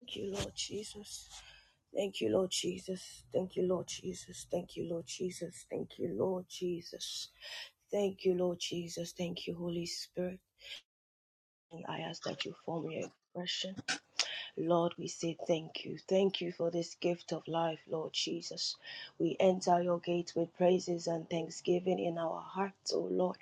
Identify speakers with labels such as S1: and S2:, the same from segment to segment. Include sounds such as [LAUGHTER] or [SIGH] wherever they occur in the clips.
S1: Thank you, Lord Jesus. Thank you, Lord Jesus. Thank you, Lord Jesus. Thank you, Lord Jesus. Thank you, Lord Jesus. Thank you, Lord Jesus. Thank you, Holy Spirit. I ask that you form your impression. Lord, we say thank you. Thank you for this gift of life, Lord Jesus. We enter your gate with praises and thanksgiving in our hearts, O Lord.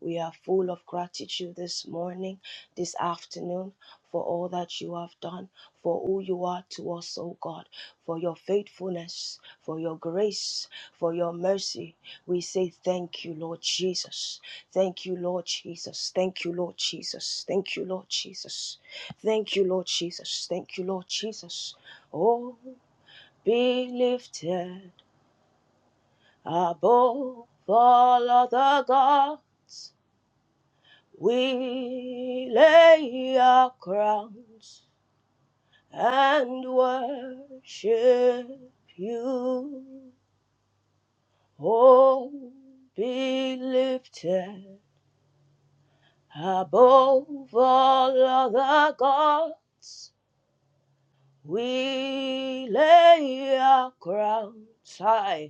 S1: We are full of gratitude this morning, this afternoon, for all that you have done, for who you are to us, O God, for your faithfulness, for your grace, for your mercy. We say thank you, Lord Jesus. Thank you, Lord Jesus. Thank you, Lord Jesus. Thank you, Lord Jesus. Thank you, Lord Jesus. Thank you, Lord Jesus. Oh, be lifted above all other God. We lay our crowns and worship you. Oh, be lifted above all other gods. We lay our crowns high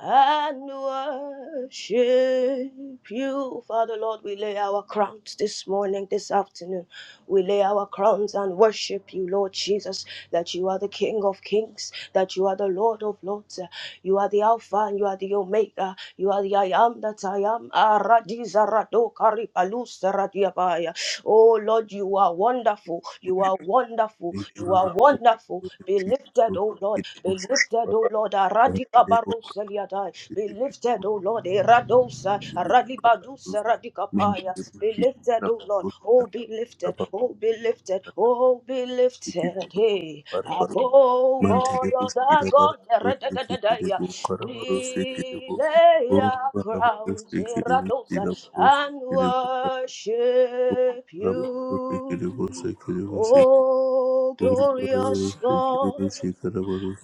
S1: and worship you. Father Lord, we lay our crowns this morning, this afternoon. We lay our crowns and worship you, Lord Jesus, that you are the King of kings, that you are the Lord of lords. You are the Alpha and you are the Omega. You are the I am that I am. Aradizarado karipalusaradiabaya. Oh Lord, you are wonderful.
S2: Thank
S1: You are wonderful. You are wonderful. Be lifted, oh Lord. Be lifted, O Lord, Aradika Baroseliadai. Be lifted, O Lord, Eradosa, Aradibadusa, Radikapaya. Be lifted, O Lord. Oh, be lifted. Oh, be lifted. Oh, be lifted. Hey, above all other gods, Eradadadadaya. we lay our crowns, Eradosa, and worship you. Oh, glorious God.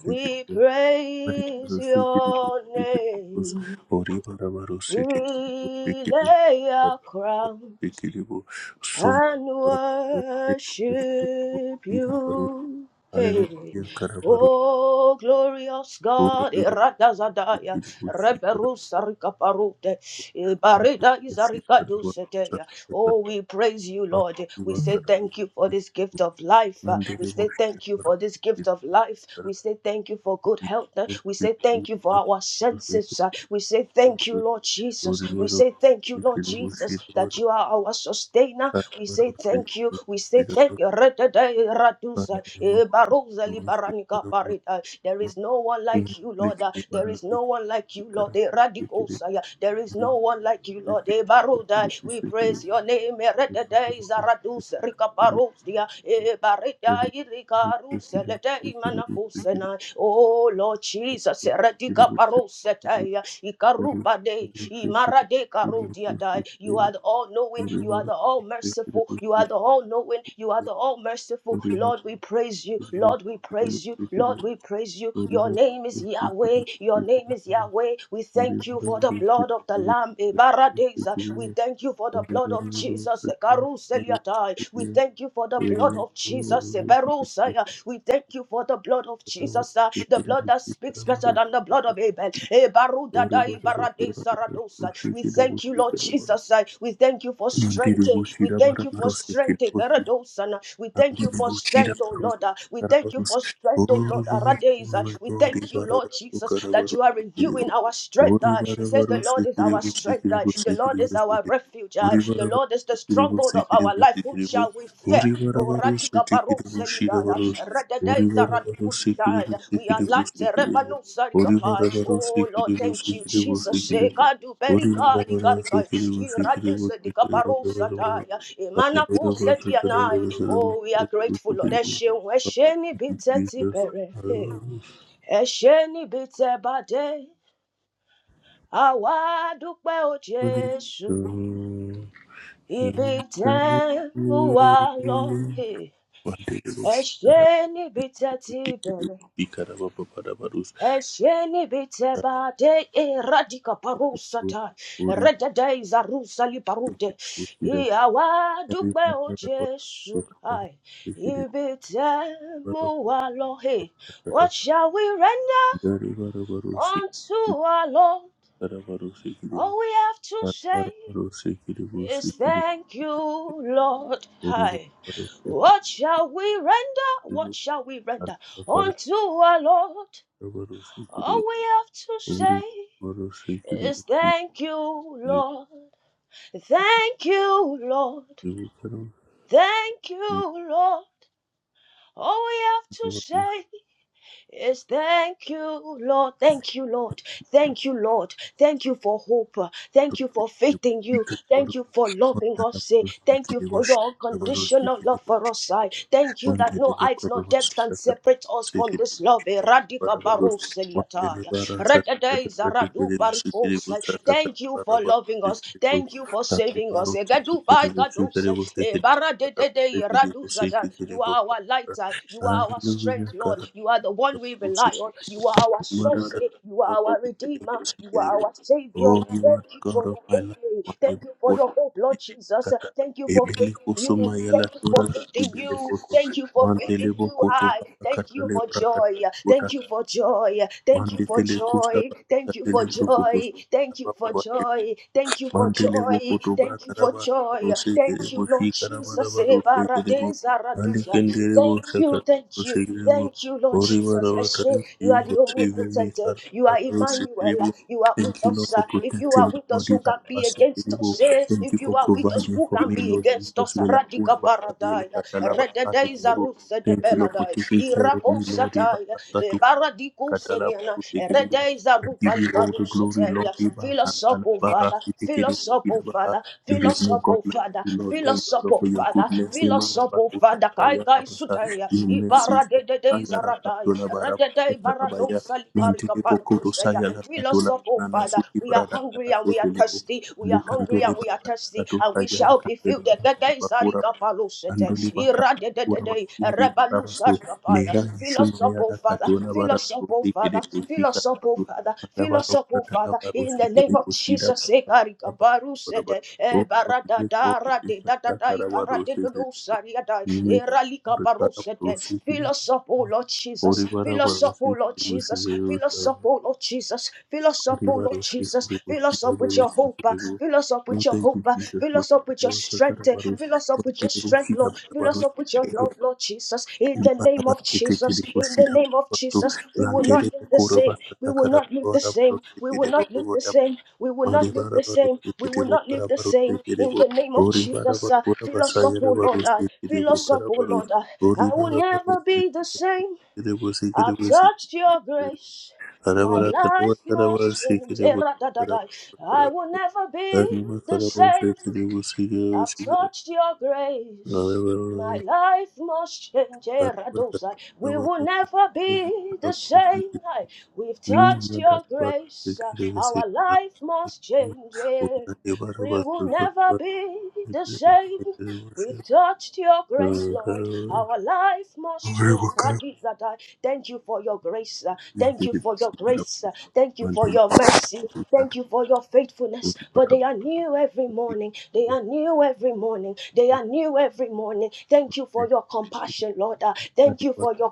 S1: We
S2: you.
S1: praise
S2: Hallelujah,
S1: your name. We lay our crown and worship you. Hey.
S2: Karabaru,
S1: Oh, glorious
S2: Holy
S1: God, Iratazadaya,
S2: Bushi,
S1: Reverusa
S2: Karabaru,
S1: Ricaparute, Ibarida Izarika Dusetea,
S2: Sakarabaru,
S1: Oh, we praise you, Lord. We say
S2: Karabaru,
S1: thank you for this gift of life. Uh, We
S2: Mandiri
S1: say
S2: Bushi,
S1: thank you for this gift of life. We say thank you for good health. Uh, We say thank you for our
S2: Karabaru,
S1: senses. Uh, We say
S2: Thank
S1: thank you, Lord Jesus. We say thank you, Lord Jesus, that you are our sustainer. We say thank you. We say thank you. re radusa, eh, baruza, libaranika, parida. There is no one like you, Lord. Uh, There is no one like you, Lord. Eh, radikosa, yeah. There is no one like you, you, Lord. Eh, Baruda. We praise your name. Eredede Zaradus Rikaparosia. Ebareda Irikarus Lede Imanakusena. Oh Lord Jesus, Eredika Parosetea. Ikarupa de Imara de Karudia dai. You are the all knowing, you are the all merciful, you are the all knowing, you are the all merciful.
S2: you.
S1: Lord, we praise you, Lord, we praise you,
S2: Nanti
S1: Lord, we praise you. Your name is Yahweh, your name is Yahweh. We thank you thank you for the blood of the Lamb. Ebaradeza. We thank you for the blood of Jesus. Karuseliatai. We thank you for the blood of Jesus. Eberusaya. We thank you for the blood of Jesus. ah, The blood that speaks better than the blood of Abel. Ebarudadai baradeza radosa. We thank you, Lord Jesus. ah. We thank you for strength. eh.
S2: dibuci
S1: We
S2: da
S1: thank
S2: bara
S1: you for
S2: baru sikit
S1: strength. eh, Karadosa, We thank you for
S2: Unbelievable
S1: strength, oh
S2: Karabarus,
S1: Lord. ah. We thank you
S2: Karabarus.
S1: for strength,
S2: Oh
S1: oh Lord. ah,
S2: Lord, oh my
S1: We
S2: God,
S1: thank you,
S2: Ibarabarus,
S1: Lord Jesus that
S2: Karabarus,
S1: you are renewing
S2: Sikiribu.
S1: our
S2: Oh
S1: strength. uh. He says, The
S2: Ibarabarus,
S1: Lord is our
S2: Sikiribu,
S1: strength. uh.
S2: Sikiribu,
S1: The Lord is
S2: Sikiribu,
S1: our
S2: Sikiribu.
S1: refuge.
S2: Oh
S1: uh. The
S2: Ibarabarus,
S1: Lord is the
S2: Sikiribu,
S1: stronghold of our
S2: Sikiribu,
S1: life. Whom
S2: Sikiribu.
S1: shall we
S2: Oh
S1: fear? Oh,
S2: Ibarabarus,
S1: Radika Baru
S2: Sikiribu,
S1: Selidaya.
S2: Shirabarus. Oh
S1: Radadeza
S2: Ibarabarus, Sikiribu,
S1: Radikustaya. We are
S2: Sikiribu,
S1: light. eh,
S2: Sikiribu.
S1: Rebanu
S2: Oh
S1: Sarikapai.
S2: Ibarabarus,
S1: Oh, Lord,
S2: Sikiribu,
S1: thank you,
S2: Sikiribu,
S1: Jesus. Eh,
S2: Sikiribu.
S1: Kadu
S2: Oh
S1: Berika
S2: Ibarabarus,
S1: Ligarikai.
S2: Sikiribu, Sikiribu,
S1: Iraduse
S2: Sikiribu,
S1: Dikabaru
S2: Sikiribu.
S1: Sataya.
S2: Jesus,
S1: Emana
S2: I
S1: Kusetianai.
S2: was
S1: Oh, we are grateful, Lord. Eshe, Eshe, Nibiteti Bere. Hey ẹ ṣé níbi tẹ bá dé àwa dúpẹ́ o
S2: ready
S1: jésù
S2: to
S1: ibi
S2: him.
S1: tẹ mú wa lọ hey. ẹ
S2: Banderos,
S1: ṣé níbi tẹ ti bẹ̀rẹ̀
S2: Icaraba, Parabarus,
S1: ẹ ṣé níbi tẹ bá dé eradika
S2: Akipur,
S1: parusata
S2: Ori,
S1: rẹdẹdẹ ìzarúsálì parúdẹ
S2: Kidam,
S1: ìyàwó dúpẹ́ o
S2: Karibaraba,
S1: jésù
S2: Okadam,
S1: Ai.
S2: Kidibara,
S1: ibi tẹ mú hey.
S2: Kata,
S1: what shall we render
S2: Daribarabarus,
S1: unto our lord?
S2: Karabarus, Kidibu,
S1: All we have to say
S2: Karabarus,
S1: is
S2: Kidibu,
S1: thank you, Lord.
S2: Thank
S1: Hi. What shall we render? What shall we render unto our Lord? All we have to say is thank you, Lord. Thank you, Lord. Thank you, Lord. All we have to say Yes, thank you, Lord. Thank you, Lord. Thank you, Lord. Thank you for hope. Thank you for faith in you. Thank you for loving us. eh. Thank you for your unconditional love
S2: you.
S1: for us. I thank you that
S2: Wandele
S1: no height,
S2: bakora
S1: no depth can
S2: basadakada
S1: separate us from
S2: busikiri
S1: this love. eh. Radika
S2: barabarus
S1: baros
S2: wandele
S1: eliataya. Redede
S2: barasadakada
S1: zaradu
S2: kadikiri busikiri
S1: barikos, eh.
S2: busadakada
S1: Thank you for loving us.
S2: barabarusikiri
S1: Thank you for
S2: busakiri
S1: saving us. eh. Gedu
S2: barusikiri
S1: bai gados,
S2: busikiri
S1: eh. Eh,
S2: busikiri
S1: baradedede
S2: barabasikiri
S1: radu zadan.
S2: busikiri
S1: You are our light.
S2: bukara
S1: eh. You are our
S2: Hallelujah
S1: strength, Lord. You are the one one we rely
S2: Urusi-
S1: on. You are our source.
S2: Maraca-
S1: eh. You are our
S2: Urusi-
S1: redeemer. You
S2: Urusi-
S1: are our
S2: Urusi-
S1: savior.
S2: Oh, you are
S1: Thank
S2: the
S1: you
S2: God
S1: for
S2: of
S1: your
S2: my
S1: hope.
S2: life.
S1: eh.
S2: My
S1: Thank
S2: neighbor,
S1: you for your hope, Lord Jesus.
S2: Kata.
S1: Thank you for
S2: Ebele
S1: faith in
S2: kusu
S1: you.
S2: mayala
S1: Thank you for
S2: tura.
S1: faith in
S2: Ebele
S1: you.
S2: kutu.
S1: Thank you for faith
S2: Mantele
S1: in
S2: bo
S1: you.
S2: kutu.
S1: Hi.
S2: Baka
S1: Thank
S2: kata
S1: you
S2: le
S1: for joy. Thank you for joy. Thank you for
S2: Mandikele kusa.
S1: joy. Thank you
S2: Katele
S1: for
S2: brukutu.
S1: joy. Thank you for joy. Thank you for
S2: Mandele
S1: joy.
S2: Bokotoba
S1: Thank you for
S2: Karaba
S1: joy.
S2: Rose
S1: Thank you,
S2: Kerebo
S1: Lord Jesus.
S2: Shikarabaraba
S1: eh,
S2: Rose Kerebo Ali Kenderebo
S1: Thank
S2: Shakar
S1: you. Thank
S2: Rose
S1: you.
S2: Kerebo
S1: Thank you, Lord Jesus.
S2: Oribarawa
S1: Eshe,
S2: thank
S1: you are
S2: you
S1: the
S2: for saving me
S1: omnipotent. eh,
S2: Karaba
S1: You
S2: raba
S1: are
S2: Rose
S1: Emmanuel. eh,
S2: Kerebo
S1: You are with
S2: Thank you Lord
S1: us.
S2: for
S1: eh. If you
S2: protecting
S1: are
S2: me
S1: with us,
S2: Lord
S1: who can be
S2: Ibarabasi
S1: against
S2: Kerebo
S1: us? eh?
S2: Thank you
S1: If you
S2: for
S1: are with us,
S2: providing
S1: who
S2: for
S1: can
S2: me
S1: be
S2: Lord
S1: against
S2: Jesus
S1: us?
S2: Melakura
S1: Radika
S2: Basayele
S1: Baradaya.
S2: Katalaba Sate
S1: Rededei
S2: Kerebo
S1: Zarutse de
S2: Thank you Lord for
S1: Beladai.
S2: taking care of me Lord
S1: Irakosatai. eh,
S2: Ibarabasa
S1: Baradiko
S2: Katala
S1: Seniana.
S2: Sikiri.
S1: Rededei
S2: I give
S1: Zarupali
S2: you all the glory,
S1: Baruseteia.
S2: Lord. Iba
S1: Fill us up,
S2: Katala
S1: oh
S2: Bara
S1: Father. Fill
S2: Sikiri
S1: us up, oh
S2: Kidaba.
S1: Father.
S2: There
S1: Fill
S2: is
S1: us
S2: no
S1: up,
S2: God
S1: oh
S2: like
S1: Father.
S2: you, Lord.
S1: Fill
S2: Thank
S1: us
S2: you,
S1: up,
S2: Lord,
S1: oh
S2: for your
S1: Father.
S2: goodness.
S1: Fill us
S2: Imara
S1: up, oh
S2: Bakutala
S1: Father. Kai
S2: Baya
S1: Kai
S2: Rabasa.
S1: Sutaya.
S2: Your mercies,
S1: Ibara de
S2: Lord.
S1: de de
S2: Ayara
S1: Zarada. Shaddai,
S2: Katula Bara
S1: Radadai
S2: Bakutala
S1: Barado
S2: Baya.
S1: Salikarika
S2: Mantile Pokoto
S1: Pantusaya.
S2: Sayala
S1: We lost
S2: Katula
S1: up, oh
S2: Nana
S1: Father.
S2: Suki
S1: We are
S2: Brada
S1: hungry
S2: Yana
S1: and we are
S2: Sotilipo.
S1: thirsty. We are hungry
S2: Alikantole
S1: and we are
S2: Brada
S1: thirsty,
S2: Kato
S1: and we
S2: Sayala
S1: shall be filled.
S2: Katele
S1: Gadai
S2: Bakura
S1: Sarika
S2: Basa.
S1: Palosete,
S2: Andoli
S1: Iradadadadai,
S2: kurabasiri
S1: Rebalu
S2: barabaso
S1: Sarikapaya.
S2: nera
S1: Fill us
S2: ishuma
S1: up, oh
S2: yara
S1: Father.
S2: katona
S1: Fill us
S2: barabaso
S1: up, oh
S2: sikere
S1: Father. Fill
S2: kushika
S1: us up, oh
S2: barabaso
S1: Father. Fill
S2: akabara
S1: us up, oh
S2: ukatana
S1: Father.
S2: baro
S1: In the
S2: sikere
S1: name of
S2: kushira
S1: Jesus, Ekarika
S2: barabaso
S1: Parusede,
S2: barabaso o kotile ko kutisa
S1: Ebaradadaradedadadai,
S2: kakara baro sikere kushira
S1: Karadedodosariadai, Eralika
S2: kakara baro
S1: Parusete. Fill
S2: sikere
S1: us up, oh Lord Jesus.
S2: ori bara
S1: Fill us
S2: baro
S1: up, O Lord
S2: sikere
S1: Jesus.
S2: kushira
S1: Fill us up, O Lord Jesus. Fill us up,
S2: ori
S1: O Lord
S2: baro
S1: Jesus.
S2: sikere
S1: Fill us
S2: kushira
S1: up with
S2: baro
S1: your hope. uh,
S2: sikere kushira
S1: Fill us up
S2: no
S1: with your
S2: thank you
S1: hope. uh,
S2: Jesus
S1: Fill
S2: ma
S1: us up with your
S2: baro kakara
S1: strength. uh,
S2: baro
S1: Fill us up with your
S2: sikere
S1: strength,
S2: kushira
S1: Lord. Fill
S2: baro
S1: us up with your
S2: sikere
S1: love, Lord Jesus. In the name of
S2: Libarabasete
S1: Jesus.
S2: kede
S1: In the
S2: kushida
S1: name of
S2: basu
S1: Jesus. We will
S2: lantere
S1: not live the
S2: kuro
S1: same.
S2: basa
S1: We will
S2: takara
S1: not live the
S2: bora
S1: same.
S2: barusi
S1: We
S2: kede
S1: will not live the
S2: bogoda
S1: same. We will not
S2: mari
S1: live
S2: bara
S1: the same.
S2: barusi
S1: We
S2: kede
S1: will not live
S2: bokara
S1: the
S2: barusi
S1: same.
S2: kede
S1: In
S2: bo
S1: the name of
S2: ori bara
S1: Jesus. uh,
S2: bakura
S1: Fill
S2: basa
S1: us up,
S2: yere
S1: O Lord. uh,
S2: barusi kede
S1: Fill us
S2: bokara
S1: up, O Lord.
S2: barusi
S1: uh,
S2: ori
S1: I will
S2: bara
S1: never
S2: barusi
S1: be the same.
S2: kede bosi kede
S1: I've
S2: bosi
S1: touched your grace.
S2: ara
S1: My
S2: bara kara bara
S1: life
S2: kara
S1: must
S2: barusi
S1: change.
S2: kede
S1: Eh,
S2: bosi kara
S1: ra-da-da-da. I will never be
S2: ari bara
S1: the
S2: barusi
S1: same.
S2: kede bosi kede
S1: I've
S2: bosi kede ara
S1: touched your
S2: bara kara
S1: grace. My life must change. Eh, ra-do-sa.
S2: kara
S1: We will never be the
S2: barusi kede bokara
S1: same. Aye. We've touched
S2: Ninguna
S1: your
S2: parte que
S1: grace. Uh,
S2: queremos
S1: Our
S2: encontrar,
S1: life must change. Eh,
S2: una llevar
S1: We
S2: más
S1: will
S2: otra
S1: never
S2: parte
S1: be
S2: que
S1: the same.
S2: queremos
S1: We've
S2: encontrar.
S1: touched your grace, Lord. Our life must
S2: Ahora
S1: change.
S2: buscar
S1: Radizadai. Thank you for your grace. uh, Thank you
S2: mantener
S1: for your
S2: la
S1: grace. uh, Thank you for
S2: mantener
S1: your mercy.
S2: la
S1: Thank you for your faithfulness.
S2: útil
S1: For
S2: para
S1: they
S2: poder
S1: are new every morning. They are new every morning. They
S2: participar
S1: are new every morning. Thank you
S2: en
S1: for
S2: el
S1: your compassion, Lord. uh, Thank you
S2: participar
S1: for your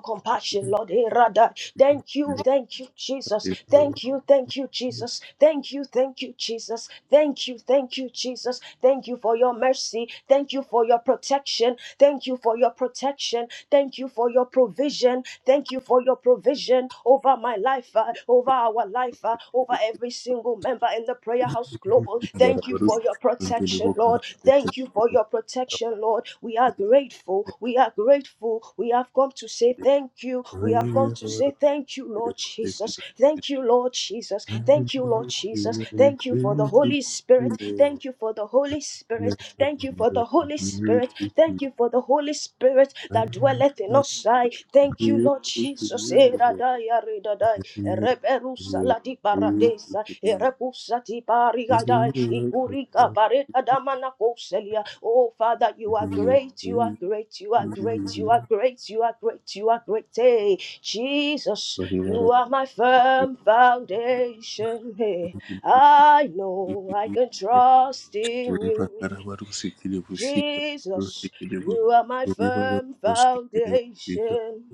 S2: en
S1: compassion,
S2: el
S1: Lord. Eh, Radha. Thank you,
S2: participar
S1: thank you, Jesus. Thank you, thank you, Jesus. Thank you, thank you, Jesus. Thank you, thank you, Jesus. Thank you Thank you for your mercy. Thank you for your protection. Thank you for your protection. Thank you for your provision. Thank you for your provision over my life, uh, over our life, uh, over every single member in the Prayer House Global.
S2: para
S1: Thank you
S2: varus
S1: for your
S2: mantener
S1: protection, Lord.
S2: buscar que
S1: Thank you for
S2: queremos
S1: your
S2: encontrar.
S1: protection, Lord. We are grateful. We are grateful. We have come to say thank you. We have come
S2: Ahora
S1: to
S2: buscar
S1: say thank you,
S2: que
S1: Lord
S2: queremos
S1: Jesus.
S2: ser
S1: Thank you, Lord Jesus.
S2: I will
S1: Thank you, Lord
S2: give
S1: Jesus.
S2: you
S1: Thank you for the
S2: everything to
S1: Holy Spirit. Spirit.
S2: you, Lord.
S1: Thank you for the Holy Spirit.
S2: Never be
S1: Thank you for the
S2: ungrateful to
S1: Holy Spirit.
S2: grateful to you.
S1: Thank you for the Holy Spirit
S2: I
S1: that
S2: am
S1: dwelleth in
S2: not
S1: us. I thank you, Lord
S2: grateful to
S1: Jesus.
S2: you, Lord.
S1: Eradai,
S2: I
S1: aridadai,
S2: am not be
S1: ereberusa ladi
S2: ungrateful
S1: paradesa,
S2: to you.
S1: erebusa ti
S2: I
S1: parigadai,
S2: am
S1: ikuriga baret adamana koselia. Oh, Father, you are great, you are great, you are
S2: not grateful to
S1: great, you
S2: you.
S1: are great, you are great, you are great. Hey, Jesus, you
S2: Barabara
S1: are my firm foundation. Hey. I know I can trust in you,
S2: uripatara varusikire vushika
S1: Jesus.
S2: rusikire
S1: You are my
S2: urivara
S1: firm
S2: rusikire vushika
S1: foundation.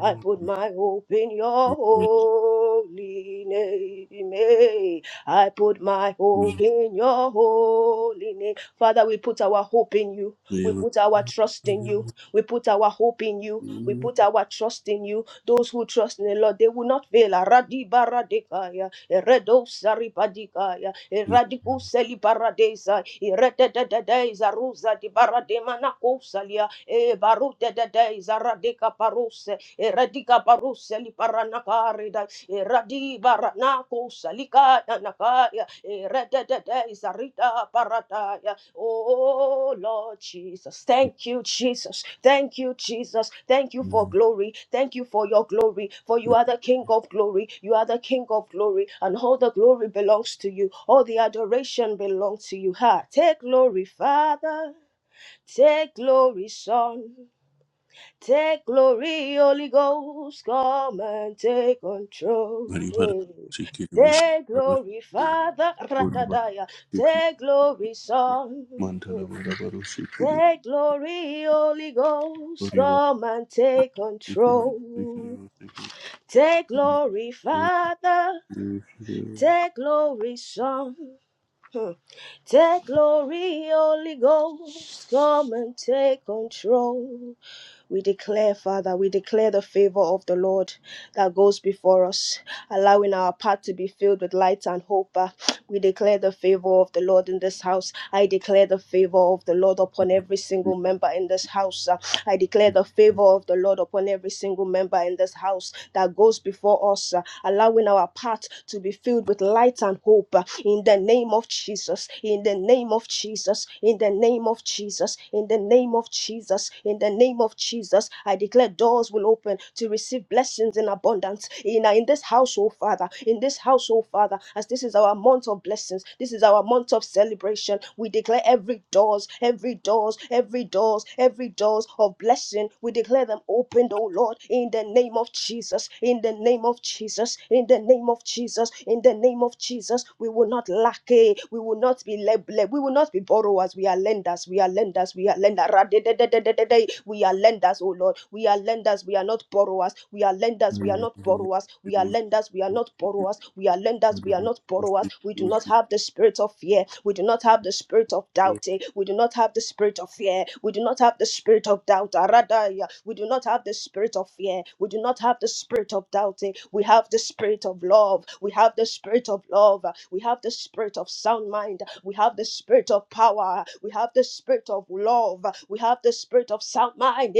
S1: I put my hope in your holy name. eh. I put my hope in your holy name. Father, we put our hope in you. We
S2: rusikire
S1: put our trust in you. We put our hope in you. We put our trust in you. Those who trust in the Lord, they will not fail. Aradi baradekaya, eredo saripadikaya, eradiku selibaradeza, eredededeza ruza di barademanakosalia, e barudededeza radeka paruse, eradika paruse liparanakarida, eradi baranakosali. Salika Danakaya, Eredede Sarita Parataya, Oh Lord Jesus, thank you, Jesus, thank you, Jesus, thank you for glory, thank you for your glory, for you are the King of glory, you are the King of glory, and all the glory belongs to you, all the adoration belongs to you. Ha, take glory, Father, take glory, Son, take glory, Holy Ghost, come and take control.
S2: Baribara
S1: Hey.
S2: shikiri
S1: Take
S2: bushikiri
S1: glory, Father,
S2: boribara
S1: Radadaya,
S2: shikiri
S1: take glory, Son.
S2: mantala barabara shikiri
S1: Take glory, Holy Ghost,
S2: boribara
S1: come and take
S2: shikiri shikiri
S1: control. Take
S2: shikiri
S1: glory, Father, take glory, Son. Hmm. Take glory, Holy Ghost, come and take control. We declare, Father, we declare the favor of the Lord that goes before us, allowing our path to be filled with light and hope. Uh, We declare the favor of the Lord in this house. I declare the favor of the Lord upon every single member in this house. Uh, I declare the favor of the Lord upon every single member in this house that goes before us, uh, allowing our path to be filled with light and hope uh, in the name of Jesus, in the name of Jesus, in the name of Jesus, in the name name of Jesus. In the name of Jesus, I declare doors will open to receive blessings in abundance. In, uh, in this household, Father, in this household, Father, as this is our month of blessings, this is our month of celebration. We declare every doors, every doors, every doors, every doors of blessing. We declare them opened, oh Lord, in the name of Jesus, in the name of Jesus, in the name of Jesus, in the name of Jesus. We will not lack, eh? we will not be led, we will not be borrowers. We lenders, we are lenders, we are lenders, we are lenders. We are lenders, oh Lord. We are lenders, we are not borrowers. We are lenders, we are not borrowers. We are lenders, we are not borrowers. We are lenders, we are not borrowers. We do not have the spirit of fear. We do not have the spirit of doubt. eh. We do not have the spirit of fear. We do not have the spirit of doubt. We do not have the spirit of fear. We do not have the spirit of doubt. eh. We have the spirit of love. We have the spirit of love. We have the spirit of sound mind mind. We have the spirit of power. We have the spirit of love. We have the spirit of sound mind.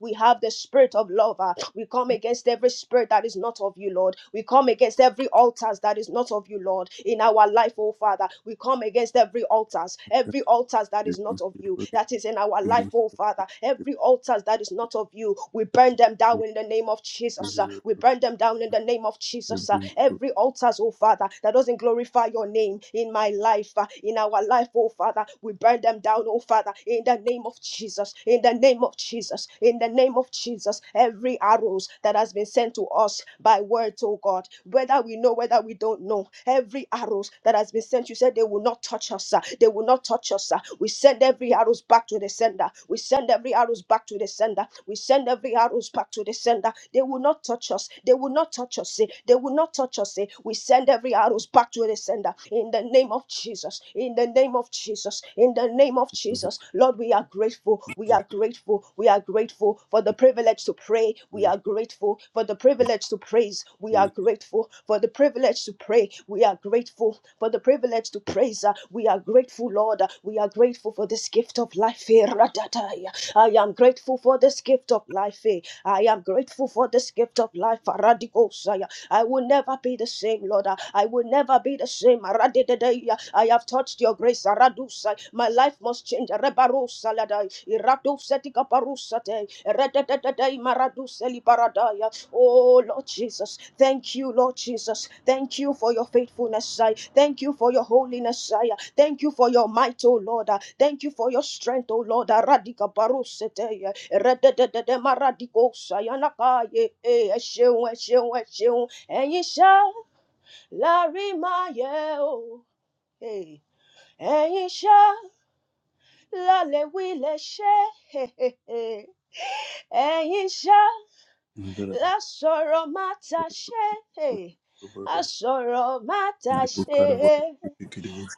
S1: We have the spirit of love. We come against every spirit that is not of you, Lord. We come against every altars that is not of you, Lord. In our life, oh Father, we come against every altars, every altars that is not of you, that is in our life, oh Father, every altars that is not of you. We burn them down in the name of Jesus. Jesus. uh, We burn them down in the name of Jesus. uh,
S2: Every
S1: Every altar, oh Father, that doesn't glorify your name in my life, uh, in our life, oh Father, we burn them down, oh Father, in the name of Jesus. In the name of Jesus. In the name of Jesus. Every arrows that has been sent to us by words, oh God, whether we know, whether we don't know, every arrows that has been sent, you said they will not touch us. uh, They will not touch us. uh. We send every arrows back to the sender. We send every arrows back to the sender. We send send every arrows back to the sender. They will not touch us. They will not touch us. eh. They will not touch us. eh. We send every arrows back to the sender in the name of Jesus. In the name of Jesus. In the name of Jesus. Lord, we are grateful. We are grateful. We are grateful for the privilege to pray. We are grateful for the privilege to praise. We are grateful for the privilege to pray. We are grateful for the privilege to praise. Uh, We are grateful, Lord. Uh, We are grateful for this gift of life. Eh, ra-da-da-ya. I am grateful for this gift of life. eh. I am grateful for this gift of life. Aradikosaya. I will never be the same, Lord. ah. I will never be the same. Aradidedeya. I have touched your grace. Aradusai. My life must change. Rebarosaladai. Iradosetikaparusate. Erededededei. Maraduselibaradaya. Oh, Lord Jesus. Thank you, Lord Jesus. Thank you for your faithfulness. I thank you for your holiness. I Thank you for your might, O Lord. Uh, Thank you for your strength, O Lord. Uh, Radika barosete, eh, redededede maradiko sayanaka, ye, eh, eh, ẹ ṣeun, ẹ ṣeun, ẹ Ẹ̀yin ṣá la rí máa yẹ o. Eh, Ẹ̀yin ṣá la lè wí lè ṣe. Eh, eh, eh. Ẹ̀yin ṣá la sọ̀rọ̀ má ta ṣe. Eh, A sọ̀rọ̀ má ta ṣe.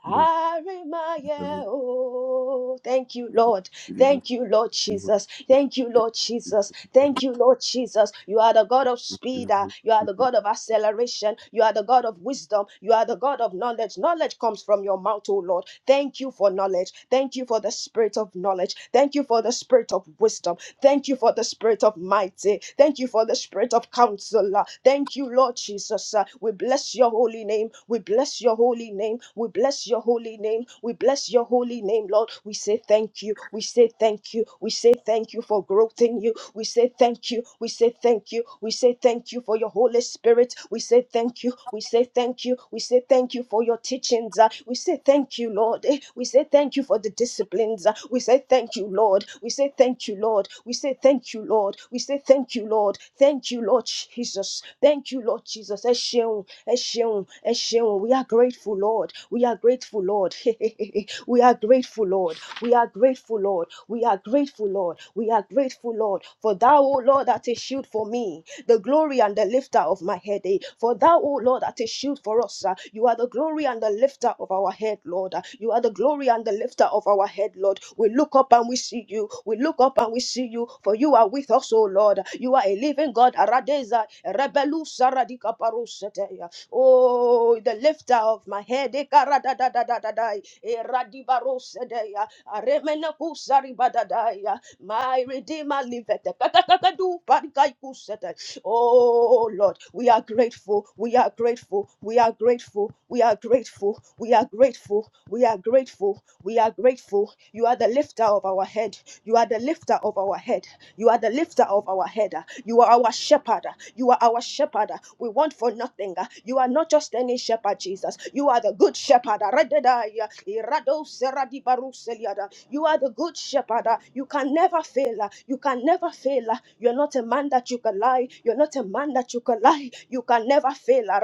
S1: Arimaya, oh, thank you, Lord.
S2: [LAUGHS] Lord,
S1: Thank you, Lord Jesus. Thank you, Lord Jesus. Thank you, Lord Jesus. You are the God of speed. ah. You are the God of acceleration. You are the God of wisdom. You are the God of knowledge. Knowledge comes from your mouth, oh Lord. Thank you for knowledge. Thank you for the spirit of knowledge. Thank you for the spirit of wisdom. Thank you for the spirit of mighty. Thank you for the spirit of counselor. Thank you, Lord Jesus. Uh, We bless your holy name. We bless your holy name. We bless your holy name. We bless your holy name, Lord. We say thank you. We say thank you. We say thank you for growth in you. We say thank you. We say thank you. We say thank you for your Holy Spirit. We say thank you. We say thank you. We say thank you for your teachings. Uh, We say thank you, Lord. Eh, We say thank you for the disciplines. Uh, We say thank you, Lord. We say thank you, Lord. We say thank you, Lord. We say thank you, Lord. Thank you, Lord Jesus. Thank you, Lord Jesus. Ẹ ṣeun, ẹ ṣeun, ẹ ṣeun. We are grateful, Lord. We are grateful, Lord. [LAUGHS] we are grateful, Lord. We are grateful, Lord. We are grateful, Lord. We are grateful, Lord. For thou, O Lord, art a shield for me, the glory and the lifter of my head. eh. For thou, O Lord, art a shield for us. ah. You are the glory and and the lifter of our head, Lord. You are the glory and the lifter of our head, Lord. We look up and we see you. We look up and we see you, for you are with us, O Lord. You are a living God. Aradeza, rebelu saradika paruseteya. Oh, the lifter of my head. Ekaradadadadadadai, eradibarosedeya, aremenakusaribadadaya. My Redeemer liveth. Kakakakadu parikaikusete. Oh Lord, we are grateful. We are grateful. We are grateful. We are grateful. We are grateful. We are grateful. We are grateful. You are the lifter of our head. You are the lifter of our head. You are the lifter of our head. You are our shepherd. You are our shepherd. We want for nothing. You are not just any shepherd, Jesus. You are the good shepherd. Radedaya, irado seradi baruseliada. You are the good shepherd. You can never fail. You can never fail. You're not a man that you can lie. You're not a man that you can lie. You can never fail, a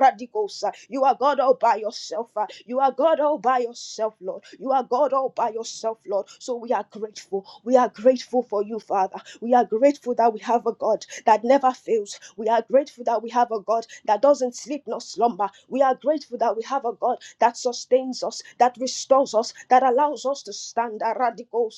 S1: You are God all by yourself. ah. You are God all by yourself, Lord. You are God all by yourself, Lord. So we are grateful. We are grateful for you, Father. We are grateful that we have a God that never fails. We are grateful that we have a God that doesn't sleep nor slumber. We are grateful that we have a God that sustains us, that restores us, that allows us to stand. Radical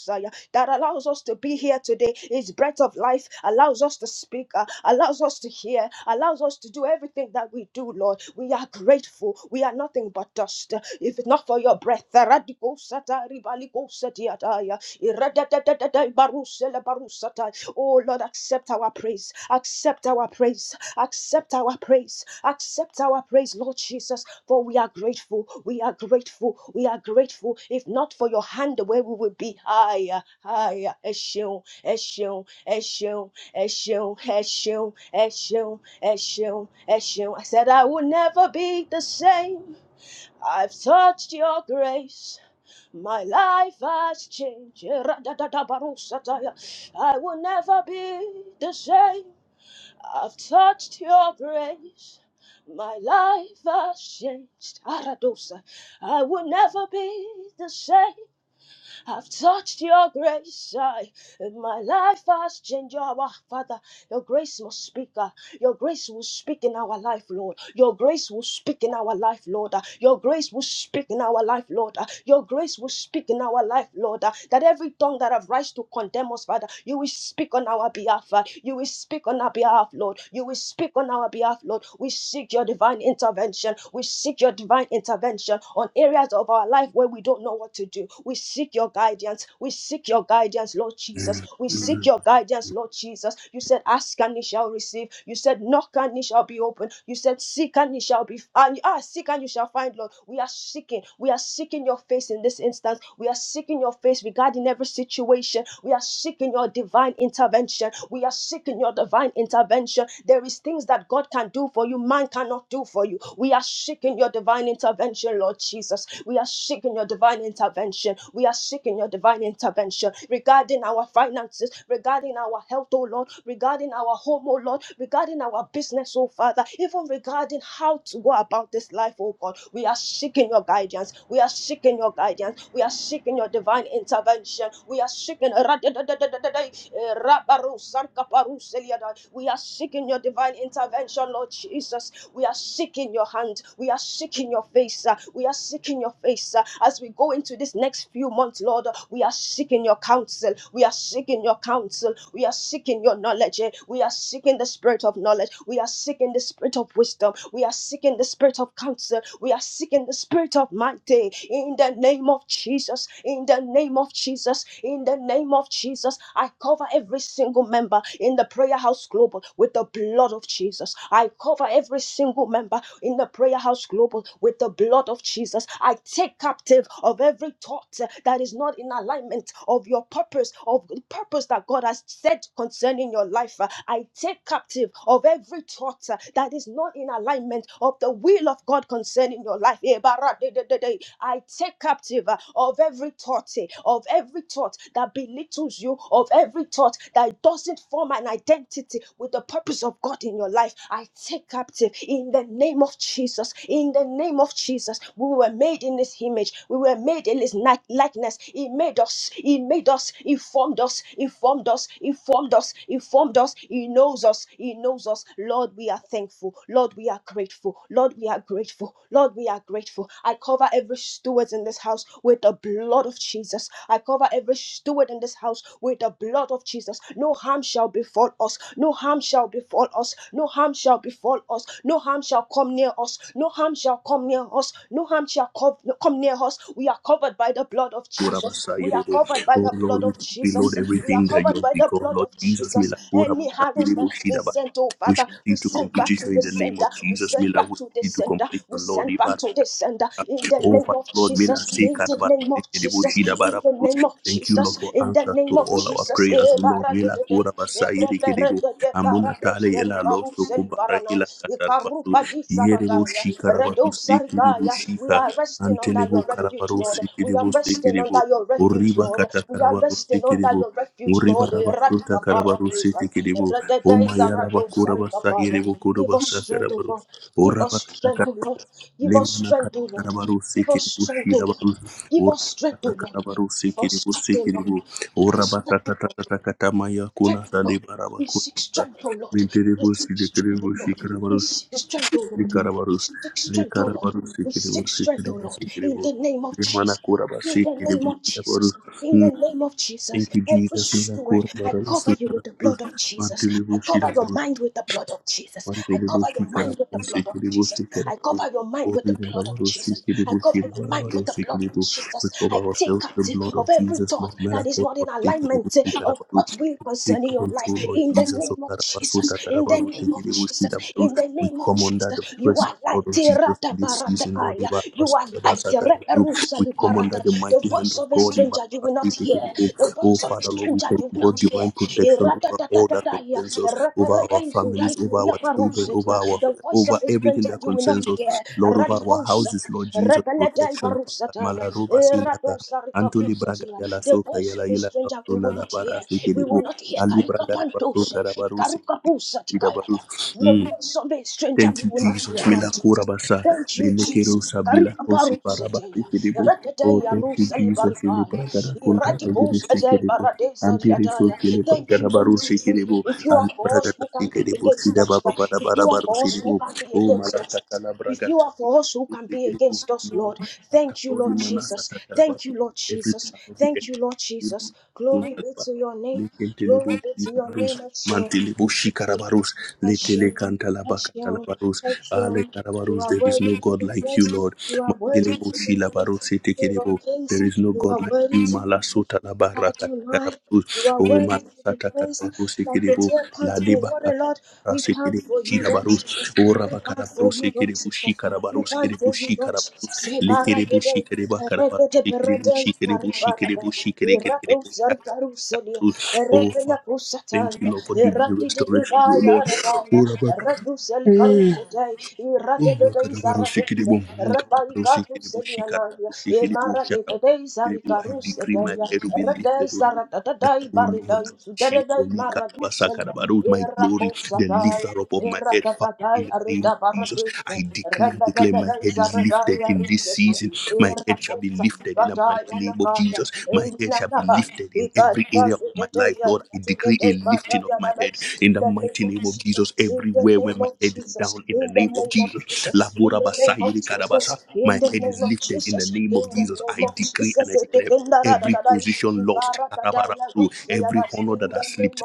S1: that allows us to be here today. His breath of life allows us to speak, uh, allows us to hear, allows us to do everything that we do, Lord. We are grateful. We are nothing but dust. If not for your breath, radical satari baliko satiataya, iradadadadadai barusele barusata. oh Lord, accept our praise, accept our praise, accept our praise, accept our praise, Lord Jesus. For we are grateful, we are grateful, we are grateful. If not for your hand, where we would be higher, higher. Eshel, Eshel, Eshel, Eshel, Eshel, Eshel, Eshel, Eshel. I said I would never be the same. I've touched your grace. My life has changed. Eradadadabarusataya. I will never be the same. I've touched your grace. My life has changed. Aradosa. I will never be the same. I've touched your grace. I, my life has changed. Your Father, your grace must speak. Your grace will speak in our life, Lord. Your grace will speak in our life, Lord. Uh, Your grace will speak in our life, Lord. Uh, Your grace will speak in our life, Lord. Uh, That every tongue that have rise to condemn us, Father, you will speak on our behalf. uh, You will speak on our behalf, Lord. You will speak on our behalf, Lord. We seek your divine intervention. We seek your divine intervention on areas of our life where we don't know what to do. We seek your guidance. We seek your guidance, Lord Jesus. We seek your guidance Elijah's, Lord Jesus. You said, Ask and ye shall receive. You said, Knock and ye shall be open. You said, Seek and ye shall be and ah, seek and you shall find, Lord. We are seeking. We are seeking your face in this instance. We are seeking your face regarding every situation. We are seeking your divine intervention. We are seeking your divine intervention. There is things that God can do for you, man cannot do for you. We are seeking your divine intervention, Lord Jesus. We are seeking your divine intervention. We are seeking your divine divine intervention regarding our finances, regarding our health, oh Lord, regarding our home, oh Lord, regarding our business, oh Father, even regarding how to go about this life, oh God. We are seeking your guidance. We are seeking your guidance. We are seeking your divine intervention. We are seeking. We are seeking your divine intervention, Lord Jesus. We are seeking your hand. We are seeking your face. uh, We are seeking your seeking your face uh, as we go into this next few months, Lord. uh, We are seeking your counsel. We are seeking your counsel. We are seeking your knowledge. eh. We are seeking the spirit of knowledge. We are seeking the spirit of wisdom. We are seeking the spirit of counsel. We are seeking the spirit of might. In the name of Jesus. In the name of Jesus. In the name of Jesus. I cover every single member in the prayer house global with the blood of Jesus. I cover every single member in the prayer house global with the blood of Jesus. I take captive of every thought uh, that is not in alignment of your purpose, of the purpose that God has said concerning your life. Uh, I take captive of every thought uh, that is not in alignment of the will of God concerning your life. Eh, I take captive uh, of every thought, eh, of every thought that belittles you, of every thought that doesn't form an identity with the purpose purpose of God in your life. I take captive in the name of Jesus. In the name of Jesus, we were made in His image. We were made in His like- likeness. He made us. He made us. He formed us. He formed us. He formed us. He formed us. He knows us. He knows us. Lord, we are thankful. Lord, we are grateful. Lord, we are grateful. Lord, we are grateful. I cover every steward in this house with the blood of Jesus. I cover every steward in this house with the blood of blood of Jesus, no harm shall befall us, no harm shall befall us, no harm shall befall us, no harm shall come near us, no harm shall come near us, no harm shall co- come near us. We are covered by the blood of Jesus, we are
S2: Abasayirebo.
S1: covered by
S2: Oh
S1: the blood
S2: Lord, we
S1: of
S2: decree,
S1: Jesus,
S2: Lord,
S1: we are
S2: everything that you
S1: covered
S2: have
S1: by the
S2: become,
S1: blood
S2: Lord
S1: of
S2: Jesus,
S1: Jesus.
S2: Milakura,
S1: Any arrows
S2: Abasayirebo,
S1: that has been
S2: Shidaba.
S1: sent, oh
S2: We
S1: Father,
S2: shall see
S1: we
S2: to
S1: send back to
S2: completion in
S1: the
S2: the name of
S1: sender, we
S2: Jesus,
S1: send
S2: Mila.
S1: back
S2: We
S1: to the
S2: see to
S1: sender, we
S2: completion, Lord.
S1: send back to the sender in the
S2: Oh,
S1: name
S2: Father
S1: of
S2: Lord, be not
S1: Jesus,
S2: sick,
S1: in
S2: and
S1: the
S2: about
S1: name
S2: to
S1: of
S2: take the bush,
S1: Jesus,
S2: in about
S1: in
S2: to
S1: the name
S2: push.
S1: of
S2: Thank you, Lord,
S1: Jesus,
S2: for
S1: in the
S2: answers
S1: name
S2: to
S1: of
S2: all our
S1: Jesus,
S2: prayers,
S1: eh,
S2: Oh, Lord.
S1: bara
S2: We
S1: de
S2: la
S1: de de,
S2: kura
S1: eh,
S2: basai
S1: re
S2: de
S1: re re
S2: kedebo.
S1: de de,
S2: Amuna
S1: bara do
S2: tale
S1: seri
S2: ela
S1: baru
S2: loso
S1: seli
S2: kubara
S1: barana,
S2: ela
S1: eh, karu
S2: katalabasu.
S1: badi
S2: Yerebo
S1: saragaya,
S2: shika
S1: re do
S2: rabaru seki debo
S1: sarigaya. We
S2: shika.
S1: are resting under
S2: Antelebo
S1: your refuge,
S2: karabaru
S1: Lord.
S2: seki
S1: We are
S2: debo seki
S1: resting
S2: debo.
S1: under your refuge,
S2: Oriba
S1: Lord.
S2: kata
S1: We are
S2: karabaru
S1: resting
S2: seki
S1: under
S2: debo.
S1: your refuge,
S2: Oriba
S1: Lord. Eh,
S2: rabasuta
S1: Radika
S2: karabaru
S1: paradisa,
S2: seki
S1: eh,
S2: kedebo.
S1: re de de
S2: Oma
S1: zarado
S2: yarabakura basai
S1: sarigaya.
S2: debo
S1: Give us
S2: kurabasa
S1: strength, O
S2: karabaru.
S1: Lord. Give us
S2: Oraba
S1: strength, O
S2: kata
S1: Lord. Give us
S2: Lemana
S1: strength, O Lord.
S2: katakarabaru
S1: Give us
S2: sekiribu
S1: strength, O Lord.
S2: shirabaru.
S1: Give
S2: Ora
S1: us strength, O Lord.
S2: katakarabaru
S1: Give us
S2: sekiribu
S1: strength, O Lord.
S2: sekiribu.
S1: Give
S2: Ora
S1: us strength, O Lord.
S2: batatatatakatama yakuna
S1: Strength, O Lord.
S2: salibaraba
S1: We seek
S2: kurasa.
S1: strength, O Lord. We
S2: Minteribu
S1: seek strength, O
S2: sidikiribu
S1: Lord. We
S2: shikarabaru
S1: seek strength, O Lord. We
S2: likarabaru.
S1: seek strength, O Lord.
S2: Likarabaru
S1: We
S2: sekiribu
S1: seek strength, O
S2: sekiribu
S1: Lord. In
S2: sekiribu.
S1: the name of
S2: Lemana
S1: Jesus.
S2: kuraba
S1: In the name
S2: sekiribu
S1: of Jesus.
S2: shirabaru.
S1: In the
S2: Mm,
S1: name of Jesus,
S2: Thank you,
S1: every
S2: Jesus. Mina
S1: steward, I cover
S2: kurabarabasu
S1: you with the
S2: karabaru.
S1: blood of Jesus. I
S2: Mantilibu
S1: cover
S2: shirabaru.
S1: your mind with the blood of Jesus.
S2: We cover
S1: I cover
S2: ourselves
S1: your mind with the
S2: with
S1: blood of Jesus. I cover your mind with the blood of Jesus. I cover your mind with the blood of Jesus. I take
S2: the
S1: captive
S2: blood of
S1: of every
S2: Jesus,
S1: thought
S2: Lord.
S1: that is not in alignment eh, of
S2: Melatonin,
S1: what will
S2: Take
S1: concerning your life.
S2: control, Lord
S1: In the
S2: Jesus. O
S1: name of Jesus.
S2: Karabasota,
S1: In the
S2: Karabaru,
S1: name of
S2: Tekiri,
S1: Jesus.
S2: Bushkira, Baru.
S1: In the
S2: We
S1: name of
S2: come under the
S1: Jesus. You
S2: precious
S1: are
S2: blood
S1: light.
S2: of
S1: eh,
S2: Jesus in this
S1: rataparata,
S2: season, Lord.
S1: Kaya. You
S2: Ibarabasota,
S1: are like the
S2: Basakarabaru.
S1: Reperusa
S2: We come under
S1: Liparata.
S2: the
S1: The
S2: mighty hand
S1: voice
S2: of
S1: of a
S2: God.
S1: stranger you will not
S2: Ibarabasota,
S1: hear.
S2: Tekiri, Baru.
S1: The
S2: Oh,
S1: voice of a
S2: Father, Lord, we
S1: stranger
S2: thank
S1: you
S2: you
S1: will
S2: for
S1: not hear.
S2: divine protection over all that
S1: Iratatatatatataya,
S2: concerns us, over our families, over our children, over
S1: Reperedezudaikuriaparusetia.
S2: our
S1: The voice
S2: over
S1: of a
S2: everything
S1: stranger
S2: that
S1: you will not
S2: concerns
S1: hear.
S2: us, Lord, over our
S1: Radibosaya,
S2: houses, Lord Jesus, protection. Father,
S1: Rebeledaibarusataya,
S2: Malaruba, Sinaka, Antoli Braga
S1: Iradosarikavusetia.
S2: Yala
S1: The
S2: Soka
S1: voice
S2: Yala
S1: of a
S2: Yala
S1: stranger we will not hear. We will
S2: Sona
S1: not hear. Karikapantose,
S2: Alibragadabasotarabaro, Sekidabaru.
S1: Karukapusatikayata. The
S2: Mm.
S1: voice of a stranger, we
S2: Thank you,
S1: will not be
S2: Jesus.
S1: alone,
S2: Milakura
S1: Jesus.
S2: basa.
S1: Thank you,
S2: Linukero
S1: Jesus.
S2: sabila
S1: Karika baru
S2: osi paraba
S1: seteya.
S2: sekedebo. Oh,
S1: Irateteya
S2: thank you,
S1: rusa
S2: Jesus.
S1: libarikaya.
S2: Ilibragada kunta
S1: Iradicus
S2: agiri
S1: atei
S2: sekedebo.
S1: baradesa
S2: Ampere so
S1: diataya. Thank you,
S2: kilibragada
S1: Lord
S2: baru
S1: Jesus.
S2: sekedebo.
S1: If you are for us, who
S2: Alibragada
S1: can be
S2: sekedebo
S1: against
S2: sida
S1: us?
S2: baba para
S1: If
S2: para
S1: you are
S2: baru
S1: for us, who
S2: sekedebo.
S1: can be
S2: Oh,
S1: against us?
S2: malakata
S1: If you
S2: labragada
S1: are for us, who
S2: baru
S1: can be
S2: sekedebo.
S1: against us, Lord?
S2: Lord,
S1: Thank you, Lord
S2: sakakori mana
S1: Jesus.
S2: sakakaraba.
S1: Thank you, Lord
S2: Every
S1: Jesus.
S2: plan of the
S1: Thank you, Lord
S2: enemy
S1: Jesus. Glory be to your name. Glory be to your name,
S2: Likentelebushirabarus,
S1: Lord
S2: Mantelebushikarabarus,
S1: Hashem, Hashem,
S2: Letelekantalabakatalabarus,
S1: Hashem, you
S2: Alekarabarus,
S1: are
S2: There is
S1: worthy
S2: no
S1: to
S2: God
S1: be
S2: like you,
S1: praised.
S2: Lord.
S1: You are worthy to be praised,
S2: Mantelebushilabarus,
S1: King
S2: Etekerebo,
S1: of Kings.
S2: There is no
S1: You are
S2: God like
S1: worthy
S2: you.
S1: to be praised. Adonai, you
S2: Malasotalabarakatarabarus,
S1: are
S2: O
S1: worthy to be praised.
S2: Malasatarabarus,
S1: Like the
S2: Ekerebo,
S1: deer pants for water, Lord, we
S2: Ladebakatalabarus,
S1: pant
S2: Ekerebo,
S1: for you, Lord
S2: Shirabarus,
S1: Jesus.
S2: O
S1: We pant for
S2: Rabakarabarus,
S1: you, Lord
S2: Ekerebo,
S1: Jesus. We
S2: Shikarabarus,
S1: pant
S2: Ekerebo,
S1: for you, Lord
S2: Shikarabarus,
S1: Jesus. Say,
S2: Likiribu
S1: Baradede,
S2: shikiriba karabaru shikiribu
S1: Berede,
S2: shikiribu
S1: Baribarabe,
S2: shikiribu
S1: Irado,
S2: shikirikiribu
S1: Zarikaru, Selia,
S2: shatakakakarabaru. Oh
S1: Erebena,
S2: Father, thank you
S1: Pusatanda,
S2: Lord for divine
S1: Eradide,
S2: restoration, oh
S1: Daya,
S2: Lord.
S1: Radaya,
S2: Oh Rabak.
S1: Eradu, Selikaru,
S2: Oh
S1: Sedai,
S2: oh
S1: Iradede,
S2: Bakarabaru
S1: Zaradose,
S2: shikiribu karabaru
S1: Rebarikaru,
S2: shikiribu
S1: Selia, Nadia,
S2: shikarabaru
S1: Emara,
S2: shikiribu I
S1: Zarikaru,
S2: decree my head
S1: Sedai,
S2: will be
S1: Rede
S2: lifted, O Lord. That,
S1: zaradadadai
S2: O Lord,
S1: baridai
S2: as a shield
S1: sudededai
S2: for me, Karabasa,
S1: maradusela
S2: Karabaru, my glory, the
S1: eraposataya
S2: lifter up of my head, Father,
S1: eradadadai
S2: in the name
S1: arida
S2: of Jesus.
S1: baradusha
S2: I decree and declare my
S1: rededededai
S2: head is
S1: zaradai
S2: lifted in this
S1: arisetia
S2: season. My head shall be lifted in the mighty
S1: eraposatadaya
S2: name of
S1: nakaya
S2: Jesus. My head shall be
S1: einanaba
S2: lifted in every area of my
S1: ikalibazudedei
S2: life, Lord. I decree a
S1: arikatudedei
S2: lifting of my
S1: badayanadai
S2: head in the mighty name of Jesus.
S1: in the
S2: Everywhere where
S1: name
S2: my
S1: of
S2: head is
S1: Jesus
S2: down, in
S1: in
S2: the
S1: the
S2: name of
S1: name of
S2: Jesus.
S1: Jesus in
S2: Labora
S1: the name of
S2: Basayiri
S1: Jesus
S2: my
S1: in the
S2: head is
S1: name of
S2: lifted in
S1: Jesus
S2: the name
S1: in
S2: of
S1: the
S2: Jesus.
S1: name
S2: I
S1: of
S2: decree and
S1: Jesus
S2: I declare
S1: in the name
S2: every
S1: of Jesus in
S2: position
S1: the
S2: lost,
S1: name
S2: karabarabaru,
S1: of Jesus.
S2: every honor that has slipped,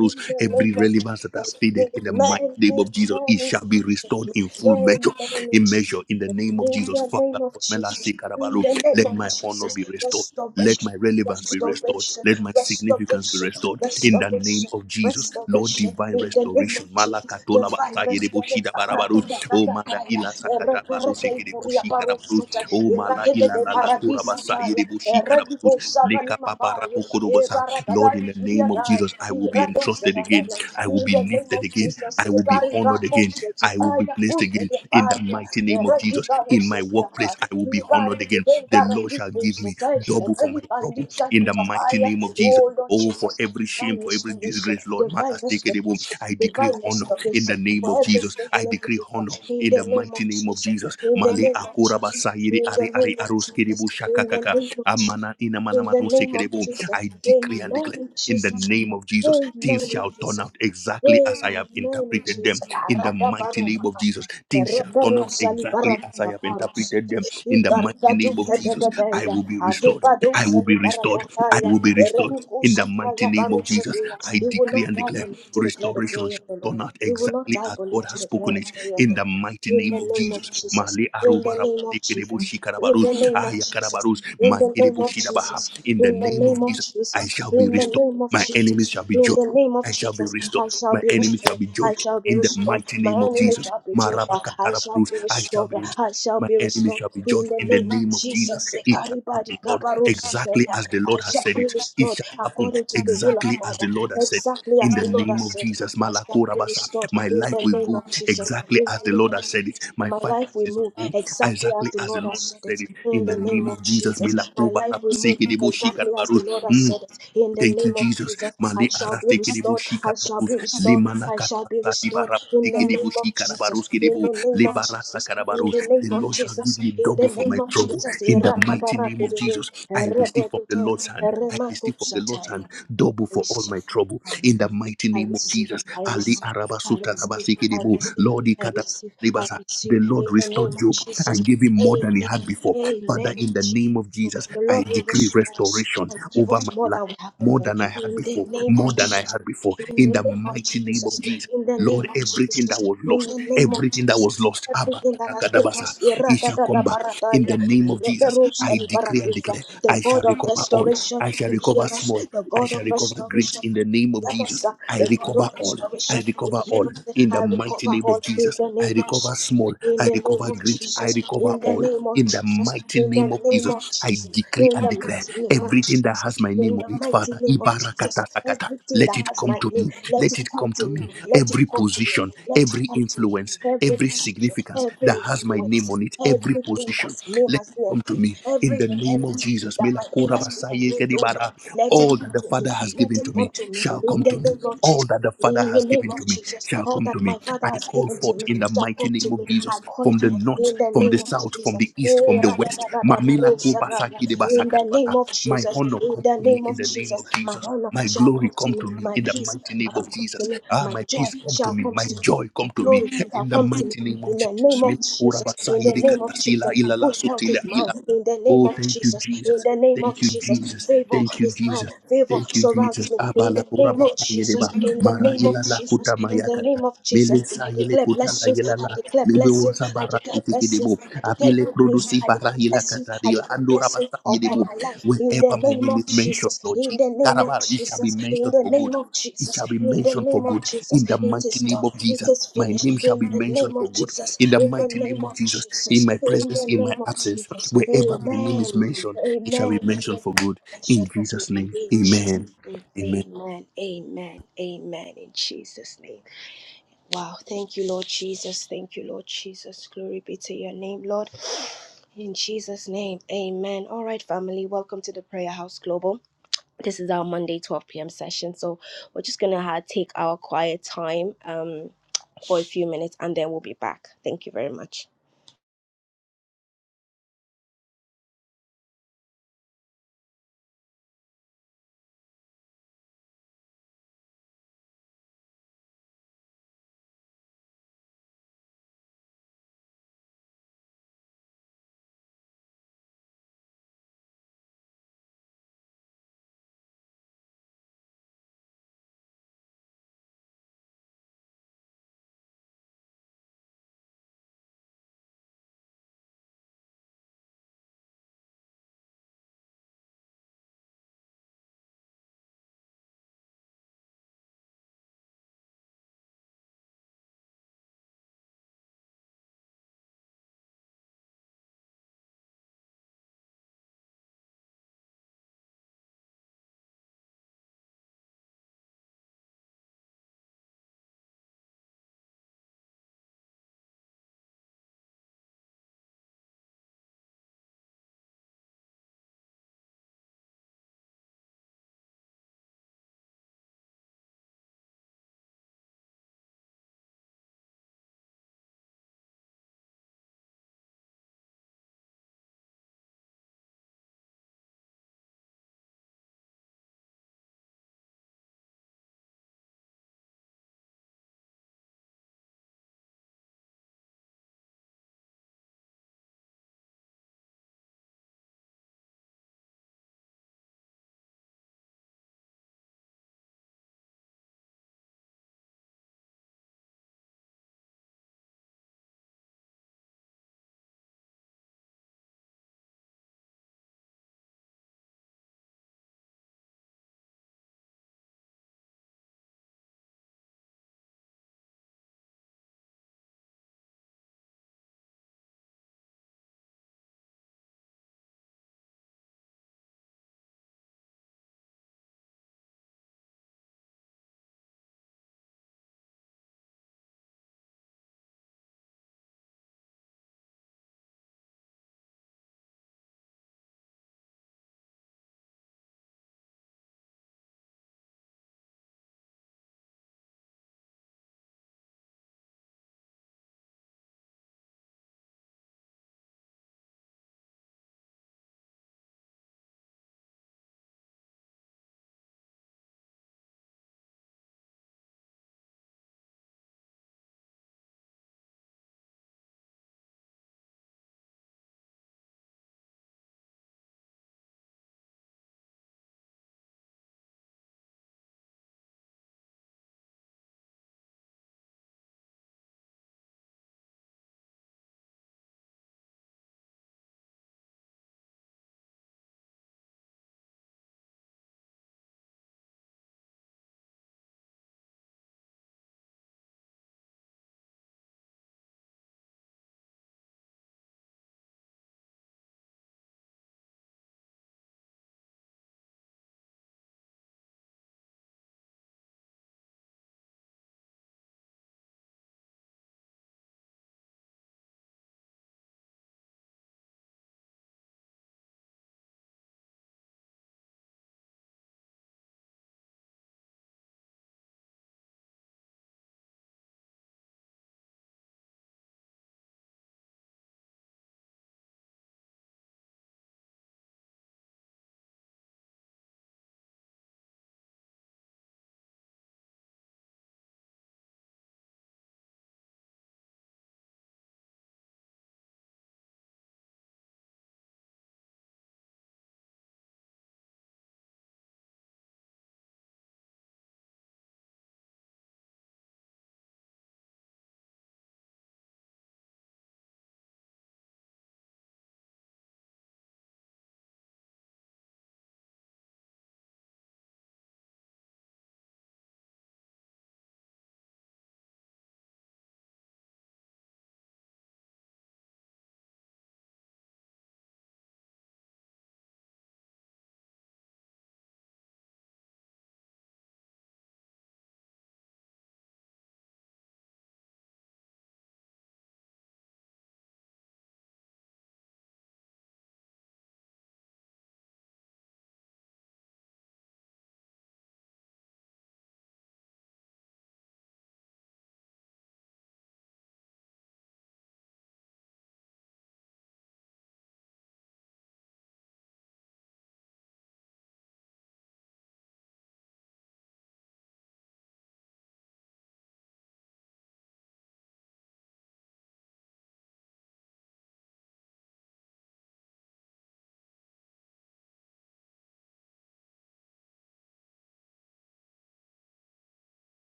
S1: In the name
S2: every
S1: of
S2: relevance that has
S1: Jesus.
S2: faded in the mighty
S1: Amen.
S2: name of Jesus,
S1: Amen.
S2: it
S1: In
S2: shall be
S1: Jesus.
S2: restored in full
S1: name,
S2: measure,
S1: Amen.
S2: in measure, in the name of
S1: In Jesus. name, In
S2: Jesus.
S1: the
S2: Father,
S1: name of
S2: Lord,
S1: Jesus.
S2: melasi
S1: In
S2: karabaru,
S1: the name
S2: let
S1: of
S2: my honor
S1: Jesus.
S2: be restored. Let
S1: Restoration.
S2: my relevance be restored.
S1: Restoration.
S2: Let my significance be
S1: Restoration.
S2: restored in the name
S1: Restoration
S2: of Jesus. Lord,
S1: restoration
S2: divine
S1: in the name of
S2: restoration.
S1: Jesus.
S2: Malakatola
S1: Divine
S2: basayedebo shida
S1: restoration.
S2: barabarus. Oh mala
S1: Ratatatataya.
S2: ila sakata
S1: Ereperede
S2: baruse kede
S1: ipuria
S2: bushi karabarus.
S1: parusata.
S2: Oh mala
S1: Eratete
S2: ila
S1: de
S2: lala la kura
S1: paradisa
S2: basa
S1: taya.
S2: yede bushi karabarus.
S1: Eredibo sagani
S2: Leka papa
S1: makaya.
S2: rapo kodo basa. Lord,
S1: Ebaradada
S2: in the
S1: ipuria
S2: name of
S1: daya.
S2: Jesus, I will be
S1: Irado
S2: entrusted again.
S1: senadaya.
S2: I
S1: In
S2: will be
S1: the name
S2: lifted
S1: of
S2: again.
S1: Jesus.
S2: I will be honored
S1: Ebarigambo
S2: again. I will be
S1: setipaya.
S2: placed again in the mighty
S1: You're
S2: name of
S1: the day
S2: Jesus. In my workplace, I will be honored again. The Lord shall
S1: Baratipo
S2: give me double
S1: Setai,
S2: for my
S1: Relief and
S2: trouble
S1: Lisa
S2: in the mighty
S1: Vitapaya.
S2: name of Jesus.
S1: Oh Lord
S2: Oh, for
S1: Jesus,
S2: every shame,
S1: divine
S2: for every
S1: restoration,
S2: disgrace, Lord, man
S1: divine
S2: has taken it. home.
S1: restoration.
S2: I decree
S1: Divine
S2: honor in
S1: restoration
S2: the name of
S1: for every
S2: Jesus. I
S1: single
S2: decree
S1: individual
S2: honor
S1: in
S2: in the
S1: the name of
S2: mighty name of
S1: Jesus,
S2: Jesus.
S1: in the
S2: Male
S1: name of
S2: akora
S1: Jesus,
S2: basayiri
S1: in
S2: ari
S1: the
S2: ari
S1: name of Jesus,
S2: aroskiribu
S1: in the
S2: shakakaka.
S1: name of Jesus,
S2: Amana ina
S1: in
S2: mana
S1: the
S2: manu
S1: name of
S2: sekeribu.
S1: Jesus,
S2: I decree and
S1: amen,
S2: declare.
S1: in
S2: In the
S1: Jesus,
S2: name of Jesus,
S1: amen,
S2: things
S1: in
S2: shall turn
S1: Jesus.
S2: out exactly as I have
S1: Amen, in
S2: interpreted
S1: Jesus.
S2: them. In the mighty name of Jesus, things shall turn out
S1: Reperusa
S2: exactly as I
S1: liberata
S2: have
S1: parus,
S2: interpreted them. In the mighty name of
S1: Icaricadusa de
S2: Jesus, I
S1: Deya,
S2: will be restored. I
S1: Adicadusa
S2: will be restored. I
S1: liberataya,
S2: will be restored. In
S1: Erenucusa
S2: the mighty
S1: taya
S2: name of Jesus,
S1: parusatia.
S2: I
S1: We will
S2: decree
S1: not
S2: and
S1: die but
S2: declare
S1: live to declare the
S2: restoration
S1: glory of the
S2: shall
S1: Lord.
S2: turn out
S1: We will not
S2: exactly
S1: die
S2: as
S1: but
S2: God
S1: live to
S2: has
S1: declare
S2: spoken
S1: the
S2: it
S1: glory of
S2: in
S1: the Lord.
S2: the mighty
S1: In the
S2: name of
S1: name of
S2: Jesus.
S1: Jesus.
S2: Mali
S1: In the
S2: arubara
S1: name of
S2: tekerebo
S1: Jesus. In the
S2: shikarabarus,
S1: name of Jesus.
S2: ayakarabarus,
S1: In the name
S2: makerebo
S1: of
S2: shidabaha.
S1: Jesus.
S2: In the
S1: In the
S2: name
S1: name
S2: of
S1: of
S2: Jesus, I
S1: Jesus.
S2: shall
S1: In
S2: be
S1: the
S2: restored.
S1: name of
S2: My enemies
S1: Jesus.
S2: shall be
S1: In
S2: joined.
S1: the name of
S2: I shall be
S1: Jesus.
S2: restored.
S1: I shall
S2: My
S1: be
S2: enemies shall
S1: restored.
S2: be
S1: I
S2: joined.
S1: shall be
S2: In the
S1: restored.
S2: mighty
S1: My
S2: name of
S1: enemy
S2: Jesus.
S1: shall be over. I shall
S2: Marabakatarabarus,
S1: be
S2: I shall
S1: restored.
S2: be restored.
S1: I shall
S2: My
S1: be
S2: enemies
S1: restored.
S2: shall be
S1: In
S2: judged
S1: the
S2: in the
S1: name of
S2: name of Jesus.
S1: Jesus.
S2: It shall
S1: Ekaribadi
S2: happen, Lord, exactly
S1: kabarusekeya.
S2: as the
S1: I
S2: Lord has
S1: shall
S2: said
S1: be
S2: it. It
S1: restored
S2: shall happen
S1: according to the will of
S2: exactly as
S1: God.
S2: the Lord has said it.
S1: Exactly
S2: In
S1: as
S2: the
S1: the Lord
S2: name
S1: has
S2: of
S1: said. it.
S2: Jesus.
S1: I shall
S2: malakura
S1: be restored
S2: my
S1: in
S2: life
S1: the
S2: will
S1: name
S2: go
S1: of Jesus.
S2: exactly
S1: In the
S2: as the
S1: name
S2: Lord
S1: of
S2: has said it.
S1: Jesus.
S2: My
S1: My life will
S2: finances
S1: move
S2: will go
S1: exactly as
S2: exactly
S1: the
S2: as the
S1: Lord has
S2: Lord
S1: said
S2: has said
S1: it.
S2: it. In
S1: In the
S2: the
S1: name
S2: name
S1: of
S2: of Jesus.
S1: Jesus. My
S2: Milakuba,
S1: life will move
S2: Rabasiki, Debo, Shika,
S1: exactly as the
S2: Rabarus.
S1: Lord has
S2: Mm.
S1: said it. In the
S2: Thank
S1: name
S2: you,
S1: of
S2: Jesus.
S1: Jesus. I
S2: Mali
S1: shall be
S2: araste que debo
S1: restored. I shall be
S2: shikarabarus. Le
S1: restored.
S2: mana
S1: I shall be
S2: karabasati
S1: restored. In
S2: barabasti
S1: the
S2: que debo
S1: name of Jesus.
S2: shikarabarus que
S1: In
S2: debo.
S1: the name
S2: Le
S1: of
S2: barata
S1: Jesus. In
S2: karabarus.
S1: the
S2: The
S1: name of
S2: Lord shall
S1: Jesus.
S2: give me
S1: In the
S2: double for
S1: name
S2: my
S1: of
S2: trouble.
S1: Jesus.
S2: In the mighty name of
S1: Irakabarakudede,
S2: Jesus, I receive from the
S1: erebedede,
S2: Lord's hand. I receive from the Lord's
S1: eremakusataya.
S2: hand double
S1: I
S2: for all
S1: receive,
S2: my trouble.
S1: I
S2: In the mighty name of
S1: receive,
S2: Jesus.
S1: I
S2: Ali
S1: receive, I receive, I
S2: arabasuta
S1: receive,
S2: labasi que
S1: I
S2: debo.
S1: receive,
S2: Lord
S1: I
S2: ikata.
S1: receive, I
S2: ribasa.
S1: receive
S2: The Lord
S1: in the name
S2: restored
S1: of
S2: Job
S1: Jesus.
S2: and gave him more than he had
S1: Amen.
S2: before. Father,
S1: Amen. In
S2: in the
S1: Jesus.
S2: name of
S1: name,
S2: Jesus,
S1: The
S2: I
S1: Lord will
S2: decree
S1: restore us
S2: restoration
S1: and give
S2: over
S1: us
S2: my
S1: more
S2: life
S1: than we have
S2: more
S1: before.
S2: than I had
S1: In the
S2: before,
S1: name of
S2: more than I
S1: Jesus.
S2: had before,
S1: In the
S2: in the
S1: name of
S2: mighty name of
S1: Jesus.
S2: Jesus.
S1: In the
S2: Lord,
S1: name of
S2: everything that
S1: Jesus.
S2: was
S1: In
S2: lost,
S1: the name of
S2: everything that
S1: Jesus.
S2: was lost, Abba,
S1: Everything that has been
S2: Takadabasa,
S1: lost,
S2: it shall come back in
S1: Iratatatataparataya,
S2: the name of Jesus. I decree and
S1: Reperusaliparatisa,
S2: declare,
S1: the
S2: I shall
S1: God of
S2: recover all.
S1: restoration
S2: I shall
S1: will
S2: recover
S1: hear us,
S2: small.
S1: the
S2: I
S1: God
S2: shall
S1: of
S2: recover great
S1: restoration.
S2: in the name of
S1: hear
S2: Jesus.
S1: us, uh,
S2: I
S1: the God
S2: recover
S1: of
S2: all.
S1: restoration,
S2: I
S1: will
S2: recover
S1: hear
S2: all
S1: us.
S2: in the
S1: I
S2: mighty
S1: recover
S2: name
S1: all
S2: of
S1: in
S2: Jesus.
S1: the
S2: I
S1: name of
S2: recover
S1: Jesus,
S2: small.
S1: in
S2: I
S1: the name
S2: recover
S1: of
S2: great. I
S1: Jesus,
S2: recover
S1: in the
S2: all
S1: name of
S2: in the
S1: Jesus,
S2: mighty
S1: in the
S2: name of
S1: name
S2: Jesus.
S1: of
S2: I
S1: Jesus,
S2: decree
S1: in
S2: and
S1: the
S2: declare.
S1: mighty name of
S2: Everything that
S1: Jesus.
S2: has my
S1: In
S2: name
S1: the
S2: on it,
S1: mighty
S2: Father,
S1: name of
S2: Ibarakata
S1: Jesus,
S2: Sakata,
S1: everything
S2: let
S1: that
S2: it
S1: has
S2: come
S1: my
S2: to
S1: name,
S2: me.
S1: let
S2: Let
S1: it
S2: it
S1: come
S2: come
S1: to
S2: to
S1: me.
S2: me.
S1: Let it
S2: Every
S1: come to me.
S2: position,
S1: Let it
S2: every
S1: come to me
S2: influence,
S1: every
S2: every
S1: position,
S2: significance that
S1: every
S2: has my name
S1: influence,
S2: on it, every
S1: everything that
S2: position,
S1: my name
S2: let it
S1: has been
S2: come to me
S1: engraved,
S2: in
S1: every
S2: the name of
S1: inheritance
S2: Jesus.
S1: that my name
S2: Melakura
S1: has been
S2: basaye
S1: engraved, oh Lord,
S2: kedibara.
S1: let it
S2: All that
S1: come
S2: the
S1: to me,
S2: Father has
S1: let
S2: given
S1: it
S2: to
S1: come
S2: me
S1: to me,
S2: shall
S1: in
S2: come
S1: the
S2: to me.
S1: name of Jesus.
S2: All that the Father
S1: In the
S2: has
S1: name
S2: given
S1: of
S2: to me
S1: Jesus,
S2: shall
S1: all
S2: come to
S1: that my
S2: me.
S1: Father
S2: I
S1: has
S2: call
S1: given to
S2: forth
S1: me
S2: in the
S1: shall
S2: mighty
S1: come to
S2: name of
S1: me. I
S2: Jesus
S1: call
S2: from
S1: it
S2: the
S1: forth
S2: north,
S1: in the
S2: from the
S1: name of
S2: south, from
S1: Jesus.
S2: the east,
S1: Eh,
S2: from the west. Mamila
S1: ra-da-da-da-da-ba-ro-sa-da-ya.
S2: kubasaki
S1: In the
S2: de
S1: name of
S2: my
S1: Jesus,
S2: honor
S1: in
S2: come
S1: the
S2: to me
S1: name
S2: in
S1: of
S2: the name
S1: Jesus,
S2: of
S1: my
S2: Jesus.
S1: honor
S2: My
S1: shall
S2: glory
S1: come to
S2: come
S1: me.
S2: to me
S1: My
S2: in the
S1: peace
S2: mighty name
S1: shall
S2: of
S1: come to
S2: Jesus.
S1: me.
S2: Ah,
S1: My
S2: my
S1: joy
S2: peace come to
S1: shall
S2: me.
S1: come
S2: My
S1: to me.
S2: joy
S1: Thy
S2: come to me
S1: glory shall
S2: in the
S1: come to me
S2: mighty name of
S1: in the name
S2: Jesus. Mila
S1: of
S2: kura
S1: Jesus.
S2: basa
S1: In the
S2: iri
S1: name of
S2: kata sila
S1: Jesus,
S2: ila la
S1: good health is
S2: sutila
S1: mine.
S2: ila.
S1: In the name
S2: Oh,
S1: of
S2: thank you,
S1: Jesus. In
S2: Jesus.
S1: the name of
S2: Thank you,
S1: Jesus,
S2: Jesus.
S1: favor
S2: Thank you,
S1: is mine.
S2: Jesus.
S1: Favor
S2: Thank you,
S1: surrounds
S2: Jesus.
S1: me. In the
S2: Abala kura
S1: name of
S2: basa iri
S1: Jesus.
S2: ba.
S1: In the
S2: Mara
S1: name of
S2: ila la
S1: Jesus.
S2: kuta
S1: In the
S2: mayakata.
S1: name of
S2: Mele
S1: Jesus, I
S2: sa ile
S1: declare
S2: kuta la
S1: blessings.
S2: ila
S1: I
S2: la.
S1: declare
S2: Mebe
S1: blessings.
S2: wosa
S1: I
S2: bara
S1: declare
S2: sitiki
S1: blessings.
S2: debo.
S1: I declare
S2: Apile
S1: good news.
S2: produsi
S1: I
S2: bara
S1: declare
S2: ila
S1: blessings.
S2: kata.
S1: I declare
S2: Andura
S1: blessings
S2: basa iri
S1: upon my
S2: bo.
S1: life in
S2: Wherever
S1: the
S2: my
S1: name
S2: name
S1: of
S2: is mentioned,
S1: Jesus,
S2: Lord
S1: in
S2: Jesus,
S1: the name of
S2: Karabara, it shall be
S1: Jesus, in
S2: mentioned
S1: the
S2: for
S1: name
S2: good.
S1: of
S2: It
S1: Jesus,
S2: shall be
S1: in the
S2: mentioned for
S1: name of
S2: good
S1: Jesus.
S2: in the
S1: It
S2: mighty
S1: is
S2: name
S1: done,
S2: of
S1: it
S2: Jesus.
S1: is
S2: My name
S1: finished
S2: shall
S1: in
S2: be
S1: the
S2: mentioned
S1: name
S2: for
S1: of
S2: good
S1: Jesus,
S2: in the
S1: in the
S2: mighty
S1: name
S2: name of
S1: of
S2: Jesus. In
S1: Jesus,
S2: my
S1: in
S2: presence,
S1: the
S2: in my
S1: name of
S2: absence,
S1: Jesus.
S2: wherever my name is
S1: Amen.
S2: mentioned, it shall be
S1: Amen.
S2: mentioned for good
S1: Mention
S2: in
S1: of
S2: Jesus'
S1: good
S2: name.
S1: in Jesus'
S2: Amen.
S1: name.
S2: Amen.
S1: Amen. Amen. Amen. In Jesus' name. Wow. Thank you, Lord Jesus. Thank you, Lord Jesus. Glory be to your name, Lord. In Jesus' name, amen. All right, family, welcome to the Prayer House Global. This is our Monday 12 p.m. session. So we're just going to uh, take our quiet time um, for a few minutes and then we'll be back. Thank you very much.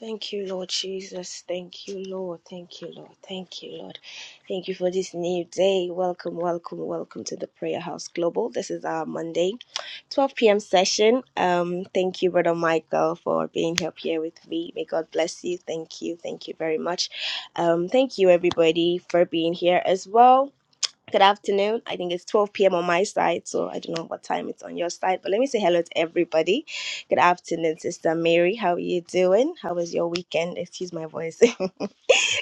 S1: Thank you, Lord Jesus. Thank you, Lord. Thank you, Lord. Thank you, Lord. Thank you for this new day. Welcome, welcome, welcome to the Prayer House Global. This is our Monday, 12 p.m. session. Um, thank you, Brother Michael, for being up here with me. May God bless you. Thank you. Thank you very much. Um, thank you, everybody, for being here as well. Good afternoon. I think it's 12 p.m. on my side, so I don't know what time it's on your side, but let me say hello to everybody. Good afternoon, Sister Mary. How are you doing? How was your weekend? Excuse my voice. [LAUGHS]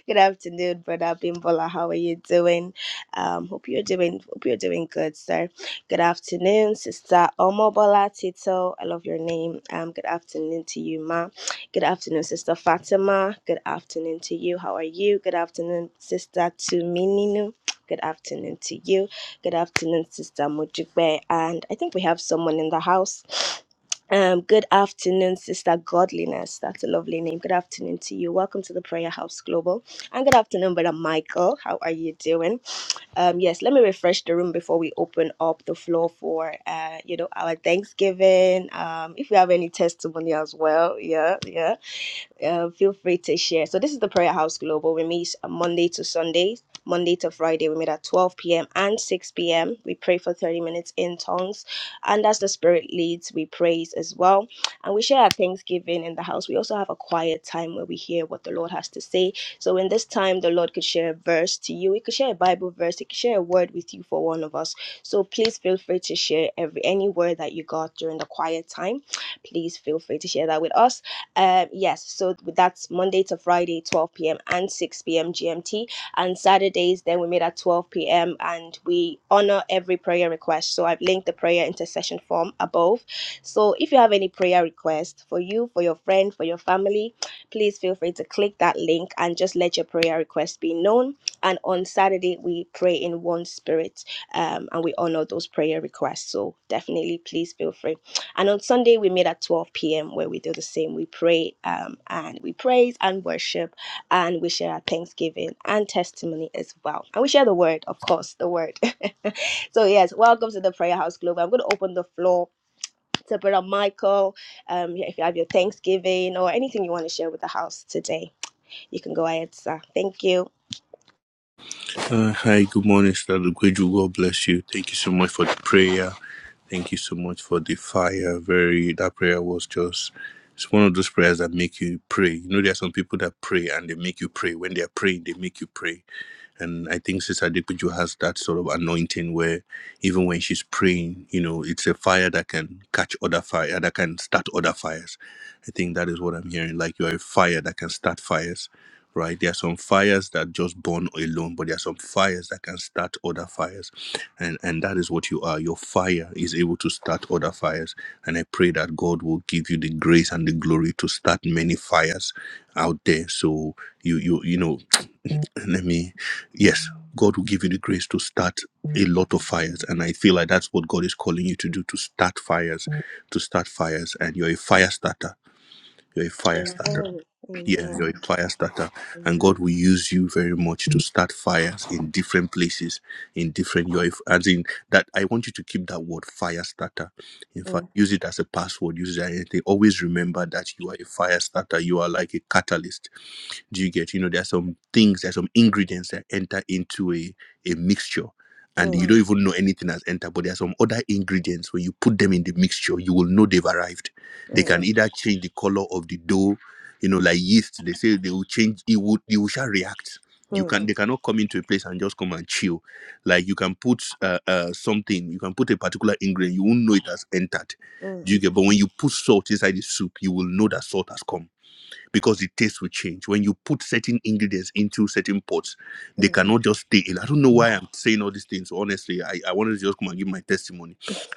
S1: good afternoon, brother Bimbola. How are you doing? Um, hope you're doing hope you're doing good, sir. Good afternoon, sister Omobola Tito. I love your name. Um, good afternoon to you, ma. Good afternoon, sister Fatima. Good afternoon to you. How are you? Good afternoon, sister Tumininu. Good afternoon to you. Good afternoon, sister Mojigbe. And I think we have someone in the house. Um, good afternoon, Sister Godliness. That's a lovely name. Good afternoon to you. Welcome to the Prayer House Global. And good afternoon, Brother Michael. How are you doing? Um, yes, let me refresh the room before we open up the floor for uh, you know, our Thanksgiving. Um, if you have any testimony as well, yeah, yeah uh, feel free to share. So this is the Prayer House Global. We meet Monday to Sunday, Monday to Friday. We meet at 12 p.m. and 6 p.m. We pray for 30 minutes in tongues, and as the Spirit leads, we praise as well. And we share our Thanksgiving in the house. We also have a quiet time where we hear what the Lord has to say. So in this time, the Lord could share a verse to you. He could share a Bible verse. He could share a word with you for one of us. So please feel free to share every any word that you got during the quiet time. Please feel free to share that with us. Um, yes, so that's Monday to Friday, 12 p.m. and 6 p.m. GMT. And Saturdays, then we meet at 12 p.m. and we honor every prayer request. So I've linked the prayer intercession form above. So if you have any prayer request for you, for your friend, for your family, please feel free to click that link and just let your prayer request be known. And on Saturday, we pray in one spirit um, and we honor those prayer requests. So definitely, please feel free and on Sunday, we meet at 12 p.m. where we do the same. We pray um, and we praise and worship and we share our thanksgiving and testimony as well. And we share the word, of course, the word. [LAUGHS] so, yes, welcome to the Prayer House Global. I'm going to open the floor to Brother Michael. Um, if you have your thanksgiving or anything you want to share with the house today, you can go ahead, sir. Thank you.
S2: Uh, hi, good morning, Sister Lugweju. God bless you. Thank you so much for the prayer. Thank you so much for the fire. Very that prayer was just it's one of those prayers that make you pray. You know, there are some people that pray and they make you pray. When they are praying, they make you pray. And I think Sister Adekbuju has that sort of anointing where even when she's praying, you know, it's a fire that can catch other fire, that can start other fires. I think that is what I'm hearing. Like you are a fire that can start fires, right? There are some fires that just burn alone, but there are some fires that can start other fires. And and that is what you are. Your fire is able to start other fires. And I pray that God will give you the grace and the glory to start many fires out there. So you you you know [CLEARS THROAT] let me yes god will give you the grace to start a lot of fires and i feel like that's what god is calling you to do to start fires to start fires and you're a fire starter you're a fire starter
S1: Mm,
S2: yeah
S1: Amen.
S2: you're a fire starter and god will use you very much to start fires in different places in different you're a, as in that i want you to keep that word fire starter in
S1: Mm,
S2: fact use it as a password use it as anything always remember that you are a fire starter you are like a catalyst do you get? You know, there are some things, there are some ingredients that enter into a, a mixture. And you don't Mm. even know anything has entered, but there are some other ingredients when you put them in the mixture, you will know they've arrived. They can Yes. either change the color of the dough, you know, like yeast. They say they will change. It would. It will shall react. You can. Mm. They cannot come into a place and just come and chill. Like you can put uh, uh, something. You can put a particular ingredient. You won't know it has entered. Do you get? But when you put salt inside the soup, you will know that salt has come because the taste will change. When you put certain ingredients into certain pots, they cannot just stay in. I don't know why I'm saying all these things. Honestly, I, I wanted to just come and give my testimony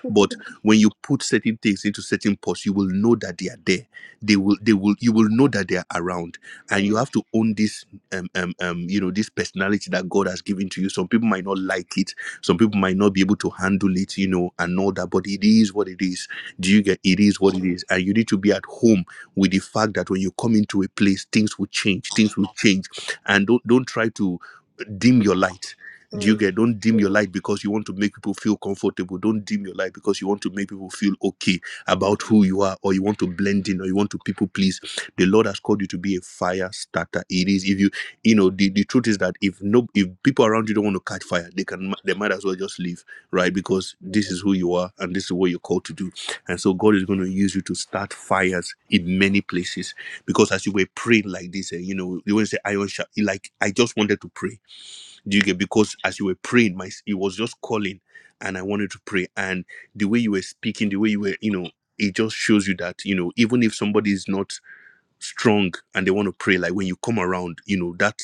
S2: but when you put certain things into certain pots you will know that they are there they will they will you will know that they are around and you have to own this um, um um you know this personality that god has given to you some people might not like it some people might not be able to handle it you know and all that but it is what it is do you get it is what it is and you need to be at home with the fact that when you come into a place things will change things will change and don't don't try to dim your light
S1: mm,
S2: do
S1: mm, mm,
S2: you get? Don't dim your light because you want to make people feel comfortable. Don't dim your light because you want to make people feel okay
S1: mm.
S2: about who you are, or you want to blend in, or you want to people please. The Lord has called you to be a fire starter. It is if you, you know, the, the truth is that if no, if people around you don't want to catch fire, they can, they might as well just leave, right? Because this is who you are, and this is what you're called to do. And so God is going to use you to start fires in many places. Because as you were praying like this, eh, you know, you want to say iron sharp. Like I just wanted to pray do you get because as you were praying, my it was just calling, and I wanted to pray. And the way you were speaking, the way you were, you know, it just shows you that you know, even if somebody is not strong and they want to pray, like when you come around, you know, that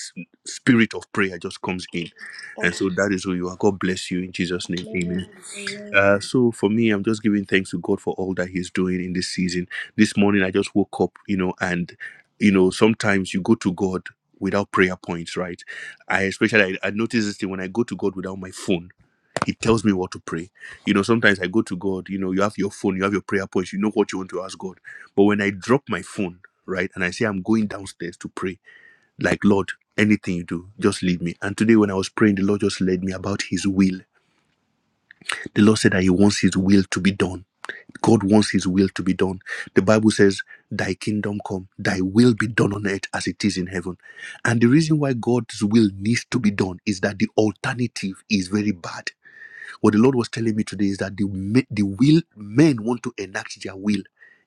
S2: spirit of prayer just comes in,
S1: Thank
S2: and so that is who you are. God bless you in Jesus' name.
S1: you,
S2: Amen.
S1: Lord. Amen.
S2: Uh, so for me, I'm just giving thanks to God for all that He's doing in this season. This morning, I just woke up, you know, and you know, sometimes you go to God without prayer points, right? I especially I, I notice this thing when I go to God without my phone. He tells me what to pray. You know, sometimes I go to God. You know, you have your phone, you have your prayer points, you know what you want to ask God. But when I drop my phone, right, and I say I'm going downstairs to pray, like Lord, anything you do, just lead me. And today, when I was praying, the Lord just led me about His will. The Lord said that He wants His will to be done God wants his will to be done. The Bible says, Thy kingdom come, thy will be done on earth as it is in heaven. And the reason why God's will needs to be done is that the alternative is very bad. What the Lord was telling me today is that the, ma- the will, men want to enact their will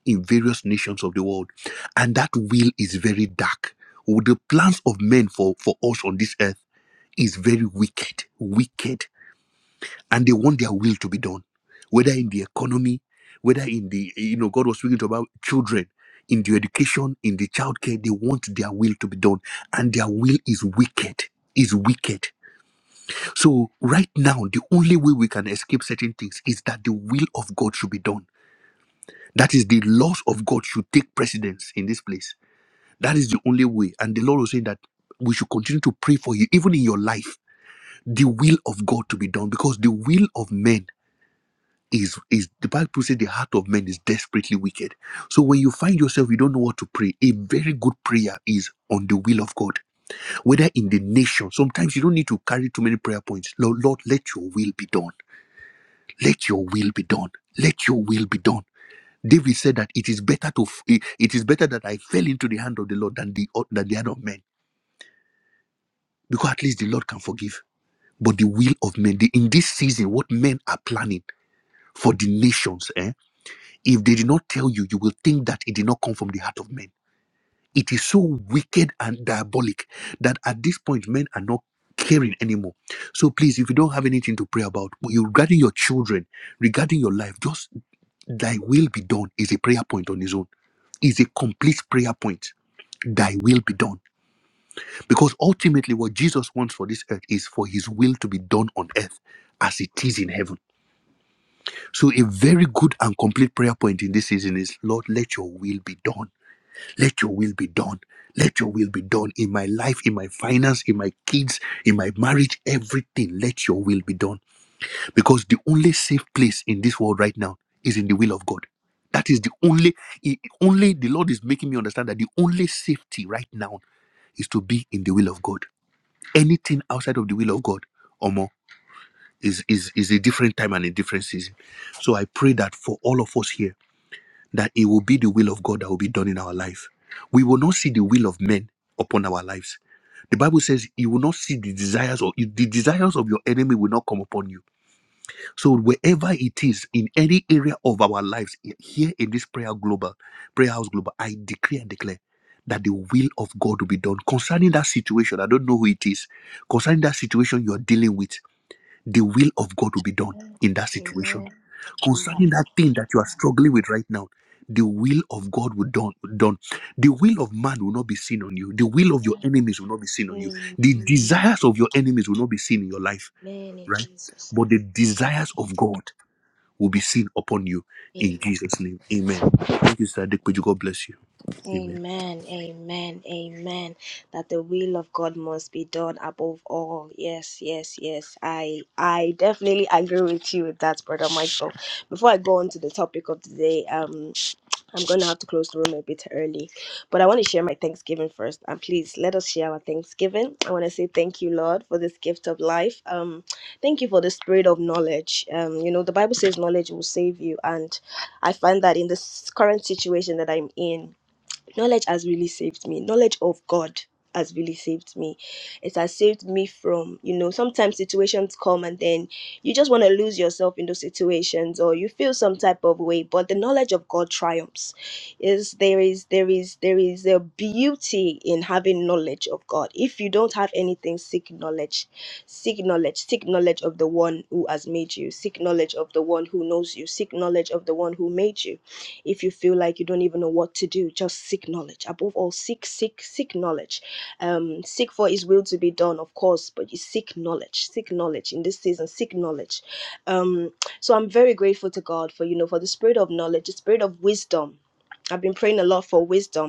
S2: in various nations of the world. And that will is very dark. The plans of men for, for us on this earth is very wicked, wicked and they want their will to be done whether in the economy whether in the you know god was speaking to about children in the education in the childcare they want their will to be done and their will is wicked is wicked so right now the only way we can escape certain things is that the will of god should be done that is the laws of god should take precedence in this place that is the only way and the lord was saying that we should continue to pray for you even in your life the will of god to be done because the will of men is is the Bible says the heart of man is desperately wicked. So when you find yourself, you don't know what to pray. A very good prayer is on the will of God, whether in the nation. Sometimes you don't need to carry too many prayer points. Lord, Lord, let your will be done. Let your will be done. Let your will be done. David said that it is better to f- it it is better that I fell into the hand of the Lord than the uh, than the hand of men, because at least the Lord can forgive. But the will of men, the, in this season, what men are planning for the nations, eh? If they did not tell you, you will think that it did not come from the heart of men. It is so wicked and diabolic that at this point, men are not caring anymore. So please, if you don't have anything to pray about you- regarding your children, regarding your life, just thy will be done is a prayer point on its own, is a complete prayer point. Thy will be done. Because ultimately, what Jesus wants for this earth is for his will to be done on earth as it is in heaven. So, a very good and complete prayer point in this season is Lord, let your will be done Let your will be done. Let your will be done in my life, in my finance, in my kids, in my marriage, everything. Let your will be done. Because the only safe place in this world right now is in the will of God. That is the only, i- only the Lord is making me understand that the only safety right now is to be in the will of God. Anything outside of the will of God Omo, is, is, is a different time and a different season. So I pray that for all of us here, that it will be the will of God that will be done in our life. We will not see the will of men upon our lives. The Bible says you will not see the desires or the desires of your enemy will not come upon you. So wherever it is in any area of our lives here in this prayer global prayer house global, I decree and declare that the will of God will be done concerning that situation. I don't know who it is concerning that situation you are dealing with. The will of God will be done in that situation
S1: Amen.
S2: concerning that thing that you are struggling with right now, the will of God will done, done. The will of man will not be seen on you. The will of your enemies will not be seen on you.
S1: Amen.
S2: The desires of your enemies will not be seen in your life,
S1: In
S2: right?
S1: Jesus'
S2: But the desires of God will be seen upon you
S1: name.
S2: in Jesus' name. Amen. Thank you, Sister Adequate. God bless you. Amen.
S1: Amen, amen, amen. That the will of God must be done above all. Yes, yes, yes. I I definitely agree with you with that, brother Michael. Before I go on to the topic of today, um, I'm gonna have to close the room a bit early, but I want to share my Thanksgiving first. And please let us share our Thanksgiving. I want to say thank you, Lord, for this gift of life. Um, thank you for the spirit of knowledge. Um, you know, the Bible says knowledge will save you, and I find that in this current situation that I'm in knowledge has really saved me knowledge of god has really saved me it has saved me from you know sometimes situations come and then you just want to lose yourself in those situations or you feel some type of way but the knowledge of god triumphs is there is there is there is a beauty in having knowledge of god if you don't have anything seek knowledge seek knowledge seek knowledge of the one who has made you seek knowledge of the one who knows you seek knowledge of the one who made you if you feel like you don't even know what to do, just seek knowledge. Above all, seek, seek, seek knowledge. Um, seek for His will to be done, of course, but you seek knowledge. Seek knowledge in this season. Seek knowledge. Um, so I'm very grateful to God for you know for the spirit of knowledge, the spirit of wisdom. I've been praying a lot for wisdom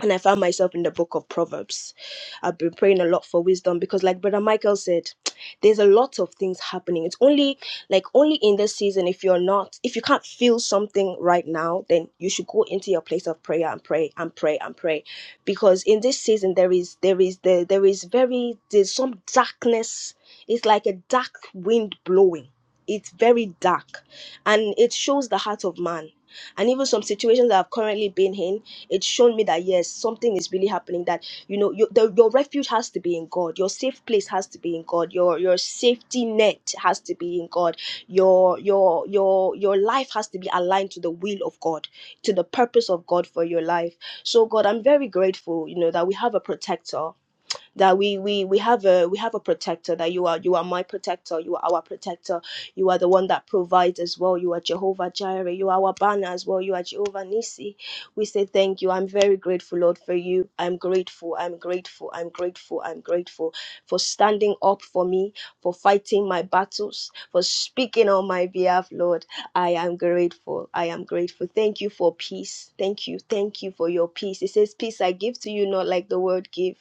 S1: and I found myself in the book of Proverbs. I've been praying a lot for wisdom because, like Brother Michael said, [TSK] there's a lot of things happening. It's only like only in this season, if you're not, if you can't feel something right now, then you should go into your place of prayer and pray and pray and pray. Because in this season, there is, there is, there, there is very, there's some darkness. It's like a dark wind blowing. It's very dark and it shows the heart of man. And even some situations that I've currently been in, it's shown me that yes something is really happening that you know your, the, your refuge has to be in god your safe place has to be in god your your safety net has to be in god your your your your life has to be aligned to the will of god to the purpose of god for your life so god i'm very grateful you know that we have a protector that we we we have a we have a protector that you are you are my protector you are our protector you are the one that provides as well you are jehovah jireh you are our banner as well you are jehovah nisi we say thank you i'm very grateful lord for you i'm grateful i'm grateful i'm grateful i'm grateful for standing up for me for fighting my battles for speaking on my behalf lord i am grateful i am grateful thank you for peace thank you thank you for your peace it says peace i give to you not like the world give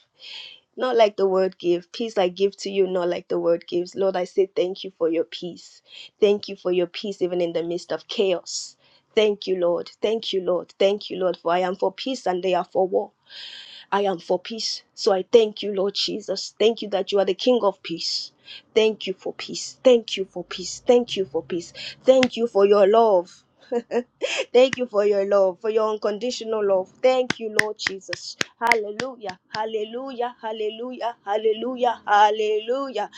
S1: not like the world give peace i give to you not like the world gives lord i say thank you for your peace thank you for your peace even in the midst of chaos thank you lord thank you lord thank you lord for i am for peace and they are for war I am for peace. So I thank you, Lord Jesus. Thank you that you are the King of peace. Thank you for peace. Thank you for peace. Thank you for peace. Thank you for your love. [LAUGHS] Thank you for your love, for your unconditional love. Thank you, Lord Jesus. Hallelujah. Hallelujah. Hallelujah. Hallelujah. Hallelujah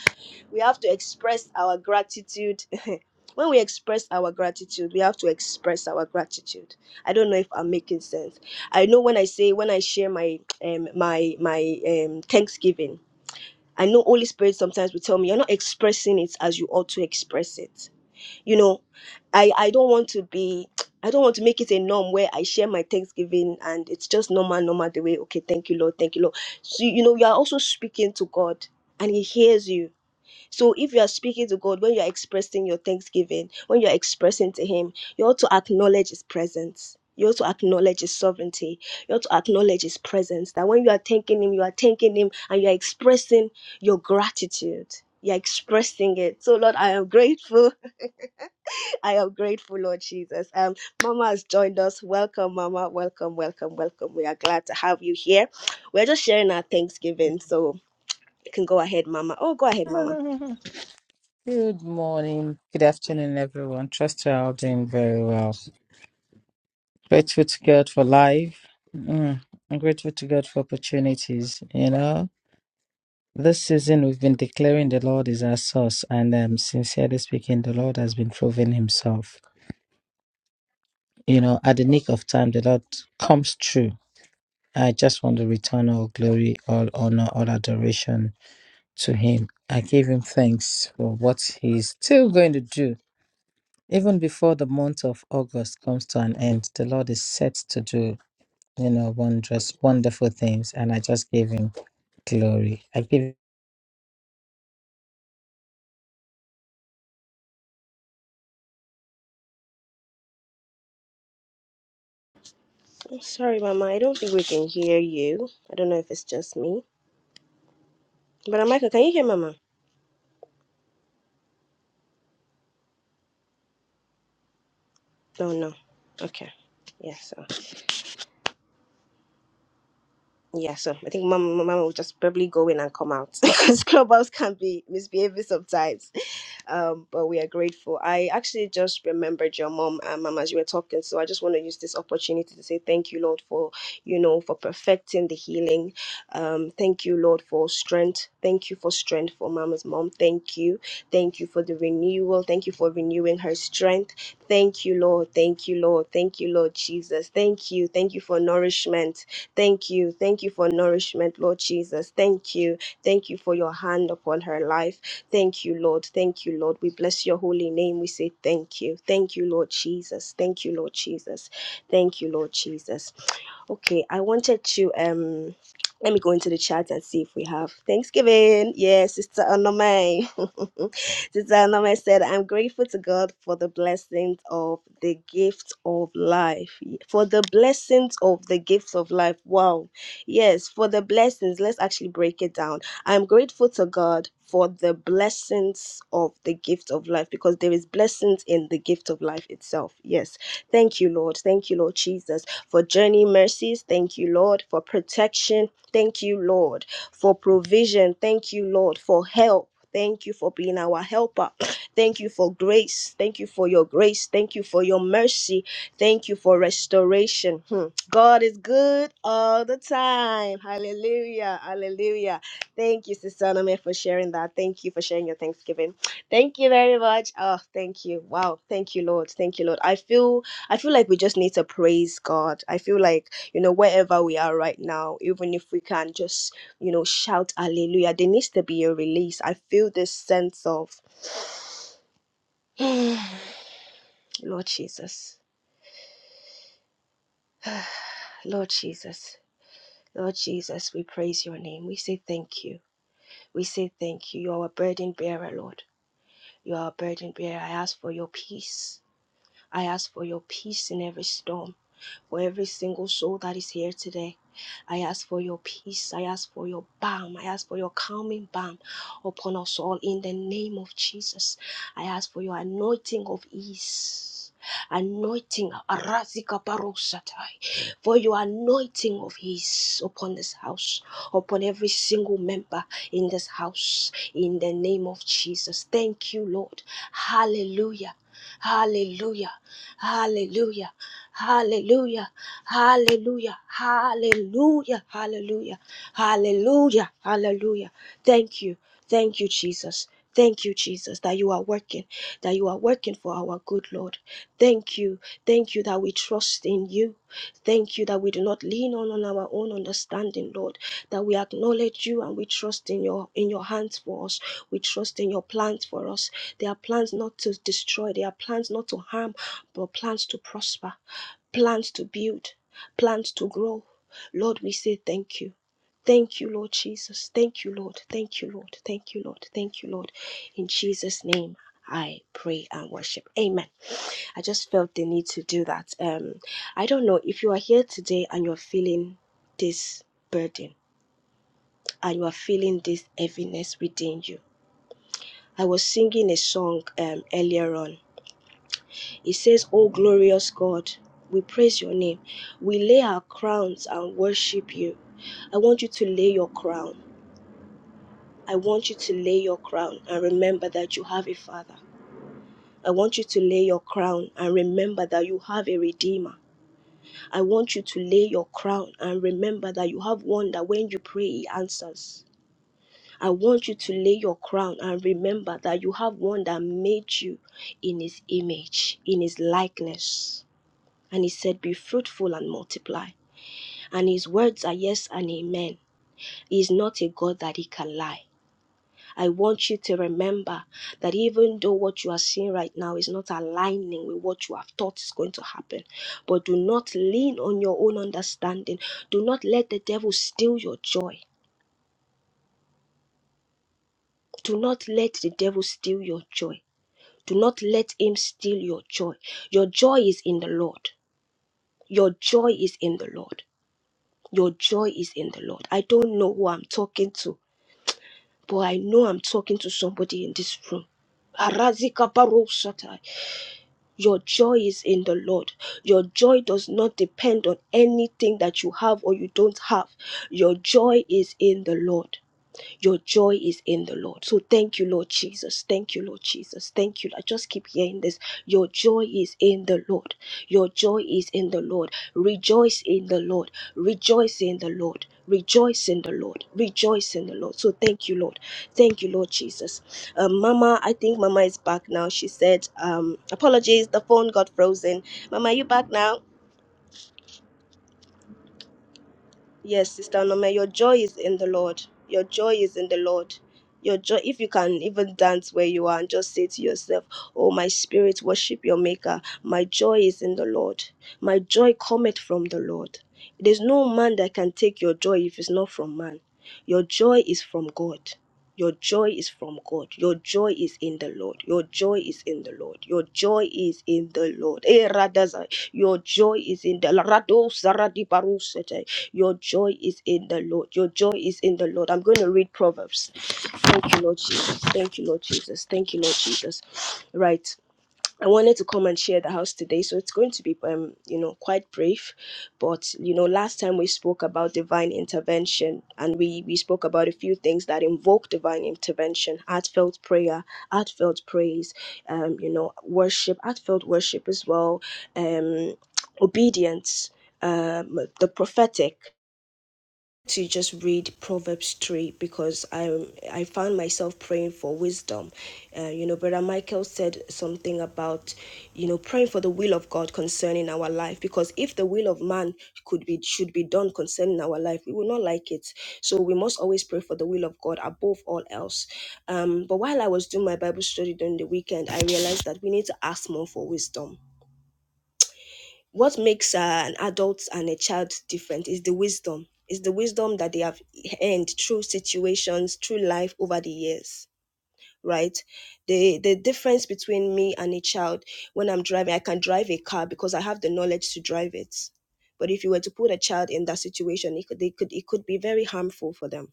S1: we have to express our gratitude. [LAUGHS] when we express our gratitude, we have to express our gratitude. I don't know if I'm making sense. I know when I say when I share my um my my um Thanksgiving, I know Holy Spirit sometimes will tell me you're not expressing it as you ought to express it. You know, I I don't want to be I don't want to make it a norm where I share my Thanksgiving and it's just normal, normal the way, okay, thank you, Lord, thank you, Lord. So, you know, you are also speaking to God and He hears you so if you are speaking to God, when you are expressing your thanksgiving, when you are expressing to Him, you ought to acknowledge His presence. You ought to acknowledge His sovereignty. You ought to acknowledge His presence. That when you are thanking Him, you are thanking Him and you are expressing your gratitude. You're expressing it. So, Lord, I am grateful. [LAUGHS] I am grateful, Lord Jesus. Um, Mama has joined us. Welcome, Mama. Welcome, welcome, welcome. We are glad to have you here. We're just sharing our
S3: [LAUGHS]
S1: Thanksgiving. So, you can go ahead, Mama. Oh, go ahead, Mama.
S3: Good morning, good afternoon, everyone. Trust you're all doing very well. Grateful to God for life. Mm. I'm grateful to God for opportunities. You know, this season we've been declaring the Lord is our source, and um, sincerely speaking, the Lord has been proving Himself. You know, at the nick of time, the Lord comes true. I just want to return all glory, all honor, all adoration to Him. I give Him thanks for what He's still going to do Even before the month of August comes to an end, the Lord is set to do, you know, wondrous, wonderful things. And I just give him glory. I give
S1: Sorry, Mama. I don't think we can hear you. I don't know if it's just me. But uh, Michael, can you hear Mama? No, no. Okay. Yeah, so yeah, so I think Mama, Mama will just probably go in and come out [LAUGHS] because Clubhouse can be misbehaving sometimes. um, but we are grateful. I actually just remembered your mom, uh, mom, as you were talking. So I just want to use this opportunity to say thank you, Lord, for you know for perfecting the healing. Um, thank you, Lord, for strength. Thank you for strength for mama's mom. Thank you, thank you for the renewal. Thank you for renewing her strength. Thank you, Lord. Thank you, Lord. Thank you, Lord Jesus. Thank you, thank you for nourishment. Thank you, thank you for nourishment, Lord Jesus. Thank you, thank you for your hand upon her life. Thank you, Lord. Thank you, Lord. We bless your holy name. We say thank you. Thank you, Lord Jesus. Thank you, Lord Jesus. Thank you, Lord Jesus. Okay, I wanted to um let me go into the chat and see if we have Thanksgiving. Yes, Sister Onome. [LAUGHS] Sister Onome said, I'm grateful to God for the blessings of the gift of life. For the blessings of the gift of life. Wow. Yes, for the blessings. Let's actually break it down. I'm grateful to God for the blessings of the gift of life because there is blessings in the gift of life itself. Yes Thank you, Lord. Thank you, Lord Jesus, for journey mercies. Thank you, Lord, for protection. Thank you, Lord, for provision. Thank you, Lord, for help. Thank you for being our helper. [SNIFFS] [CLEARS THROAT] Thank you for grace. Thank you for your grace. Thank you for your mercy. Thank you for restoration. Hmm. God is good all the time. Hallelujah. Hallelujah. Thank you, Sister Anome, for sharing that. Thank you for sharing your Thanksgiving. Thank you very much. Oh, thank you. Wow. Thank you, Lord. Thank you, Lord. I feel I feel like we just need to praise God. I feel like, you know, wherever we are right now, even if we can just, you know, shout hallelujah, there needs to be a release. I feel this sense of Lord Jesus. Lord Jesus. Lord Jesus, we praise your name. We say thank you. We say thank you. You are a burden bearer, Lord. You are a burden bearer. I ask for your peace. I ask for your peace in every storm, for every single soul that is here today. I ask for your peace. I ask for your balm. I ask for your calming balm upon us all in the name of Jesus. I ask for your anointing of ease. Anointing Arazika Barosatai for your anointing of ease upon this house, upon every single member in this house, in the name of Jesus. Thank you, Lord. Hallelujah. Hallelujah. Hallelujah. Hallelujah. Hallelujah. Hallelujah. Hallelujah. Hallelujah. Hallelujah. Thank you. Thank you, Jesus. Thank you, Jesus, that you are working, that you are working for our good Lord. Thank you. Thank you that we trust in you. Thank you that we do not lean on, on our own understanding, Lord, that we acknowledge you and we trust in your in your hands for us. We trust in your plans for us. There are plans not to destroy, there are plans not to harm, but plans to prosper, plans to build, plans to grow. Lord, we say thank you. Thank you, Lord Jesus. Thank you, Lord. Thank you, Lord. Thank you, Lord. Thank you, Lord. In Jesus' name. I pray and worship. Amen. I just felt the need to do that. Um, I don't know if you are here today and you're feeling this burden and you are feeling this heaviness within you. I was singing a song um, earlier on It says, O glorious God, we praise your name. We lay our crowns and worship you. I want you to lay your crown. I want you to lay your crown and remember that you have a father. I want you to lay your crown and remember that you have a redeemer. I want you to lay your crown and remember that you have one that when you pray, he answers. I want you to lay your crown and remember that you have one that made you in his image, in his likeness. And he said, Be fruitful and multiply. And his words are yes and amen. He is not a God that he can lie. I want you to remember that even though what you are seeing right now is not aligning with what you have thought is going to happen, but do not lean on your own understanding. Do not let the devil steal your joy. Do not let the devil steal your joy. Do not let him steal your joy. Your joy is in the Lord. Your joy is in the Lord. Your joy is in the Lord. I don't know who I'm talking to, but I know I'm talking to somebody in this room. Arazika barosata. Your joy is in the Lord. Your joy does not depend on anything that you have or you don't have. Your joy is in the Lord. Your joy is in the Lord. So thank you, Lord Jesus. Thank you, Lord Jesus. Thank you. I just keep hearing this. Your joy is in the Lord. Your joy is in the Lord. Rejoice in the Lord. Rejoice in the Lord. Rejoice in the Lord. Rejoice in the Lord. So thank you, Lord. Thank you, Lord Jesus. Um, Mama, I think Mama is back now. She said, um, apologies, the phone got frozen. Mama, you back now? Yes, Sister Nome, your joy is in the Lord. Your joy is in the Lord. Your joy, if you can even dance where you are and just say to yourself, Oh, my spirit, worship your Maker. My joy is in the Lord. My joy cometh from the Lord. There's no man that can take your joy if it's not from man. Your joy is from God. Your joy is from God. Your joy is in the Lord. Your joy is in the Lord. Your joy is in the Lord. Eh, Radaza. Your joy is in the Rado Saradi Barusete. Your joy is in the Lord. Your joy is in the Lord. I'm going to read Proverbs. Thank you, Lord Jesus. Thank you, Lord Jesus. Thank you, Lord Jesus. Right. I wanted to come and share the house today, so it's going to be, um, you know, quite brief. But you know, last time we spoke about divine intervention, and we we spoke about a few things that invoke divine intervention: heartfelt prayer, heartfelt praise, um, you know, worship, heartfelt worship as well, um, obedience, um, the prophetic to just read Proverbs 3 because I I found myself praying for wisdom. Uh, you know, Brother Michael said something about, you know, praying for the will of God concerning our life because if the will of man could be should be done concerning our life, we will not like it. So we must always pray for the will of God above all else. Um, but while I was doing my Bible study during the weekend, I realized that we need to ask more for wisdom what makes uh, an adult and a child different is the wisdom is the wisdom that they have earned through situations through life over the years right the the difference between me and a child when i'm driving i can drive a car because i have the knowledge to drive it but if you were to put a child in that situation it could, they could it could be very harmful for them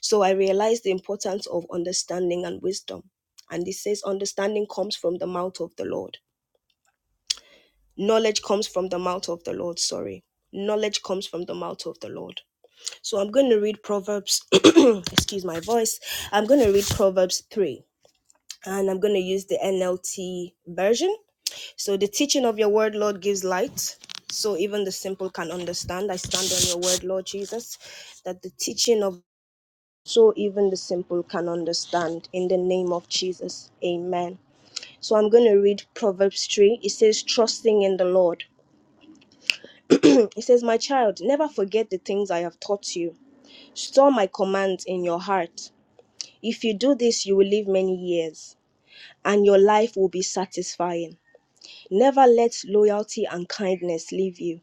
S1: so i realized the importance of understanding and wisdom and it says understanding comes from the mouth of the lord knowledge comes from the mouth of the Lord. Sorry. Knowledge comes from the mouth of the Lord. So I'm going to read Proverbs, [CLEARS THROAT] excuse my voice. I'm going to read Proverbs 3, and I'm going to use the NLT version. So the teaching of your word, Lord, gives light. So even the simple can understand. I stand on your word, Lord Jesus, that the teaching of so even the simple can understand in the name of Jesus. Amen. So I'm going to read Proverbs 3. It says, Trusting in the Lord He says, My child, never forget the things I have taught you. Store my commands in your heart. If you do this, you will live many years, and your life will be satisfying. Never let loyalty and kindness leave you.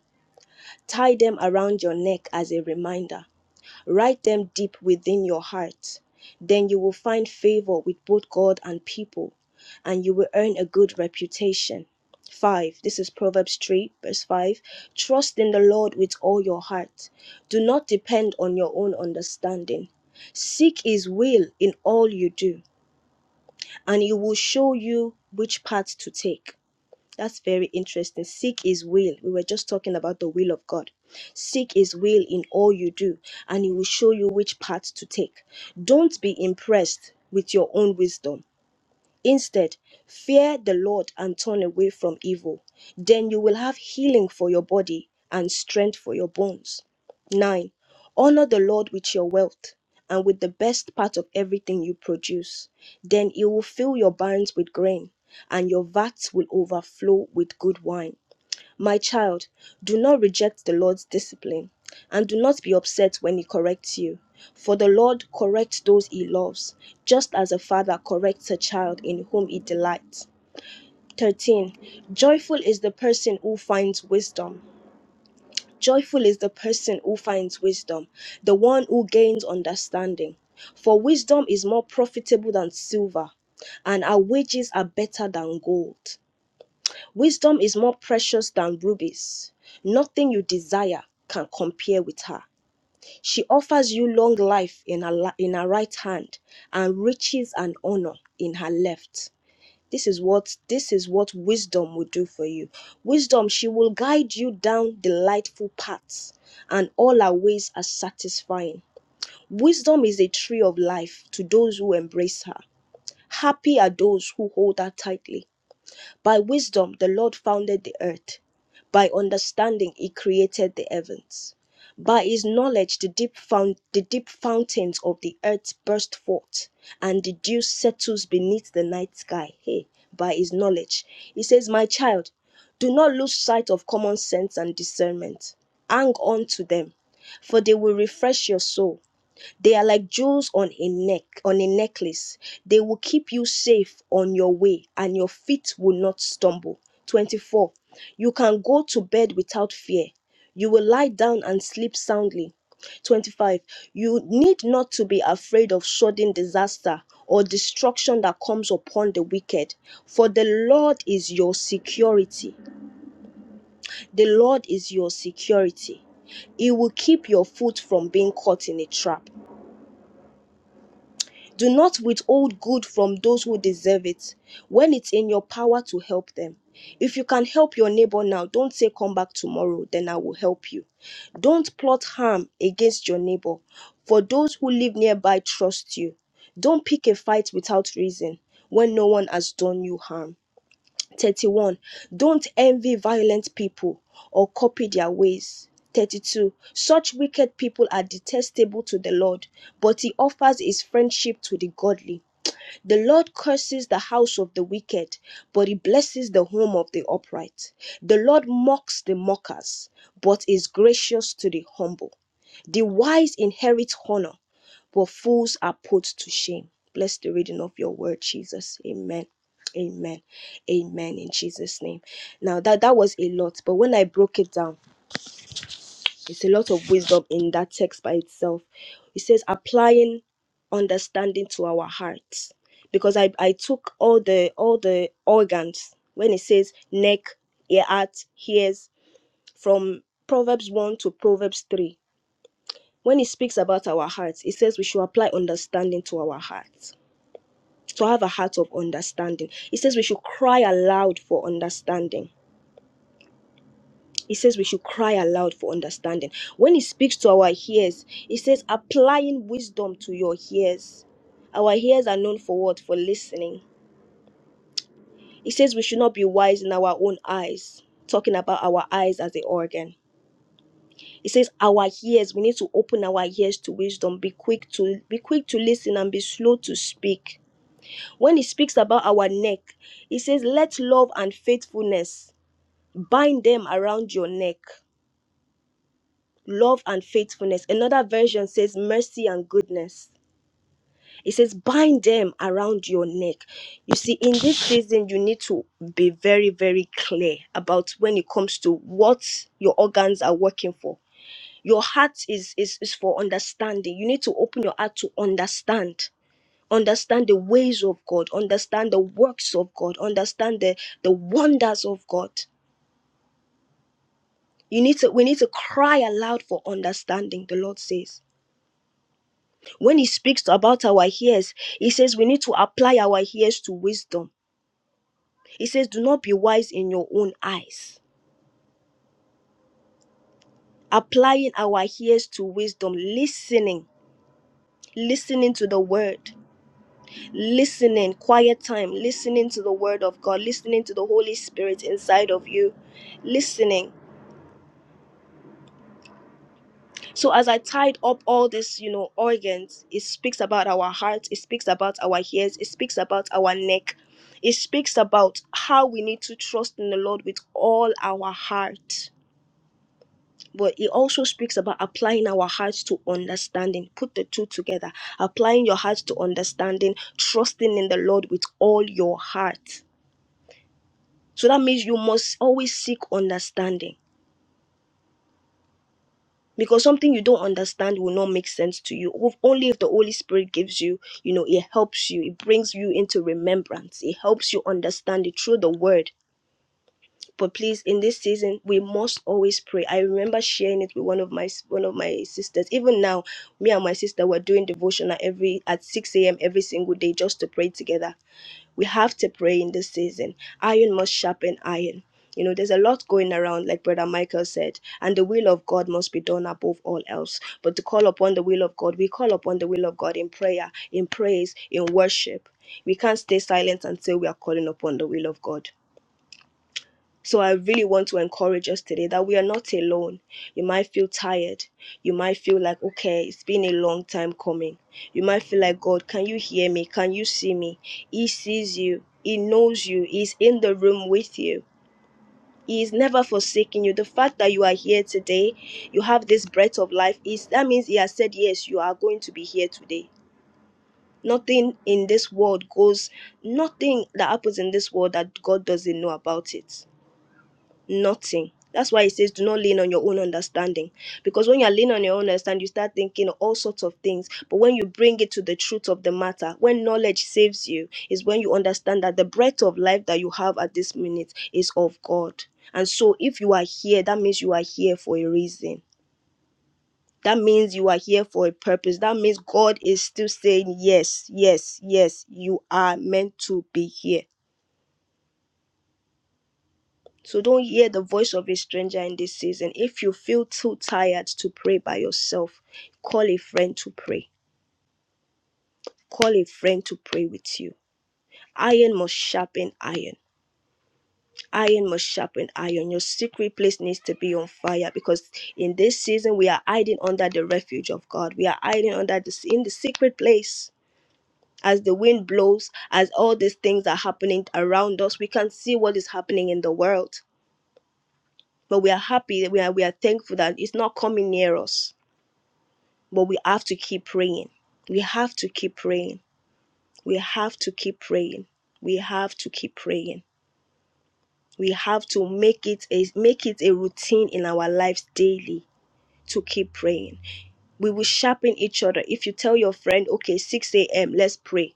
S1: Tie them around your neck as a reminder. Write them deep within your heart. Then you will find favor with both God and people, and you will earn a good reputation. 5. This is Proverbs 3, verse 5. Trust in the Lord with all your heart. Do not depend on your own understanding. Seek His will in all you do, and He will show you which path to take. That's very interesting. Seek His will. We were just talking about the will of God. Seek His will in all you do, and He will show you which path to take. Don't be impressed with your own wisdom. Instead, fear the Lord and turn away from evil. Then you will have healing for your body and strength for your bones. 9. Honor the Lord with your wealth and with the best part of everything you produce. Then He will fill your barns with grain, and your vats will overflow with good wine. My child, do not reject the Lord's discipline, and do not be upset when He corrects you. For the Lord corrects those He loves, just as a father corrects a child in whom He delights. 13. Joyful is the person who finds wisdom. Joyful is the person who finds wisdom, the one who gains understanding. For wisdom is more profitable than silver, and our wages are better than gold. Wisdom is more precious than rubies. Nothing you desire can compare with her. She offers you long life in her, la- in her right hand and riches and honor in her left. This is what this is what wisdom will do for you. Wisdom, she will guide you down delightful paths, and all her ways are satisfying. Wisdom is a tree of life to those who embrace her. Happy are those who hold her tightly. By wisdom, the Lord founded the earth. By understanding, he created the heavens. By his knowledge, the deep, found, the deep fountains of the earth burst forth, and the dew settles beneath the night sky. Hey, by his knowledge. He says, My child, do not lose sight of common sense and discernment. Hang on to them, for they will refresh your soul. They are like jewels on a neck, on a necklace. They will keep you safe on your way and your feet will not stumble. 24. You can go to bed without fear. You will lie down and sleep soundly. 25. You need not to be afraid of sudden disaster or destruction that comes upon the wicked, for the Lord is your security. The Lord is your security. He will keep your foot from being caught in a trap. Do not withhold good from those who deserve it when it's in your power to help them. If you can help your neighbor now, don't say come back tomorrow, then I will help you. Don't plot harm against your neighbor, for those who live nearby trust you. Don't pick a fight without reason when no one has done you harm. 31 don't envy violent people or copy their ways 32 such wicked people are detestable to the lord but he offers his friendship to the godly the Lord curses the house of the wicked, but he blesses the home of the upright. The Lord mocks the mockers, but is gracious to the humble. The wise inherit honor, but fools are put to shame. Bless the reading of your word, Jesus. Amen. Amen. Amen. In Jesus' name. Now that that was a lot, but when I broke it down, it's a lot of wisdom in that text by itself. It says applying understanding to our hearts. Because I, I took all the all the organs when it says neck, ear, heart, ears from Proverbs 1 to Proverbs 3. When it speaks about our hearts, it says we should apply understanding to our hearts. To have a heart of understanding. It says we should cry aloud for understanding He says we should cry aloud for understanding. When he speaks to our ears, he says applying wisdom to your ears. Our ears are known for what? For listening. He says we should not be wise in our own eyes, talking about our eyes as the organ. He says our ears, we need to open our ears to wisdom, be quick to be quick to listen and be slow to speak. When he speaks about our neck, he says, Let love and faithfulness bind them around your neck. love and faithfulness. Another version says mercy and goodness. It says bind them around your neck. You see, in this season, you need to be very, very clear about when it comes to what your organs are working for. Your heart is, is, is for understanding. You need to open your heart to understand. Understand the ways of God, understand the works of God, understand the, the wonders of God. You need to we need to cry aloud for understanding, the Lord says when he speaks about our ears, he says we need to apply our ears to wisdom. He says, Do not be wise in your own eyes. Applying our ears to wisdom, listening, listening to the word, listening, quiet time, listening to the word of God, listening to the Holy Spirit inside of you, listening So as I tied up all this, you know, organs, it speaks about our heart, it speaks about our ears, it speaks about our neck. It speaks about how we need to trust in the Lord with all our heart. But it also speaks about applying our hearts to understanding. Put the two together. Applying your heart to understanding, trusting in the Lord with all your heart. So that means you must always seek understanding because something you don't understand will not make sense to you Of- only if the holy spirit gives you you know it helps you it brings you into remembrance it helps you understand it through the word but please in this season we must always pray i remember sharing it with one of my one of my sisters even now me and my sister were doing devotional every at 6 a.m every single day just to pray together we have to pray in this season. Iron must sharpen iron. You know, there's a lot going around, like Brother Michael said, and the will of God must be done above all else. But to call upon the will of God, we call upon the will of God in prayer, in praise, in worship. We can't stay silent until we are calling upon the will of God. So I really want to encourage us today that we are not alone. You might feel tired. You might feel like, okay, it's been a long time coming. You might feel like, God, can you hear me? Can you see me? He sees you. He knows you. He's in the room with you. He is never forsaking you. The fact that you are here today, you have this breath of life, is that means he has said, Yes, you are going to be here today. Nothing in this world goes, nothing that happens in this world that God doesn't know about it nothing. That's why it says, do not lean on your own understanding. Because when you're leaning on your own understanding, you start thinking all sorts of things. But when you bring it to the truth of the matter, when knowledge saves you, is when you understand that the breath of life that you have at this minute is of God. And so if you are here, that means you are here for a reason. That means you are here for a purpose. That means God is still saying, Yes, yes, yes, you are meant to be here. So don't hear the voice of a stranger in this season. If you feel too tired to pray by yourself, call a friend to pray. Call a friend to pray with you. Iron must sharpen iron. Iron must sharpen iron. Your secret place needs to be on fire because in this season we are hiding under the refuge of God. We are hiding under this in the secret place. As the wind blows, as all these things are happening around us, we can see what is happening in the world but we are happy that we are we are thankful that it's not coming near us but we have to keep praying. We have to keep praying. We have to keep praying. We have to keep praying. We have to make it a make it a routine in our lives daily to keep praying. We will sharpen each other. If you tell your friend, okay, 6 a.m., let's pray.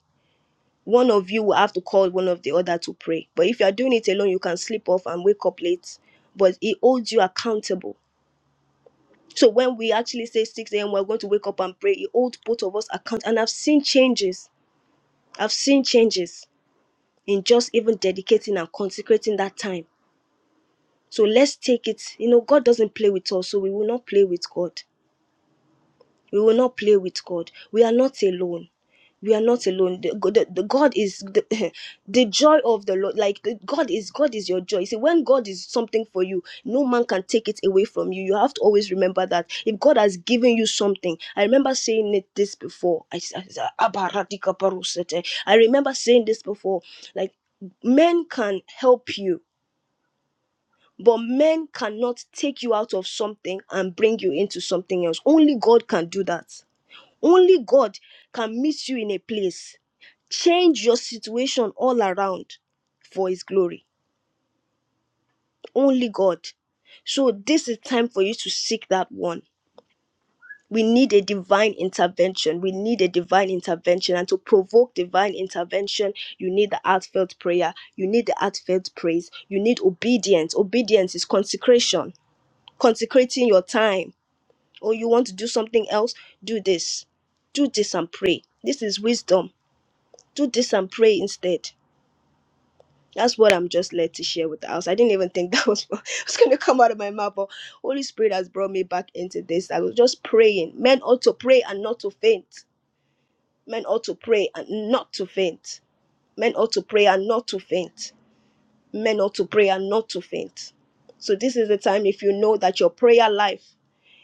S1: One of you will have to call one of the other to pray. But if you are doing it alone, you can sleep off and wake up late. But it holds you accountable. So when we actually say 6 a.m., we're going to wake up and pray, it holds both of us account. And I've seen changes. I've seen changes in just even dedicating and consecrating that time. So let's take it. You know, God doesn't play with us, so we will not play with God. We will not play with God. We are not alone. We are not alone. The, the, the God is the, [LAUGHS] the joy of the Lord. Like the- God is God is your joy. See, when God is something for you, no man can take it away from you. You have to always remember that. If God has given you something, I remember saying it this before. I, s- I, s- "Abba, radika parusete." I remember saying this before. Like men can help you but men cannot take you out of something and bring you into something else only god can do that only God can meet you in a place, change your situation all around for His glory. Only God. So, this is time for you to seek that one. We need a divine intervention. We need a divine intervention. And to provoke divine intervention, you need the heartfelt prayer. You need the heartfelt praise. You need obedience. Obedience is consecration, consecrating your time. Or you want to do something else, do this. Do this and pray. This is wisdom do this and pray instead. That's what I'm just led to share with us. I didn't even think that was [LAUGHS] was going to come out of my mouth, but Holy Spirit has brought me back into this. I was just praying. Men ought to pray and not to faint. Men ought to pray and not to faint. Men ought to pray and not to faint. Men ought to pray and not to faint. So this is the time if you know that your prayer life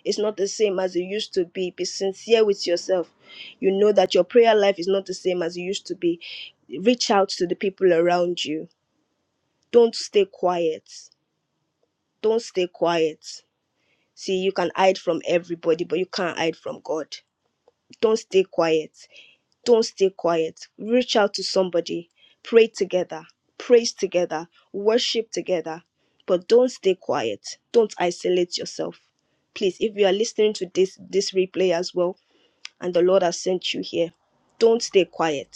S1: is not the same as it used to be, be sincere with yourself. You know that your prayer life is not the same as it used to be. Reach out to the people around you don't stay quiet. Don't stay quiet. See, you can hide from everybody, but you can't hide from God. Don't stay quiet. Don't stay quiet. Reach out to somebody. Pray together. Praise together. Worship together. But don't stay quiet. Don't isolate yourself. Please, if you are listening to this this replay as well, and the Lord has sent you here, don't stay quiet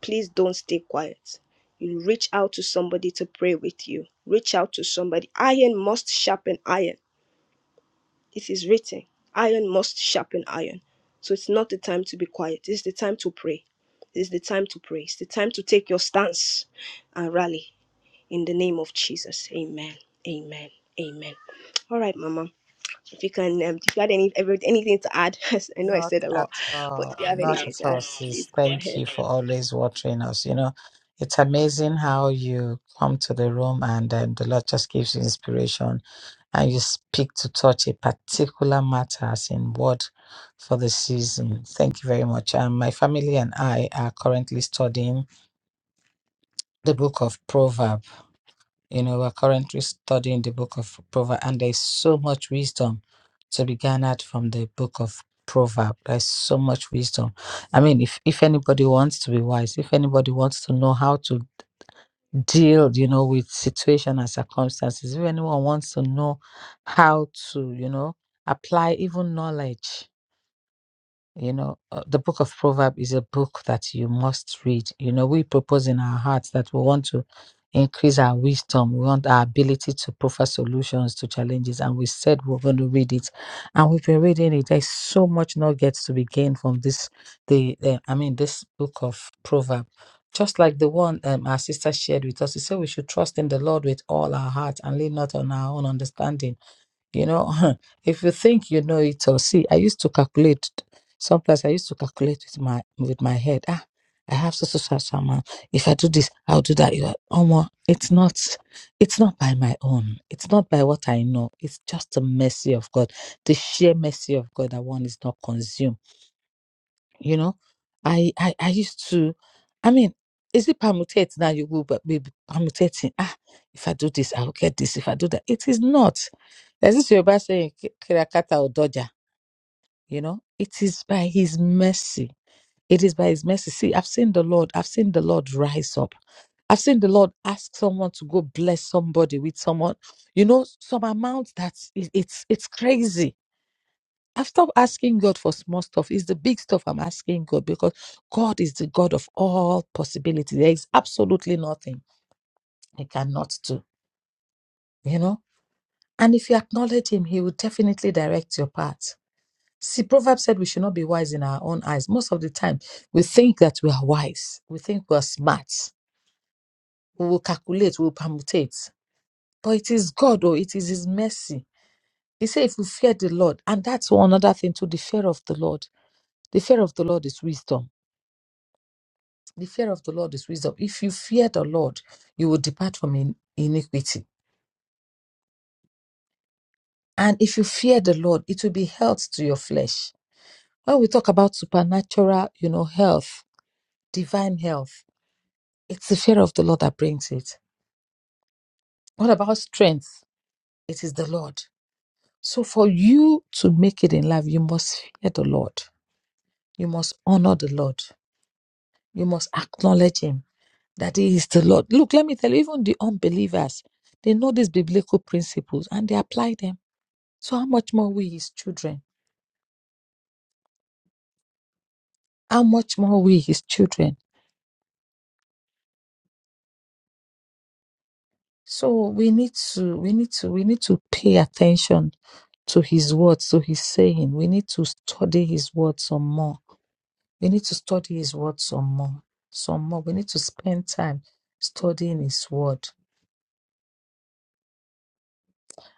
S1: please don't stay quiet. You reach out to somebody to pray with you. Reach out to somebody. Iron must sharpen iron. It is written. Iron must sharpen iron. So it's not the time to be quiet. It's the time to pray. It's the time to pray. It's the time to take your stance and rally in the name of Jesus. Amen. Amen. Amen. All right, Mama. If you can, um, if you had any ever anything to add, [LAUGHS] I know I
S3: not
S1: said a lot,
S3: at
S1: but if
S3: all,
S1: you have
S3: not
S1: anything
S3: at
S1: to
S3: all,
S1: add,
S3: sis.
S1: please go
S3: Thank
S1: ahead.
S3: you for always watching us. You know, it's amazing how you come to the room and then the Lord just gives you inspiration and you speak to touch a particular matter as in word for the season. Thank you very much. Um, my family and I are currently studying the book of Proverb. You know, we're currently studying the book of Proverb, and there's so much wisdom to be garnered from the book of Proverb. There's so much wisdom. I mean, if, if anybody wants to be wise, if anybody wants to know how to deal, you know, with situation and circumstances, if anyone wants to know how to, you know, apply even knowledge you know, uh, the book of Proverbs is a book that you must read. You know, we propose in our hearts that we want to increase our wisdom, we want our ability to proffer solutions to challenges, and we said we're going to read it, and we've been reading it. There's so much nuggets to be gained from this. The uh, I mean, this book of Proverbs. Just like the one um, our sister shared with us, she said we should trust in the Lord with all our heart and lean not on our own understanding you know [LAUGHS] if you think you know it all see i used to calculate sometimes i used to calculate with my with my head ah i have so so so so amount. if i do this i'll do that You know, omo, it's not it's not by my own it's not by what i know it's just the mercy of god the sheer mercy of god that one is not consumed you know i i, I used to i mean is it permutate now you will but be permutating ah if i do this i'll get this if i do that it is not there's this Yoruba saying "Ki- kirakata odoja you know it is by his mercy it is by his mercy see i've seen the lord i've seen the lord rise up I've seen the Lord ask someone to go bless somebody with someone, you know, some amount that it- it's it's crazy I've stopped asking God for small stuff. It's the big stuff I'm asking God because God is the God of all possibility. There is absolutely nothing He cannot do, you know? And if you acknowledge Him, He will definitely direct your path. See, Proverbs said we should not be wise in our own eyes. Most of the time, we think that we are wise, we think we are smart, we will calculate, we will permutate. But it is God, or it is His mercy. He said, if we fear the Lord, and that's one other thing too the fear of the Lord. The fear of the Lord is wisdom The fear of the Lord is wisdom. If you fear the Lord, you will depart from in- iniquity. And if you fear the Lord, it will be health to your flesh. When we talk about supernatural, you know, health, divine health, it's the fear of the Lord that brings it. What about strength? It is the Lord. So for you to make it in life, you must fear the Lord. You must honor the Lord. You must acknowledge him that he is the Lord. Look, let me tell you, even the unbelievers, they know these biblical principles and they apply them So how much more we his children? How much more we his children? So we need to we need to we need to pay attention to his words, to his saying. We need to study his words some more. We need to study his words some more. Some more. We need to spend time studying his word.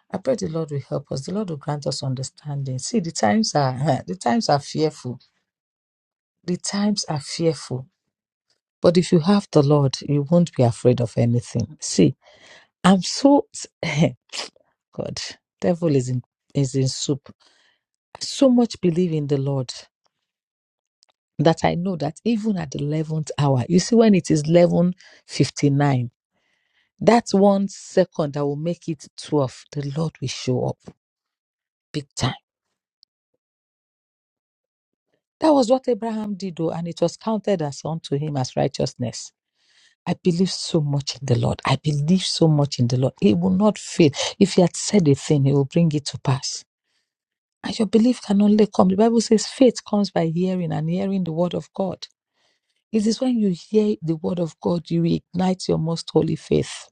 S3: I pray the Lord will help us. The Lord will grant us understanding. See, the times are [LAUGHS] the times are fearful. The times are fearful. But if you have the Lord, you won't be afraid of anything. See, I'm so [LAUGHS] God, devil is in is in soup. I so much believe in the Lord that I know that even at the eleventh hour, you see, when it is eleven fifty nine, that one second that will make it twelve, the Lord will show up big time. That was what Abraham did, though, and it was counted as unto him as righteousness. I believe so much in the Lord. I believe so much in the Lord. He will not fail. If he had said a thing, he will bring it to pass. And your belief can only come. The Bible says faith comes by hearing and hearing the word of God. It is when you hear the word of God, you ignite your most holy faith.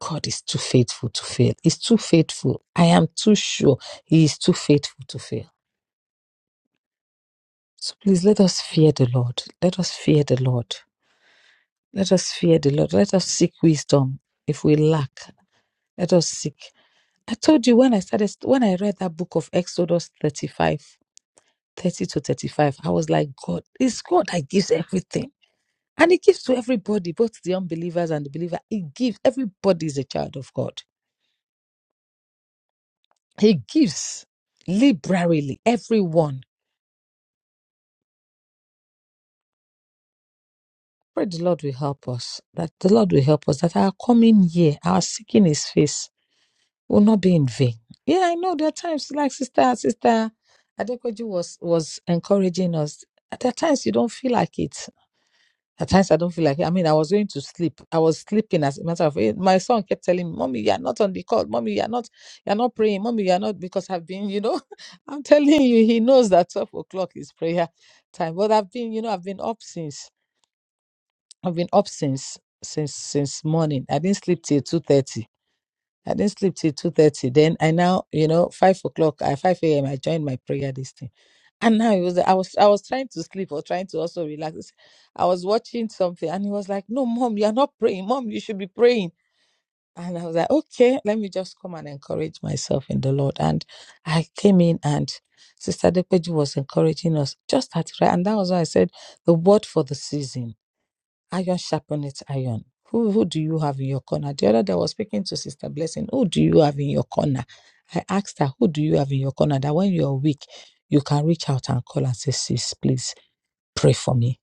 S3: God is too faithful to fail. He's too faithful. I am too sure he is too faithful to fail. So please let us fear the Lord. Let us fear the Lord. Let us fear the Lord. Let us seek wisdom. If we lack, let us seek I told you when I started, when I read that book of Exodus 35, 30 to 35, I was like, God, it's God that gives everything. And He gives to everybody, both the unbelievers and the believer. He gives. Everybody is a child of God. He gives liberally, everyone. Pray the Lord will help us, that the Lord will help us, that our coming year, our seeking His face will not be in vain. Yeah, I know there are times like Sister, Sister Adekoju was, was encouraging us. At times you don't feel like it At times I don't feel like it. I mean, I was going to sleep. I was sleeping as a matter of fact. My son kept telling me, Mommy, you're not on the call. Mommy, you're not, you're not praying. Mommy, you're not because I've been, you know, [LAUGHS] I'm telling you, he knows that 12 o'clock is prayer time. But I've been, you know, I've been up since. I've been up since since since morning. I didn't sleep till 2:30 I didn't sleep till two thirty. Then I now, you know, five o'clock at five a.m. I joined my prayer this thing, and now it was I was I was trying to sleep or trying to also relax. I was watching something, and he was like, "No, mom, you are not praying. Mom, you should be praying." And I was like, "Okay, let me just come and encourage myself in the Lord." And I came in, and Sister Depeju was encouraging us just at right, and that was why I said the word for the season Iron sharpeneth iron. Who, who do you have in your corner? The other day I was speaking to Sister Blessing. Who do you have in your corner? I asked her, Who do you have in your corner? That when you're weak, you can reach out and call and say, Sis, please pray for me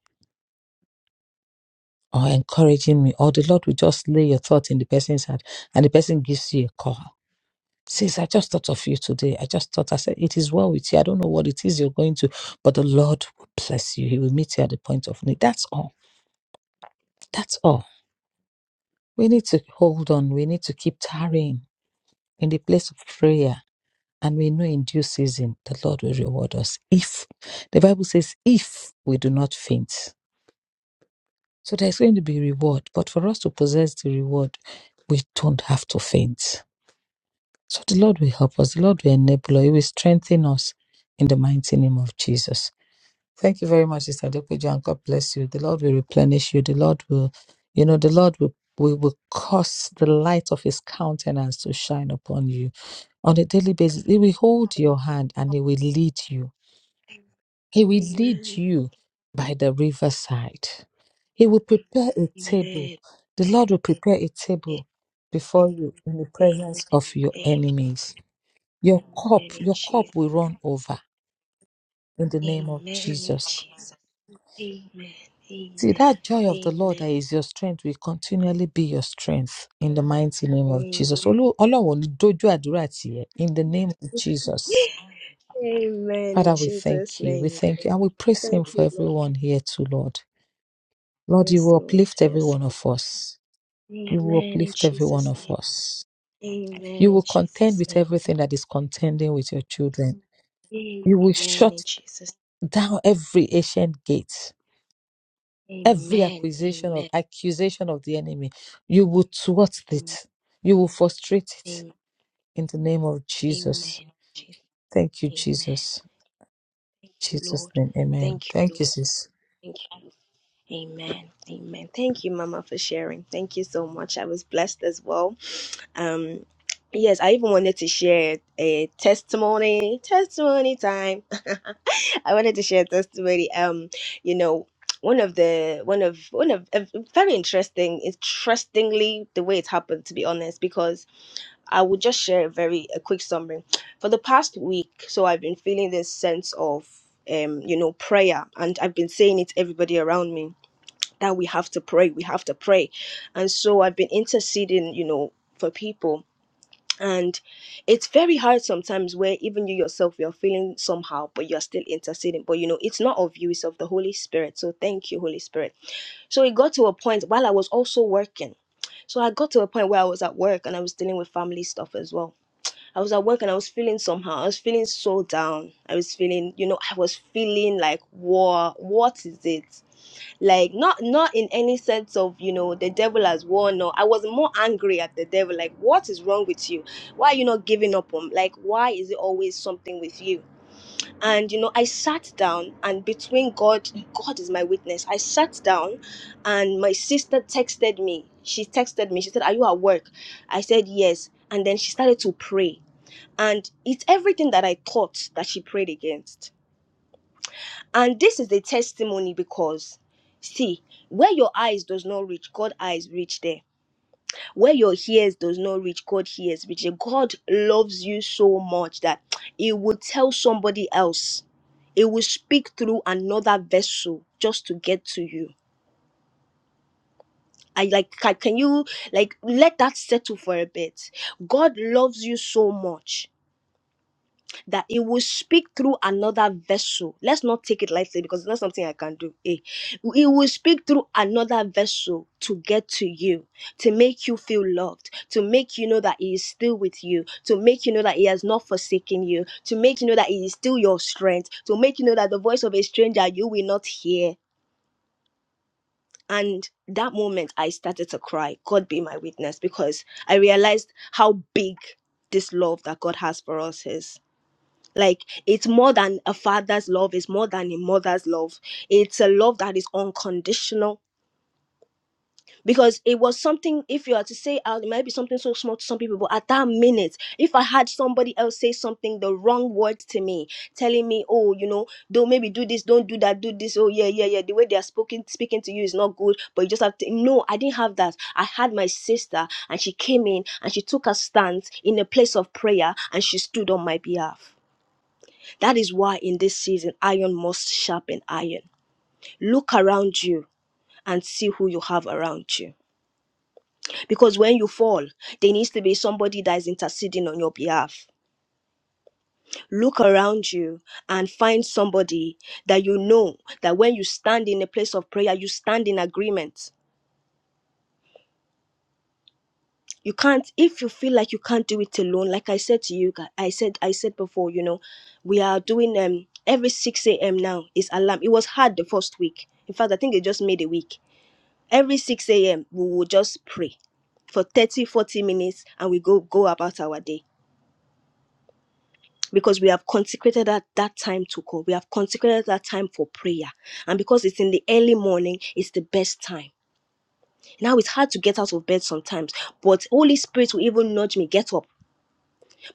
S3: or encouraging me. Or the Lord will just lay your thought in the person's heart and the person gives you a call. Sis, I just thought of you today. I just thought, I said, It is well with you. I don't know what it is you're going to, but the Lord will bless you. He will meet you at the point of need. That's all. That's all. We need to hold on. We need to keep tarrying in the place of prayer and we know in due season the Lord will reward us. If the Bible says, if we do not faint. So there's going to be reward. But for us to possess the reward, we don't have to faint. So the Lord will help us. The Lord will enable us. He will strengthen us in the mighty name of Jesus. Thank you very much, Sister Adepeju, and God bless you. The Lord will replenish you. The Lord will, you know, the Lord will, will, will cause the light of His countenance to shine upon you on a daily basis. He will hold your hand and He will lead you. He will lead you by the riverside. He will prepare a table. The Lord will prepare a table before you in the presence of your enemies. Your cup, your cup will run over in the name of Jesus. See, that joy of the Lord that is your strength will continually be your strength in the mighty name of Jesus. Olu- Ọlọ́run ò ní dójú àdúrà tì ẹ́, In the name of Jesus. Father, we thank you. We thank you. And we praise
S1: Thank
S3: Him for everyone here too, Lord.
S1: you.
S3: Lord,
S1: Yes.
S3: you will uplift every one of us. You will
S1: Amen. In
S3: uplift every one
S1: Jesus'
S3: of us.
S1: Amen
S3: You
S1: in
S3: will contend
S1: Jesus'
S3: with
S1: name.
S3: everything that is contending with your children. You will shut down every ancient gate. every accusation of accusation of the enemy you will thwart it
S1: Mm.
S3: you will frustrate it
S1: Amen.
S3: in the name of jesus
S1: Amen. Jesus.
S3: thank you
S1: Amen.
S3: jesus
S1: Thank you,
S3: jesus
S1: Lord.
S3: name amen
S1: Thank you,
S3: thank
S1: Lord.
S3: you sis
S1: Thank you. Amen. Amen. Thank you, Mama, for sharing. Thank you so much. I was blessed as well. Um, yes, I even wanted to share a testimony. Testimony time. [LAUGHS] I wanted to share a testimony. Um, you know, one of the one of one of a very interesting, interestingly, the way it happened, to be honest, because I will just share a very a quick summary. For the past week, so I've been feeling this sense of um, you know, prayer, and I've been saying it to everybody around me that we have to pray, we have to pray. And so I've been interceding, you know, for people. And it's very hard sometimes where even you yourself you're feeling somehow, but you're still interceding. But you know, it's not of you, it's of the Holy Spirit. So thank you, Holy Spirit. So it got to a point while I was also working. So I got to a point where I was at work and I was dealing with family stuff as well I was at work and I was feeling somehow. I was feeling so down. I was feeling, you know, I was feeling like, war. What is it? Like, not not in any sense of, you know, the devil has won. No, I was more angry at the devil. Like, what is wrong with you? Why are you not giving up on? Like, why is it always something with you? And you know, I sat down, and between God, God is my witness. I sat down, and my sister texted me. She texted me. She said, "Are you at work?" I said, "Yes." And then she started to pray and it's everything that I thought that she prayed against. And this is a testimony because see, where your eyes does not reach, God eyes reach there. Where your ears does not reach, God ears reach there. God loves you so much that it will tell somebody else. It will speak through another vessel just to get to you. I like ca- can you like let that settle for a bit. God loves you so much that it will speak through another vessel. Let's not take it lightly because it's not something I can do. Eh? It will speak through another vessel to get to you, to make you feel loved, to make you know that He is still with you, to make you know that He has not forsaken you, to make you know that He is still your strength, to make you know that the voice of a stranger you will not hear. And that moment I started to cry. God be my witness because I realized how big this love that God has for us is like it's more than a father's love it's more than a mother's love it's a love that is unconditional because it was something if you are to say out it might be something so small to some people but at that minute if i had somebody else say something the wrong word to me telling me oh you know don't maybe do this don't do that do this oh yeah yeah yeah the way they are speaking speaking to you is not good but you just have to no i didn't have that i had my sister and she came in and she took a stance in a place of prayer and she stood on my behalf that is why in this season, iron must sharpen iron. Look around you and see who you have around you. Because when you fall, there needs to be somebody that is interceding on your behalf. Look around you and find somebody that you know that when you stand in a place of prayer, you stand in agreement. You can't, if you feel like you can't do it alone, like I said to you, I said, I said before, you know, we are doing um every 6 a.m. now is alarm. It was hard the first week. In fact, I think they just made a week. every 6 a.m we will just pray for 30, 40 minutes and we go go about our day because we have consecrated that, that time to God. We have consecrated that time for prayer. And because it's in the early morning, it's the best time. Now it's hard to get out of bed sometimes, but Holy Spirit will even nudge me, get up.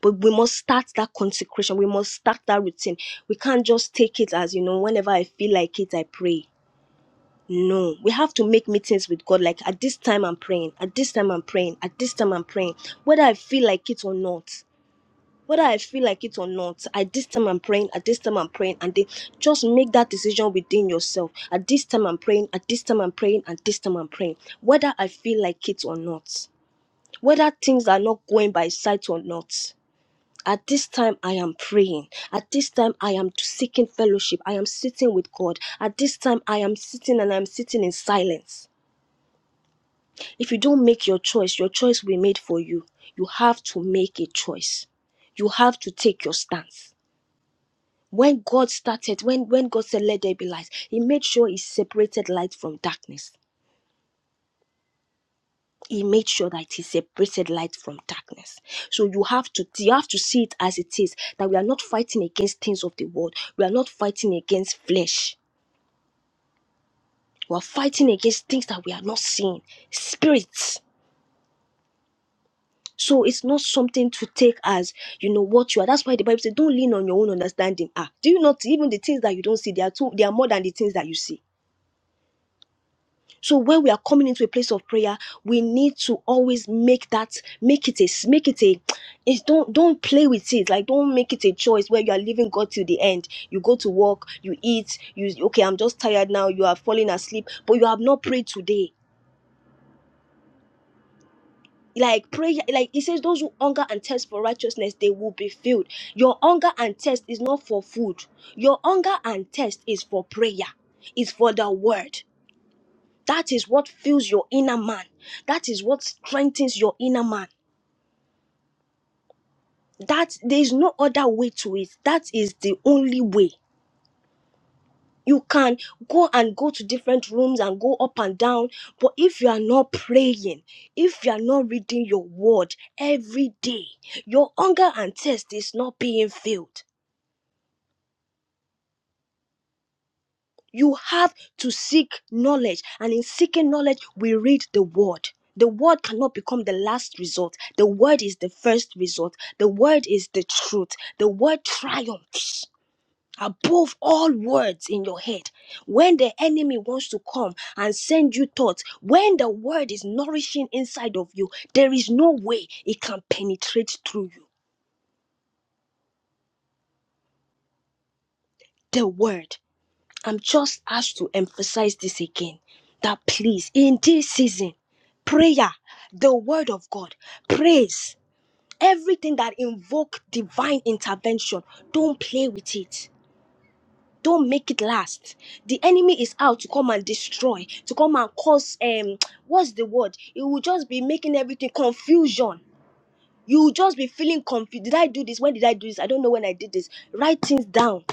S1: But we must start that consecration. We must start that routine. We can't just take it as, you know, whenever I feel like it, I pray No, we have to make meetings with God. Like at this time, I'm praying. At this time, I'm praying. At this time, I'm praying. Whether I feel like it or not, whether I feel like it or not, at this time, I'm praying. At this time, I'm praying. And then just make that decision within yourself. At this time, I'm praying. At this time, I'm praying. At this time, I'm praying. Whether I feel like it or not, whether things are not going by sight or not. At this time, I am praying. At this time, I am seeking fellowship. I am sitting with God. At this time, I am sitting and I'm sitting in silence If you don't make your choice, your choice will be made for you. You have to make a choice. You have to take your stance. When God started, when, when God said, Let there be light, He made sure He separated light from darkness. He made sure that He separated light from darkness. So you have to you have to see it as it is that we are not fighting against things of the world. We are not fighting against flesh. We are fighting against things that we are not seeing. Spirits. So it's not something to take as you know what you are. That's why the Bible says, "Don't lean on your own understanding." Ah, do you not even the things that you don't see? They are too. They are more than the things that you see. So when we are coming into a place of prayer, we need to always make that make it a, make it a. It's don't don't play with it. Like don't make it a choice where you are leaving God till the end. You go to work, you eat, you okay. I'm just tired now. You are falling asleep, but you have not prayed today like prayer like it says those who hunger and thirst for righteousness they will be filled your hunger and thirst is not for food your hunger and thirst is for prayer is for the word that is what fills your inner man that is what strengthens your inner man that there is no other way to it that is the only way you can go and go to different rooms and go up and down but if you are not praying if you are not reading your word every day your hunger and thirst is not being filled you have to seek knowledge and in seeking knowledge we read the word the word cannot become the last resort the word is the first resort the word is the truth the word triumphs above all words in your head. When the enemy wants to come and send you thoughts, when the word is nourishing inside of you, there is no way it can penetrate through you. The word. I'm just asked to emphasize this again that please, in this season, prayer, the word of God, praise, everything that invoke divine intervention, don't play with it. don't make it last the enemy is out to come and destroy to come and cause um what's the word it will just be making everything confusion you will just be feeling confused did i do this when did i do this i don't know when i did this write things down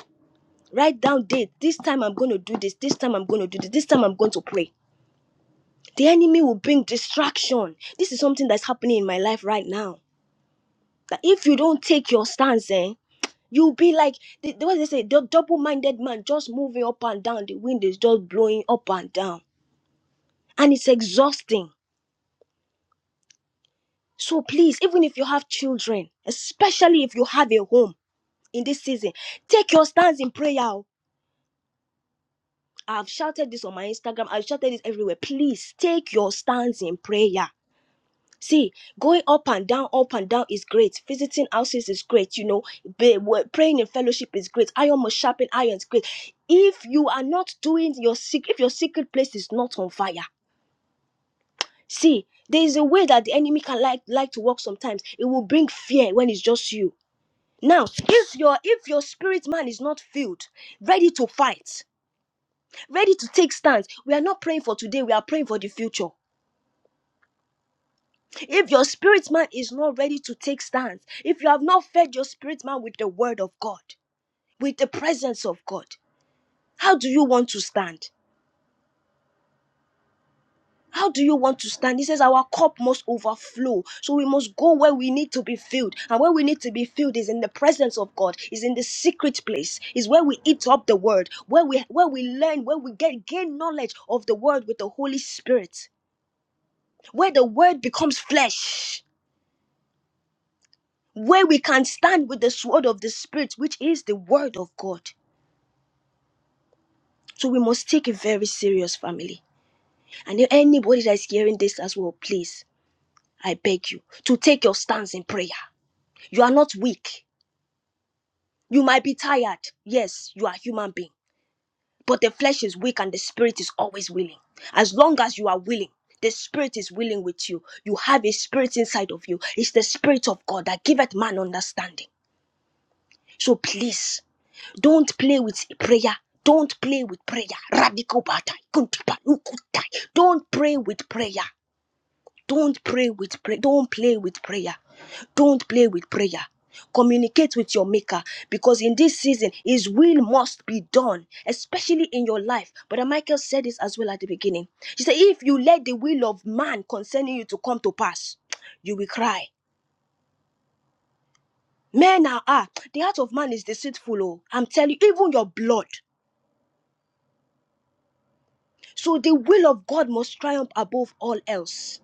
S1: write down date this time i'm going to do this this time i'm going to do this this time i'm going to pray the enemy will bring distraction this is something that's happening in my life right now that if you don't take your stance eh? You'll be like the, the what they say, the double-minded man just moving up and down. The wind is just blowing up and down. And it's exhausting. So please, even if you have children, especially if you have a home in this season, take your stance in prayer. oh. I've shouted this on my Instagram. I've shouted this everywhere. Please take your stance in prayer. See, going up and down, up and down is great. Visiting houses is great. You know, Be- wo- praying in fellowship is great. Iron must sharpen iron is great. If you are not doing your secret, if your secret place is not on fire, see, there is a way that the enemy can like like to work. Sometimes it will bring fear when it's just you. Now, if your if your spirit man is not filled, ready to fight, ready to take stands, we are not praying for today. We are praying for the future. If your spirit man is not ready to take stance, if you have not fed your spirit man with the word of God, with the presence of God, how do you want to stand? How do you want to stand? He says our cup must overflow. So we must go where we need to be filled. And where we need to be filled is in the presence of God, is in the secret place, is where we eat up the word, where we where we learn, where we get gain knowledge of the word with the Holy Spirit, where the word becomes flesh where we can stand with the sword of the spirit, which is the word of God. So we must take it very serious, family. And if anybody that is hearing this as well, please, I beg you to take your stance in prayer. You are not weak. You might be tired. Yes, you are a human being. But the flesh is weak and the spirit is always willing. As long as you are willing, the spirit is willing with you. You have a spirit inside of you. It's the spirit of God that giveth man understanding. So please Don't play with prayer. Don't play with prayer. Radical battle. Kuntupa, ukutai. Don't pray with prayer. Don't pray with prayer. Don't play with prayer. Don't play with prayer. Communicate with your maker because in this season, his will must be done, especially in your life. But Michael said this as well at the beginning. She said, If you let the will of man concerning you to come to pass, you will cry. Men are, ah, the heart of man is deceitful. Oh, I'm telling you, even your blood. So the will of God must triumph above all else.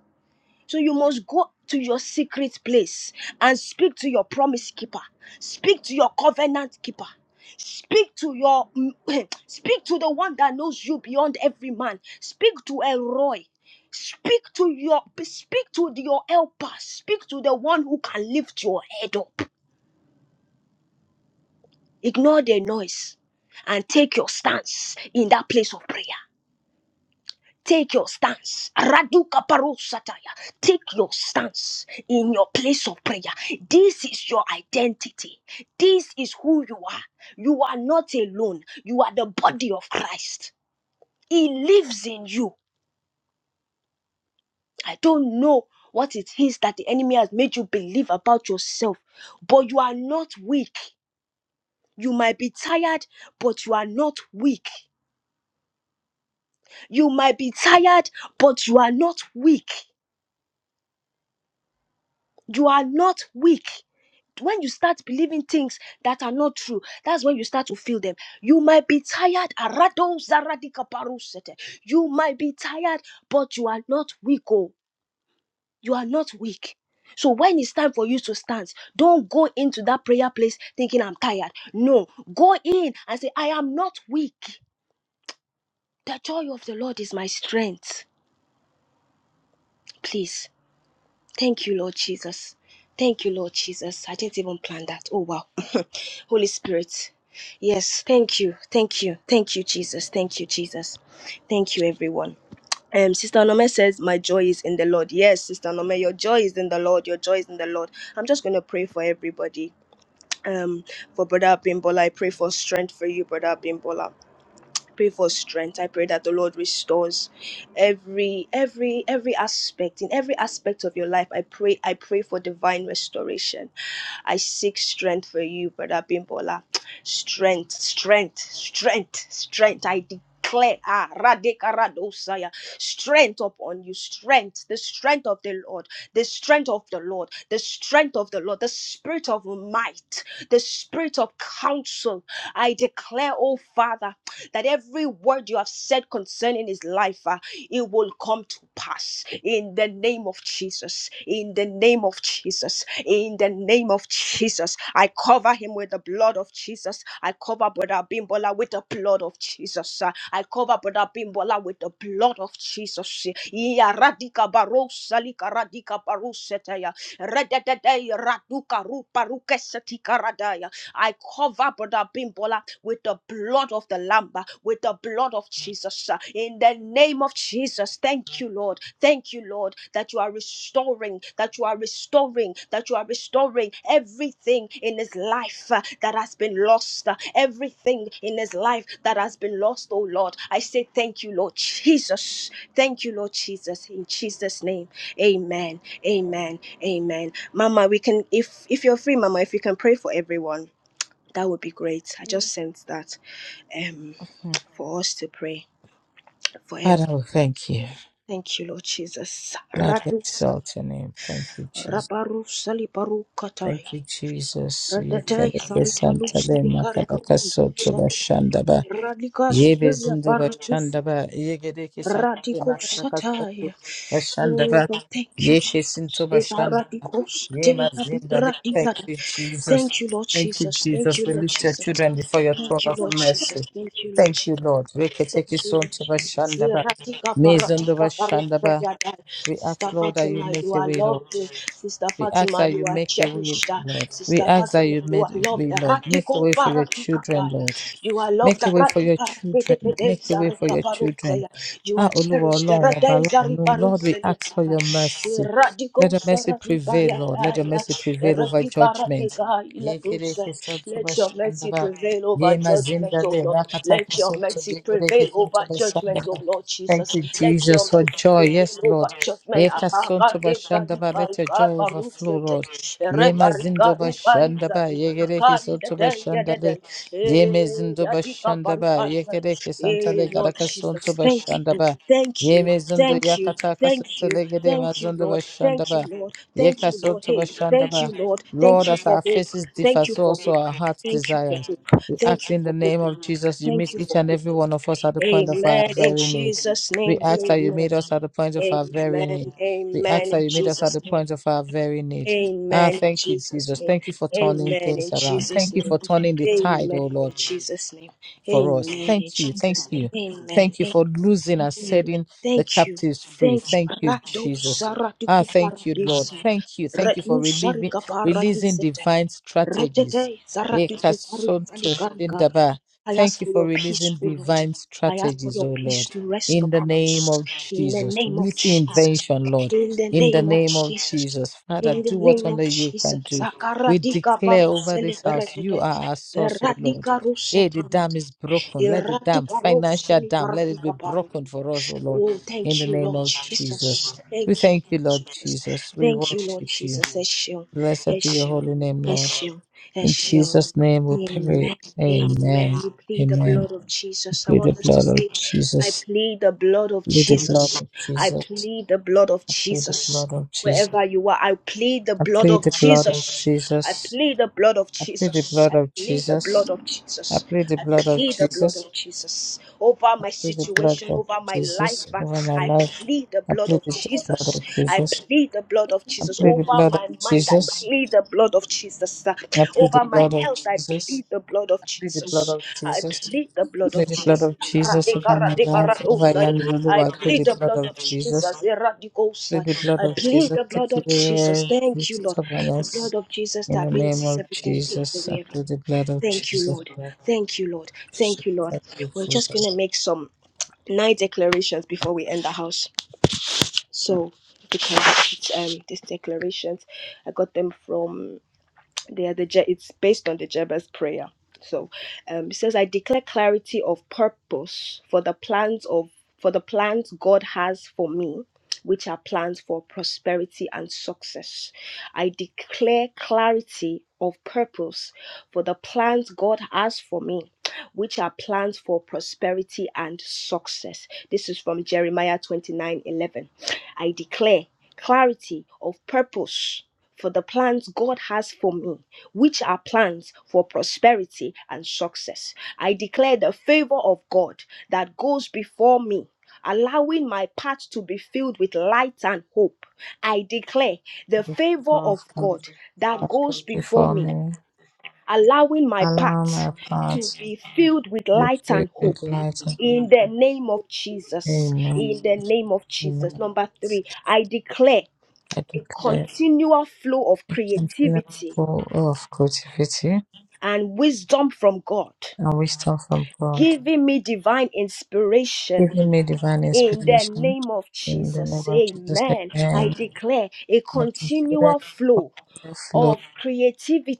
S1: So you must go to your secret place and speak to your promise keeper. Speak to your covenant keeper. Speak to your [CLEARS THROAT] speak to the one that knows you beyond every man. Speak to Elroy. Speak to your speak to your helper. Speak to the one who can lift your head up. Ignore the noise and take your stance in that place of prayer. Take your stance. Raduka parusataya. Take your stance in your place of prayer. This is your identity. This is who you are. You are not alone. You are the body of Christ. He lives in you. I don't know what it is that the enemy has made you believe about yourself, but you are not weak. You might be tired, but you are not weak. You might be tired, but you are not weak. You are not weak. when you start believing things that are not true, that's when you start to feel them. You might be tired. arado zaradikaparusete. You might be tired, but you are not weak. Oh, you are not weak. So when it's time for you to stand, don't go into that prayer place thinking I'm tired. No, go in and say, I am not weak. The joy of the Lord is my strength. Please. Thank you, Lord Jesus. Thank you, Lord Jesus. I didn't even plan that. Oh, wow. [LAUGHS] Holy Spirit. Yes, thank you. Thank you. Thank you, Jesus. Thank you, Jesus. Thank you, everyone. Um, Sister Nome says, My joy is in the Lord. Yes, Sister Nome, your joy is in the Lord. Your joy is in the Lord. I'm just going to pray for everybody. Um, for Brother Bimbola, I pray for strength for you, Brother Bimbola pray for strength i pray that the lord restores every every every aspect in every aspect of your life i pray i pray for divine restoration i seek strength for you brother bimbola strength strength strength strength i declare ah radekaradosaya strength upon you strength the strength of the lord the strength of the lord the strength of the lord the spirit of might the spirit of counsel i declare oh father that every word you have said concerning his life, uh, it will come to pass in the name of Jesus. In the name of Jesus. In the name of Jesus. I cover him with the blood of Jesus. I cover Brother Bimbola with the blood of Jesus. uh, I cover Brother Bimbola with the blood of Jesus. Iya radika barosa lika radika barusetaya. Rededede raduka rupa rukesetika radaya. I cover Brother Bimbola with the blood of the Lamb, uh, with the blood of Jesus. uh, In the name of Jesus, thank you, Lord. Thank you, Lord, that you are restoring, that you are restoring, that you are restoring everything in his life uh, that has been lost, uh, everything in his life that has been lost, oh Lord. I say thank you, Lord Jesus. Thank you, Lord Jesus. In Jesus' name, amen. Amen. Amen. Mama, we can, if if you're free, Mama, if you can pray for everyone. That would be great. I just sense that um
S3: Mm.
S1: for us to pray for
S3: father
S1: every.
S3: we thank you
S1: Thank you, Lord Jesus.
S3: lord we
S1: Radusa
S3: exalt your name thank you jesus
S1: rabaru salibaru katai.
S3: Thank you, Jesus.
S1: Radatai
S3: Yekeleke
S1: saribalu
S3: santale
S1: salikarika
S3: makalaka soto
S1: pandusa.
S3: bashandaba.
S1: Radika
S3: Yebe
S1: sumelia
S3: zindu
S1: baratus.
S3: bashandaba. Yegedeke santale
S1: Radiko
S3: makalaka soto
S1: sataya. Oh
S3: bashandaba.
S1: Lord, thank you,
S3: Yeke
S1: Jesus.
S3: sinto
S1: Ebaradiko
S3: Yeah,
S1: sataya
S3: Mazinda, le- Thank
S1: bibradina.
S3: you, Jesus.
S1: Thank you, Lord
S3: Thank you,
S1: Jesus. Thank
S3: Jesus.
S1: you,
S3: We
S1: Lord
S3: lift your
S1: Jesus.
S3: children before your throne
S1: Thank you,
S3: of
S1: Lord Jesus.
S3: mercy.
S1: Thank you, Lord Jesus.
S3: Thank you, Lord. Reketeke
S1: Thank you,
S3: son
S1: Lord
S3: to
S1: Jesus.
S3: Vashandaba.
S1: Ratika
S3: Mezon to
S1: paratika parusa
S3: Vashandaba.
S1: yada.
S3: We
S1: Sister
S3: ask, Lord, that you
S1: Fatima, you
S3: make a
S1: are
S3: way, Lord.
S1: loved. Sister
S3: We ask
S1: Fatima,
S3: that
S1: you
S3: you
S1: are
S3: make a way,
S1: cherished.
S3: Lord. We
S1: Sister
S3: ask that
S1: Fatima,
S3: you
S1: you are
S3: made a
S1: loved.
S3: way, Lord. Make a
S1: Ratiko
S3: way for your
S1: paratika
S3: children,
S1: para.
S3: Lord.
S1: You are loved.
S3: Make a way for your
S1: Ratika pete
S3: children.
S1: pete
S3: Make a way for
S1: zarika
S3: your
S1: parusa
S3: children.
S1: ya. You are
S3: Ah, Oluwa
S1: cherished.
S3: Ọlọ́run ọba
S1: Rate
S3: aláàánú. Lord, we
S1: zariparusa
S3: ask for
S1: ya.
S3: your mercy. Let your
S1: Radikosa
S3: mercy prevail, Lord. Let your
S1: Rabibayataya,
S3: mercy prevail over judgment.
S1: Rabibaratikaya Ladusa.
S3: Yekereke soto
S1: Let your mercy
S3: bashandaba.
S1: prevail over
S3: Ye
S1: judgment, O
S3: mazindale
S1: Lord. Let
S3: rakataka
S1: your
S3: soto.
S1: mercy
S3: Yekereke
S1: prevail
S3: soto
S1: over judgment, O
S3: bashandaba.
S1: Lord
S3: Thank
S1: Jesus.
S3: you,
S1: Let your
S3: Jesus, for
S1: mercy
S3: joy. Yes,
S1: prevail over
S3: Lord.
S1: judgment
S3: Ye kasonto bashanda
S1: zani
S3: ba
S1: bai
S3: let your
S1: bai
S3: joy
S1: baruk
S3: overflow,
S1: sete
S3: Lord.
S1: re
S3: Ye
S1: barika
S3: mazindo
S1: u bali
S3: bashanda ba
S1: zani
S3: ye gereke
S1: manakali da
S3: sonto
S1: da ya
S3: bashanda
S1: da da
S3: le ye
S1: eh
S3: mezindo
S1: ya dika
S3: bashanda ba
S1: barika
S3: ye
S1: zani
S3: gereke santa
S1: eh
S3: le
S1: Lord
S3: garaka
S1: Jesus
S3: sonto
S1: thank
S3: bashanda
S1: you
S3: ba
S1: thank
S3: ye
S1: you
S3: mezindo
S1: thank you
S3: yakata
S1: thank
S3: kasanta
S1: you
S3: le gere
S1: thank you
S3: mazondo
S1: Lord thank
S3: bashanda
S1: you
S3: ba
S1: Lord
S3: ye
S1: thank you Lord
S3: kasonto
S1: hey
S3: bashanda
S1: thank you
S3: ba.
S1: Lord thank
S3: Lord,
S1: you
S3: as
S1: for
S3: our
S1: hope
S3: faces differ,
S1: thank you
S3: so
S1: for
S3: also
S1: hope
S3: our hearts
S1: thank you for
S3: desires.
S1: hope
S3: We
S1: thank
S3: ask
S1: you
S3: in
S1: for
S3: the
S1: hope
S3: name of Jesus, you
S1: thank
S3: meet
S1: you
S3: each
S1: for
S3: and
S1: hope
S3: every one of us at the point of our
S1: amen in
S3: very need.
S1: Jesus
S3: We
S1: name
S3: ask that you
S1: amen
S3: meet us at the point of our very
S1: Amen.
S3: need. We ask
S1: Amen.
S3: that
S1: In
S3: you meet us at
S1: Jesus'
S3: the
S1: name.
S3: point of our very need. Ah,
S1: Amen in
S3: thank you,
S1: Jesus'
S3: Jesus.
S1: name.
S3: Thank you for turning
S1: Amen in
S3: things around.
S1: Jesus'
S3: Thank you
S1: name.
S3: for turning the tide,
S1: Amen
S3: oh Lord
S1: in Jesus' name.
S3: for us.
S1: Amen in
S3: Thank you. Thank
S1: Jesus' name.
S3: you.
S1: Amen.
S3: Thank you for losing and
S1: Amen.
S3: setting the
S1: Thank you.
S3: captives free.
S1: Thank you.
S3: Thank you,
S1: Rado
S3: Jesus.
S1: sarati
S3: Ah, thank you, Lord.
S1: kuparadise.
S3: Thank you. Thank you for
S1: Retnu sari
S3: relieving, releasing
S1: kaparadisete.
S3: divine
S1: Retete
S3: strategies. Eh,
S1: sarati kupari
S3: Ekasonto
S1: salikargaya.
S3: shindaba.
S1: I
S3: Thank
S1: ask
S3: you
S1: for
S3: for
S1: your peace,
S3: releasing
S1: O Lord.
S3: divine
S1: I ask for
S3: strategies,
S1: your
S3: oh
S1: peace
S3: Lord.
S1: to rest
S3: In the
S1: upon
S3: name
S1: us.
S3: of
S1: In the
S3: Jesus,
S1: name of
S3: with the
S1: Jesus.
S3: invention, Lord,
S1: In the
S3: in the
S1: name of
S3: name of
S1: Jesus.
S3: Jesus, Father,
S1: In the
S3: do what
S1: name of
S3: only you
S1: Jesus.
S3: can do. We
S1: Sakaradika
S3: declare over
S1: barusele
S3: this house, you
S1: beretete.
S3: are our source, oh Lord.
S1: Eradika
S3: Hey,
S1: rusete.
S3: the dam is broken. Let the dam,
S1: Eradika
S3: financial
S1: rusele
S3: dam, let it be broken for us, O Lord,
S1: Oh,
S3: in
S1: thank
S3: the
S1: you,
S3: name
S1: Lord
S3: of Jesus.
S1: Jesus.
S3: We
S1: Thank you,
S3: thank
S1: Lord
S3: you, Lord
S1: Jesus.
S3: Jesus. We
S1: Thank you, Lord
S3: worship you.
S1: Jesus. Eshion,
S3: Blessed be your
S1: Eshion,
S3: holy name, Lord.
S1: Eshion,
S3: In
S1: Eshion.
S3: Jesus' name we
S1: Amen.
S3: pray. Amen.
S1: Amen. We plead the
S3: Amen.
S1: blood of Jesus. I
S3: Plead the
S1: want us to
S3: blood
S1: say,
S3: of
S1: I
S3: Jesus.
S1: plead the blood of
S3: Plead the blood
S1: Jesus.
S3: of
S1: I
S3: Jesus.
S1: plead the blood of
S3: Plead the
S1: Jesus.
S3: blood of Jesus.
S1: Wherever you are, I plead the
S3: I
S1: blood
S3: plead
S1: of
S3: the blood of
S1: Jesus. I
S3: Jesus.
S1: plead the blood of
S3: I plead the
S1: Jesus. I
S3: blood of
S1: plead the blood
S3: Jesus.
S1: of
S3: I
S1: Jesus.
S3: plead the
S1: I
S3: blood of
S1: plead the blood
S3: Jesus.
S1: of Jesus over my
S3: plead the blood
S1: situation,
S3: of
S1: over my
S3: Jesus
S1: life.
S3: over my
S1: I
S3: life.
S1: plead the
S3: I
S1: blood
S3: plead
S1: of
S3: the j- blood
S1: Jesus.
S3: of
S1: I
S3: Jesus.
S1: plead the blood of
S3: I
S1: Jesus
S3: plead
S1: over
S3: the
S1: my
S3: blood of
S1: mind. I
S3: Jesus.
S1: plead the blood of Jesus
S3: I plead the
S1: over my
S3: blood of
S1: health. I
S3: Jesus.
S1: plead the blood of
S3: I plead the blood
S1: Jesus.
S3: of
S1: I
S3: Jesus.
S1: plead the
S3: I
S1: blood of
S3: plead the blood
S1: Jesus.
S3: of Jesus over my life. Over Yanilulu,
S1: I
S3: I plead
S1: plead
S3: the
S1: the
S3: blood
S1: blood of
S3: of
S1: Jesus.
S3: Jesus.
S1: Eradikosa.
S3: Plead the blood
S1: I
S3: of
S1: plead
S3: Jesus.
S1: the
S3: Take
S1: blood of
S3: away
S1: Jesus.
S3: every
S1: Thank you, Lord. The
S3: stubbornness
S1: blood of Jesus
S3: in the
S1: that
S3: name
S1: rinses
S3: of
S1: everything, takes
S3: Jesus. I
S1: away
S3: plead the blood of
S1: Thank you,
S3: Jesus.
S1: Lord. Thank you, Lord. Thank you, Lord.
S3: Thank you,
S1: We're just
S3: Jesus.
S1: going to make some nine declarations before we end the house. So, because it's, um, these declarations, I got them from they are the Je- it's based on the Jabez prayer. So um, it says, "I declare clarity of purpose for the plans of for the plans God has for me." Which are plans for prosperity and success. I declare clarity of purpose for the plans God has for me, which are plans for prosperity and success. This is from Jeremiah 29 11. I declare clarity of purpose for the plans God has for me, which are plans for prosperity and success. I declare the favor of God that goes before me. Allowing my path to be filled with light and hope. I declare the
S3: Every
S1: favor
S3: fever of
S1: of
S3: God,
S1: God
S3: I
S1: that
S3: put
S1: goes before
S3: before
S1: me
S3: me.
S1: allowing my
S3: Allow
S1: path
S3: my path
S1: to
S3: to
S1: be filled with
S3: be
S1: light
S3: filled
S1: and
S3: with
S1: hope.
S3: light and
S1: In the name of Jesus.
S3: amen.
S1: In the name of
S3: Amen.
S1: Jesus. Number three, I declare
S3: I
S1: a
S3: declare
S1: continual flow of
S3: a continual
S1: creativity
S3: flow of creativity
S1: and wisdom from God,
S3: and wisdom from God,
S1: giving me divine inspiration
S3: giving me divine
S1: in the
S3: inspiration.
S1: name of
S3: In the name
S1: Jesus.
S3: of Jesus,
S1: Amen. I
S3: amen.
S1: declare a
S3: I declare
S1: continual
S3: a
S1: flow
S3: continual flow
S1: of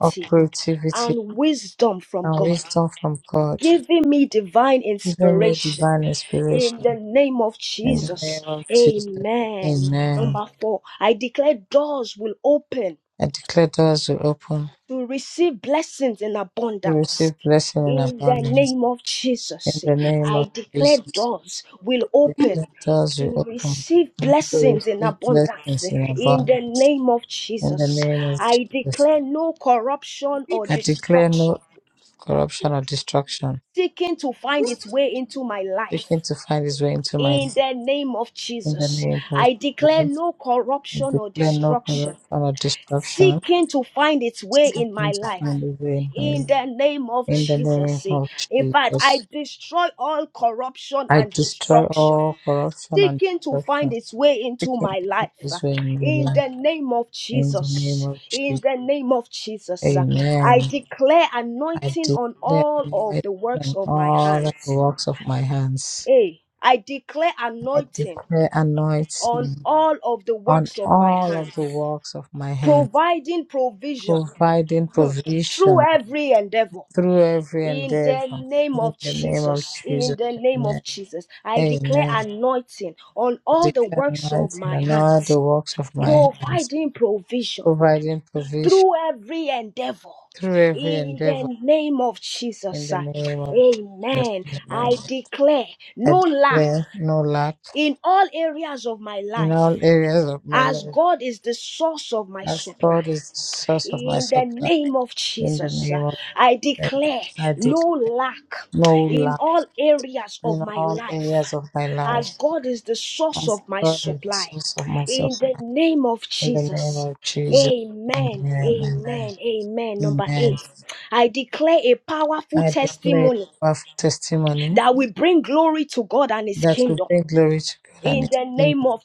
S3: of creativity
S1: and wisdom from
S3: and
S1: God
S3: wisdom from God,
S1: giving me divine
S3: giving me
S1: inspiration
S3: divine
S1: in the
S3: inspiration.
S1: name of
S3: In the name
S1: Jesus.
S3: of Jesus,
S1: Amen.
S3: amen.
S1: Number four, I declare doors will open
S3: I declare doors will open
S1: to receive blessings in
S3: We
S1: abundance.
S3: receive blessing in
S1: In the
S3: abundance.
S1: name of
S3: In
S1: Jesus,
S3: the name of
S1: I declare
S3: Jesus,
S1: doors will open
S3: let us
S1: to
S3: reopen.
S1: receive
S3: We
S1: blessings in
S3: receive
S1: abundance
S3: blessings in
S1: in the
S3: abundance.
S1: name of
S3: In the
S1: Jesus.
S3: name of
S1: I
S3: Jesus,
S1: declare no corruption or
S3: I declare
S1: destruction
S3: no corruption or destruction.
S1: seeking to find its way into my life.
S3: Seeking to find his way into my
S1: In
S3: life.
S1: the name of
S3: In the
S1: Jesus,
S3: name of
S1: I declare
S3: Jesus,
S1: no
S3: I
S1: corruption or
S3: declare no corruption
S1: destruction
S3: or destruction.
S1: seeking to find its way in
S3: Seeking
S1: my
S3: to
S1: life.
S3: find his way in my
S1: In
S3: life.
S1: the name of
S3: In the name
S1: Jesus. eh.
S3: of
S1: In fact,
S3: Jesus,
S1: I destroy all corruption
S3: I
S1: and
S3: destroy
S1: destruction
S3: all corruption and
S1: seeking to find
S3: destruction.
S1: its way into
S3: Seeking
S1: my
S3: to find
S1: life.
S3: his
S1: ah.
S3: way in my
S1: In
S3: life.
S1: the name of
S3: In the name
S1: Jesus.
S3: of
S1: In
S3: Jesus,
S1: the name of Jesus. ah.
S3: amen.
S1: I declare
S3: I
S1: anointing on
S3: declare
S1: all of
S3: anointing
S1: the works
S3: on
S1: of my
S3: all the
S1: hands.
S3: works of my hands.
S1: Hey, I declare
S3: I
S1: anointing
S3: declare
S1: on
S3: anointing
S1: all of the
S3: on
S1: works of my
S3: all of the
S1: hands,
S3: works of my hands,
S1: providing provision
S3: providing
S1: hmm, through
S3: provision
S1: every endeavor.
S3: through every
S1: In the
S3: endeavor.
S1: name
S3: In
S1: of
S3: the name of
S1: Jesus, in
S3: Jesus,
S1: the name of
S3: amen.
S1: Jesus, I declare
S3: Amen.
S1: anointing on
S3: I
S1: all the
S3: declare
S1: works of
S3: anointing
S1: my
S3: on all
S1: hands,
S3: the works of my hands,
S1: providing provision
S3: providing provision
S1: through every endeavor.
S3: through every
S1: In
S3: endeavor.
S1: the name of
S3: In
S1: Jesus,
S3: the
S1: I-
S3: name of Jesus,
S1: amen.
S3: amen.
S1: I declare
S3: I
S1: no lack
S3: declare no lack
S1: in all areas of my
S3: in
S1: life
S3: all areas of my
S1: as
S3: life.
S1: God is the source of my
S3: As
S1: supply.
S3: God is the source of my
S1: In the
S3: supply,
S1: name of
S3: in the
S1: Jesus, uh,
S3: name of
S1: I
S3: Jesus,
S1: declare
S3: I
S1: no
S3: declare
S1: lack
S3: no
S1: in
S3: lack
S1: all areas of
S3: in
S1: my
S3: all
S1: life,
S3: areas of my life.
S1: as God is the source
S3: As
S1: of my
S3: God is the
S1: supply.
S3: source of my
S1: In
S3: supply,
S1: the name of
S3: in the name
S1: Jesus.
S3: of Jesus.
S1: Amen.
S3: Amen. Amen.
S1: Amen. Amen. Number eight.
S3: Amen.
S1: I declare a powerful
S3: I declare
S1: testimony
S3: powerful testimony
S1: that will bring glory to God and His
S3: that will
S1: kingdom.
S3: bring glory to God and
S1: In
S3: His
S1: the name
S3: kingdom.
S1: of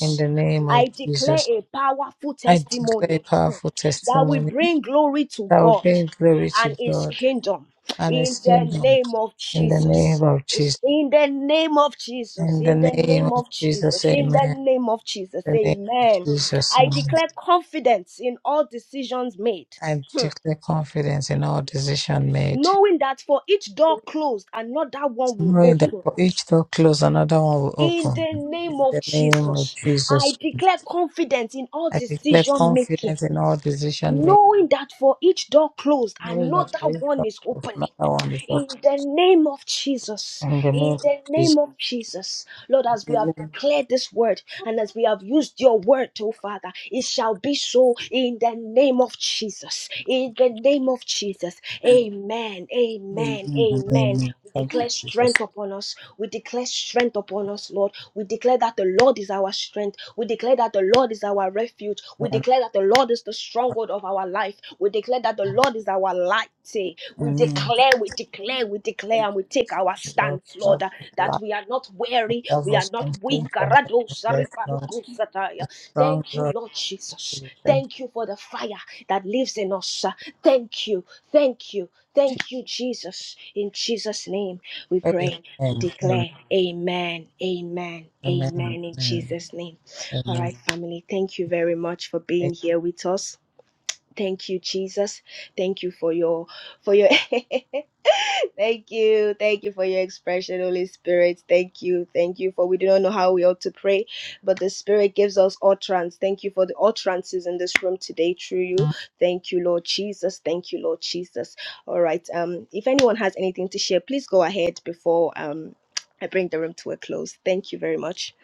S3: In the name of
S1: I declare
S3: Jesus,
S1: a powerful
S3: I declare a
S1: testimony
S3: powerful
S1: that will
S3: testimony
S1: bring glory to
S3: that will
S1: God
S3: bring glory to
S1: and His
S3: God
S1: kingdom.
S3: and
S1: In
S3: his
S1: the
S3: kingdom.
S1: name of
S3: In the
S1: Jesus.
S3: name of
S1: It's
S3: Jesus.
S1: In the name of Jesus,
S3: In the
S1: in the
S3: name
S1: name
S3: of
S1: of Jesus,
S3: Jesus,
S1: in the
S3: amen.
S1: name of Jesus,
S3: In the name of
S1: amen.
S3: Jesus,
S1: I
S3: amen.
S1: declare confidence in all decisions made,
S3: I
S1: Hmm.
S3: declare confidence in all decision made.
S1: knowing that for each door closed, another one will
S3: Knowing that
S1: open.
S3: for each door closed, another one will
S1: In
S3: open.
S1: the name
S3: In
S1: of
S3: the name of
S1: Jesus, I
S3: Jesus.
S1: declare confidence in all
S3: I declare
S1: decision making,
S3: confidence in all decision made.
S1: knowing that for each door closed,
S3: Knowing that
S1: another
S3: for each
S1: one
S3: door
S1: is
S3: closed,
S1: opening.
S3: another one is open.
S1: In the name of Jesus,
S3: In the name
S1: in
S3: of
S1: the
S3: Jesus.
S1: name of Jesus, Lord, as we have
S3: Amen.
S1: declared this word and as we have used your word, oh Father, it shall be so in the name of Jesus. In the name of Jesus, amen, amen,
S3: Amen.
S1: amen.
S3: Amen.
S1: We
S3: Thank you,
S1: declare strength
S3: Jesus.
S1: upon us. We declare strength upon us, Lord. We declare that the Lord is our strength. We declare that the Lord is our refuge. We
S3: Amen.
S1: declare that the Lord is the stronghold of our life. We declare that the Lord is our light. eh. We
S3: Amen.
S1: declare, we declare, we declare, and we take our
S3: Lord,
S1: stance, Lord, uh,
S3: Lord,
S1: that we are not weary,
S3: Love
S1: we are
S3: us
S1: not
S3: and
S1: weak.
S3: for life
S1: Karado
S3: and death, Lord.
S1: sariparuku
S3: The
S1: sataya.
S3: strong
S1: Thank you,
S3: Lord
S1: Lord Jesus.
S3: Jesus.
S1: Thank you for the fire that lives in us. uh. Thank you, thank you, thank you, Jesus. In Jesus' name we pray and
S3: Amen. Amen.
S1: declare amen amen
S3: Amen.
S1: amen in
S3: Amen.
S1: jesus name all
S3: Amen.
S1: right family thank you very much for being here with us thank you jesus thank you for your for your [LAUGHS] Thank you. Thank you for your expression, Holy Spirit. Thank you. Thank you for we do not know how we ought to pray, but the Spirit gives us utterance. Thank you for the utterances in this room today through you. Thank you, Lord Jesus. Thank you, Lord Jesus. All right. Um, if anyone has anything to share, please go ahead before um I bring the room to a close. Thank you very much.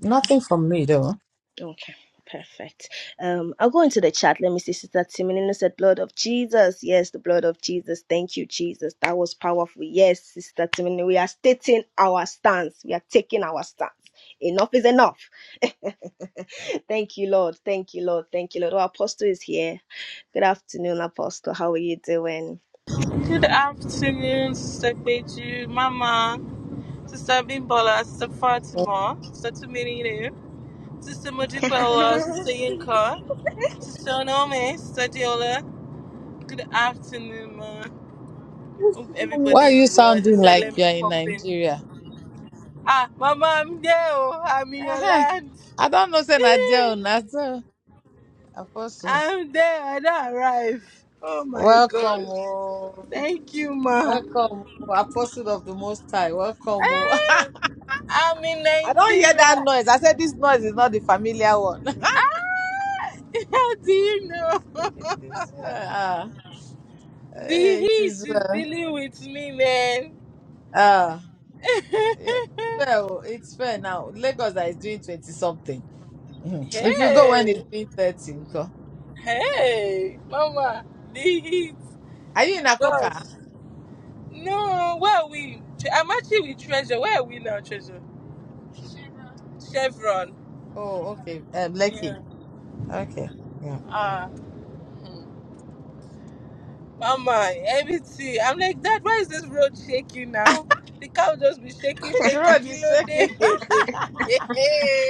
S3: Nothing from me though.
S1: Okay, perfect. Um, I'll go into the chat. Let me see. Sister Timinino said, Blood of Jesus. Yes, the blood of Jesus. Thank you, Jesus. That was powerful. Yes, Sister Timinino, we are stating our stance. We are taking our stance. Enough is enough. [LAUGHS] Thank you, Lord. Thank you, Lord. Thank you, Lord. Our apostle is here. Good afternoon, Apostle. How are you doing?
S4: Good afternoon, Sister Beju, Mama, Sister Bimbola, Sister Fatima, Sister Tumirine, Sister Mojikwela, Sister Yinka, Sister Onome, Sister Diola. Good afternoon, ma. Hope everybody
S3: Why are you
S4: is well. I just
S3: sounding
S4: said
S3: like
S4: let me
S3: you're in
S4: pop in.
S3: Nigeria?
S4: Ah, Mama, I'm there. oh. I'm in your
S3: Uh-huh.
S4: land.
S3: I don't know, say
S4: Eh,
S3: Nadia Nazo. Apostle.
S4: I'm there. I don't arrive. Oh my
S3: Welcome,
S4: God.
S3: oh.
S4: Thank you, ma.
S3: Welcome, oh. Apostle of the Most High. Welcome, oh.
S4: Eh, I'm in
S3: [LAUGHS] I don't hear
S4: Nigeria.
S3: that noise. I said this noise is not the familiar one. [LAUGHS]
S4: Ah, [LAUGHS] How do you know? [LAUGHS]
S3: It is well. ah.
S4: the
S3: Eh, It
S4: heat
S3: is
S4: is
S3: well.
S4: dealing with me, man.
S3: Ah, yeah,
S4: [LAUGHS]
S3: well, it's fair now. Lagos that is doing 20 something. Mhm. If you go when
S4: hey,
S3: it's doing 13, nko.
S4: hey, mama, the heat.
S3: are you in
S4: Gosh,
S3: Akoka?
S4: no, where are we? Tre- I'm actually with Treasure. Where are we now, Treasure? Chevron.
S3: Oh, okay. Um,
S4: Yeah.
S3: Lekki. Okay. Yeah.
S4: Ah, hmm. mama, everything. I'm like, Dad, why is this road shaking now? The cow just be shaking,
S3: Which
S4: shaking,
S3: road is
S4: kilo day.
S3: shaking? [LAUGHS]
S4: [LAUGHS] hey,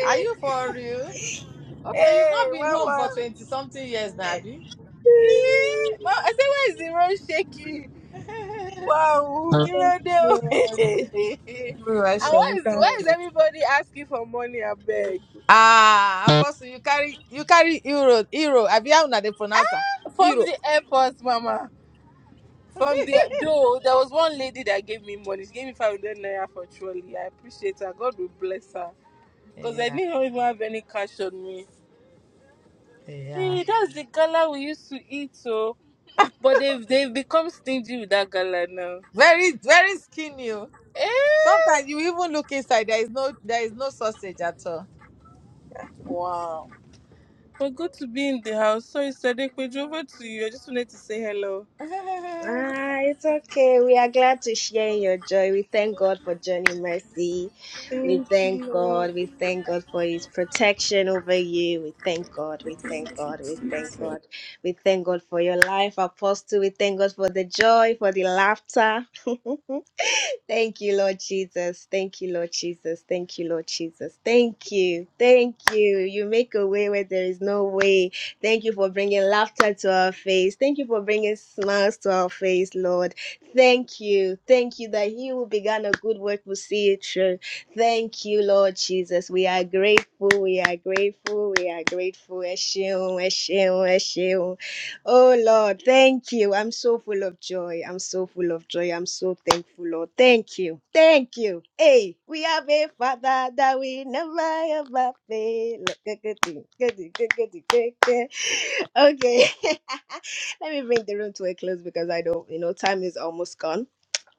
S3: are you for real? Okay, you've
S4: hey,
S3: not been home
S4: mama.
S3: for 20 something years, Nabi.
S4: Eh, ma I say why is the road shaking?
S3: [LAUGHS]
S4: Wow,
S1: Thank you,
S4: Kilode. [LAUGHS]
S1: Lord.
S4: and
S3: No, I shall.
S4: why
S3: we
S4: is
S3: can't
S4: why
S1: Lord,
S4: is
S3: do it.
S4: everybody asking for money? I
S1: thank
S4: beg.
S3: ah,
S1: you.
S3: Apostle, you carry you carry euro, euro. Have you how na they pronounce am?
S4: Ah, From
S3: Euro.
S4: the airport, Mama. From the
S3: [LAUGHS]
S4: though, there was one lady that gave me money. She gave me five hundred naira for trolley. I appreciate her. God will bless her. Cause I
S3: Yeah,
S4: didn't even have any cash on me.
S3: yeah.
S4: Eh, that's the gala we used to eat, so. But they've they've become stingy with that gala now.
S3: Very, very skinny. oh.
S4: Eh?
S3: Sometimes you even look inside. There is no there is no sausage at all.
S4: Wow. Well, good to be in the house. Sorry, Sadiq, we drove over to you. I just wanted to say hello.
S3: [LAUGHS]
S1: Ah, it's okay. We are glad to share in your joy. We thank God for Johnny Mercy. We
S4: Thank
S1: thank
S4: you,
S1: God. We thank God for His protection over you. We thank God. We thank God. We thank
S4: Lord.
S1: God. We thank God for your life, Apostle. We thank God for the joy, for the laughter. [LAUGHS] Thank you, Lord Jesus. Thank you, Lord Jesus. Thank you, Lord Jesus. Thank you. Thank you. You make a way where there is no way. Thank you for bringing laughter to our face. Thank you for bringing smiles to our face, Lord. Thank you. Thank you that He who began a good work will see it through. Thank you, Lord Jesus. We are grateful. We are grateful. We are grateful. Ẹ ṣeun, ẹ ṣeun, ẹ ṣeun. Oh Lord, thank you. I'm so full of joy. I'm so full of joy. I'm so thankful, Lord. Thank you. Thank you. Hey, we have a Father that we never ever fail. Good, good thing. Good, thing, good, good, thing, good, good. Okay, [LAUGHS] let me bring the room to a close because I don't, you know, time is almost gone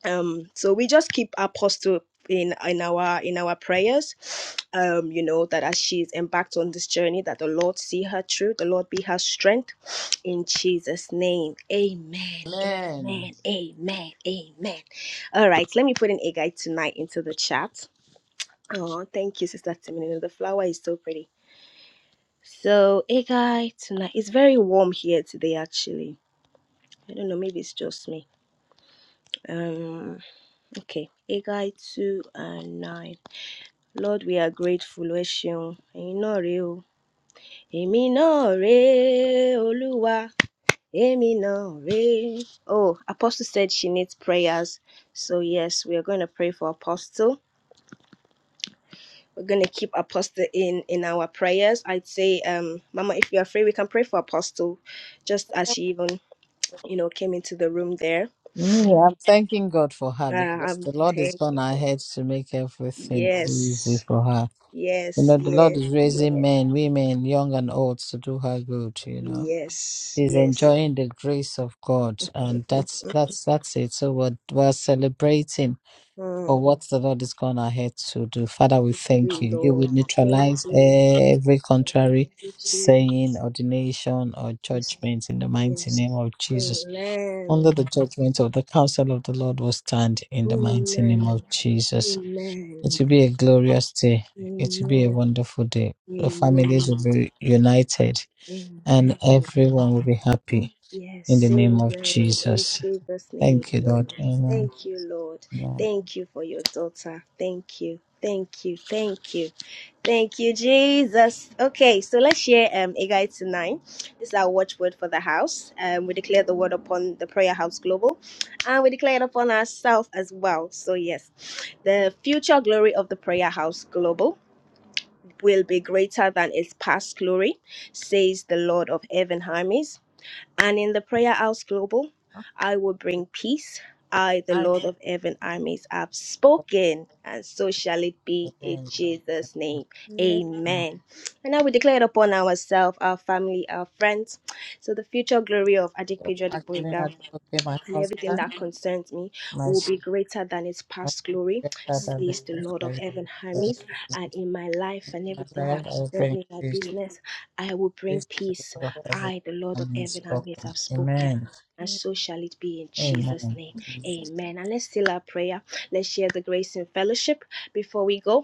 S1: um so we just keep apostle in in our in our prayers um you know that as she's embarked on this journey that the lord see her through the lord be her strength in jesus name amen
S3: Amen.
S1: amen amen amen all right let me put an egg guide tonight into the chat oh thank you sister Timina. the flower is so pretty so egg guide tonight it's very warm here today actually i don't know maybe it's just me um okay egg guide two and nine Lord, we are grateful. Ẹ ṣeun. Ẹ̀yin náà rèé o. Èmi náà rèé, Olúwa. Èmi náà rèé. Oh, Apostle said she needs prayers. So yes, we are going to pray for Apostle. We're going to keep Apostle in in our prayers. I'd say, um, Mama, if you're free, we can pray for Apostle, just as she even you know came into the room there.
S3: Me, I'm thanking God for her
S1: Uh,
S3: because
S1: I'm
S3: the Lord is gone
S1: thankful.
S3: ahead to make everything easy
S1: Yes,
S3: for her. You
S1: yes,
S3: know, the Lord
S1: yes,
S3: is raising
S1: yes,
S3: men, women, young and old to do her good, you know.
S1: yes,
S3: She's
S1: yes.
S3: enjoying the grace of God and that's that's that's it. So we're, we're celebrating.
S1: Hmm.
S3: for what the Lord is gone ahead to do. Father, we
S1: you,
S3: thank you. You
S1: Lord.
S3: will
S1: Thank
S3: neutralize every contrary
S1: you, Jesus.
S3: saying, ordination, or judgment in the mighty
S1: Yes.
S3: name of Jesus.
S1: Amen.
S3: Under the judgment of the counsel of the Lord will stand in the mighty name
S1: Amen.
S3: of Jesus.
S1: Amen.
S3: It will be a glorious day. It will be a
S1: Amen.
S3: wonderful day. The families will
S1: Amen.
S3: be united and
S1: Amen.
S3: everyone will be happy in the
S1: Yes.
S3: name of
S1: Amen. In
S3: Jesus.
S1: Jesus' name.
S3: Thank you,
S1: Amen.
S3: Lord. Amen.
S1: Thank you, Lord.
S3: Amen.
S1: Thank you for your daughter. Thank you. Thank you. Thank you. Thank you, Jesus. Okay, so let's share um Agai to nine. This is our watchword for the house. Um, we declare the word upon the prayer house global, and we declare it upon ourselves as well. So yes, the future glory of the prayer house global will be greater than its past glory, says the Lord of heaven armies. And in the Prayer House Global, I will bring peace. I, the
S3: Hi.
S1: Lord of heaven armies, have spoken, and so shall it be in
S3: Amen. Lord.
S1: Jesus' name.
S3: Amen. Mm.
S1: Amen. And now we declare it upon ourselves, our family, our friends, to the future glory of Adik Pedro
S3: Actually,
S1: Adikboyega
S3: I took care my
S1: and everything that
S3: husband,
S1: concerns me
S3: my
S1: will
S3: son,
S1: be greater than its past glory,
S3: better than the
S1: says the
S3: first
S1: Lord of
S3: person.
S1: heaven,
S3: Thank
S1: Hermes. And in my life and
S3: My
S1: everything that
S3: friend, I
S1: concerns
S3: bring
S1: me, my
S3: this,
S1: business, I will bring
S3: this to the
S1: peace.
S3: Lord of heaven
S1: I, the Lord of
S3: and
S1: heaven, Hermes,
S3: unspoken.
S1: have spoken.
S3: Amen.
S1: And so shall it be in Jesus'
S3: Amen.
S1: name. Amen. And let's seal our prayer. Let's share the grace and fellowship before we go.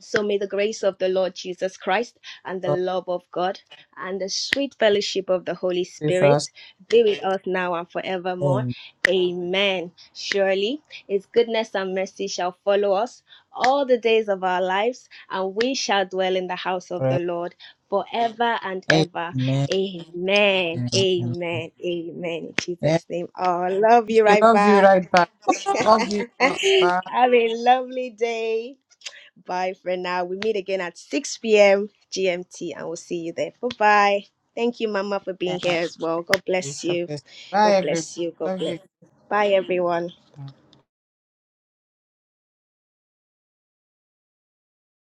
S1: So may the grace of the Lord Jesus Christ and the
S3: God
S1: love of God and the sweet fellowship of the Holy
S3: with us
S1: Spirit be with us now and forevermore.
S3: in
S1: Amen. Surely his goodness and mercy shall follow us all the days of our lives, and we shall dwell in the house of the
S3: prayer.
S1: Lord forever and ever.
S3: Amen.
S1: Amen.
S3: Amen.
S1: Amen. Amen. In
S3: Yeah,
S1: Jesus' name. Oh, love you
S3: he
S1: right
S3: loves you right
S1: back.
S3: back. Love you. you. Bye.
S1: Have a lovely day. Bye for now. We meet again at 6 p.m. GMT and we'll see you there. Bye bye. Thank you, Mama, for being
S3: Yeah.
S1: here as well. God
S3: It's
S1: bless you.
S3: okay. Bye,
S1: God
S3: everyone.
S1: bless you. God
S3: Love
S1: bless.
S3: you.
S1: Bye, everyone.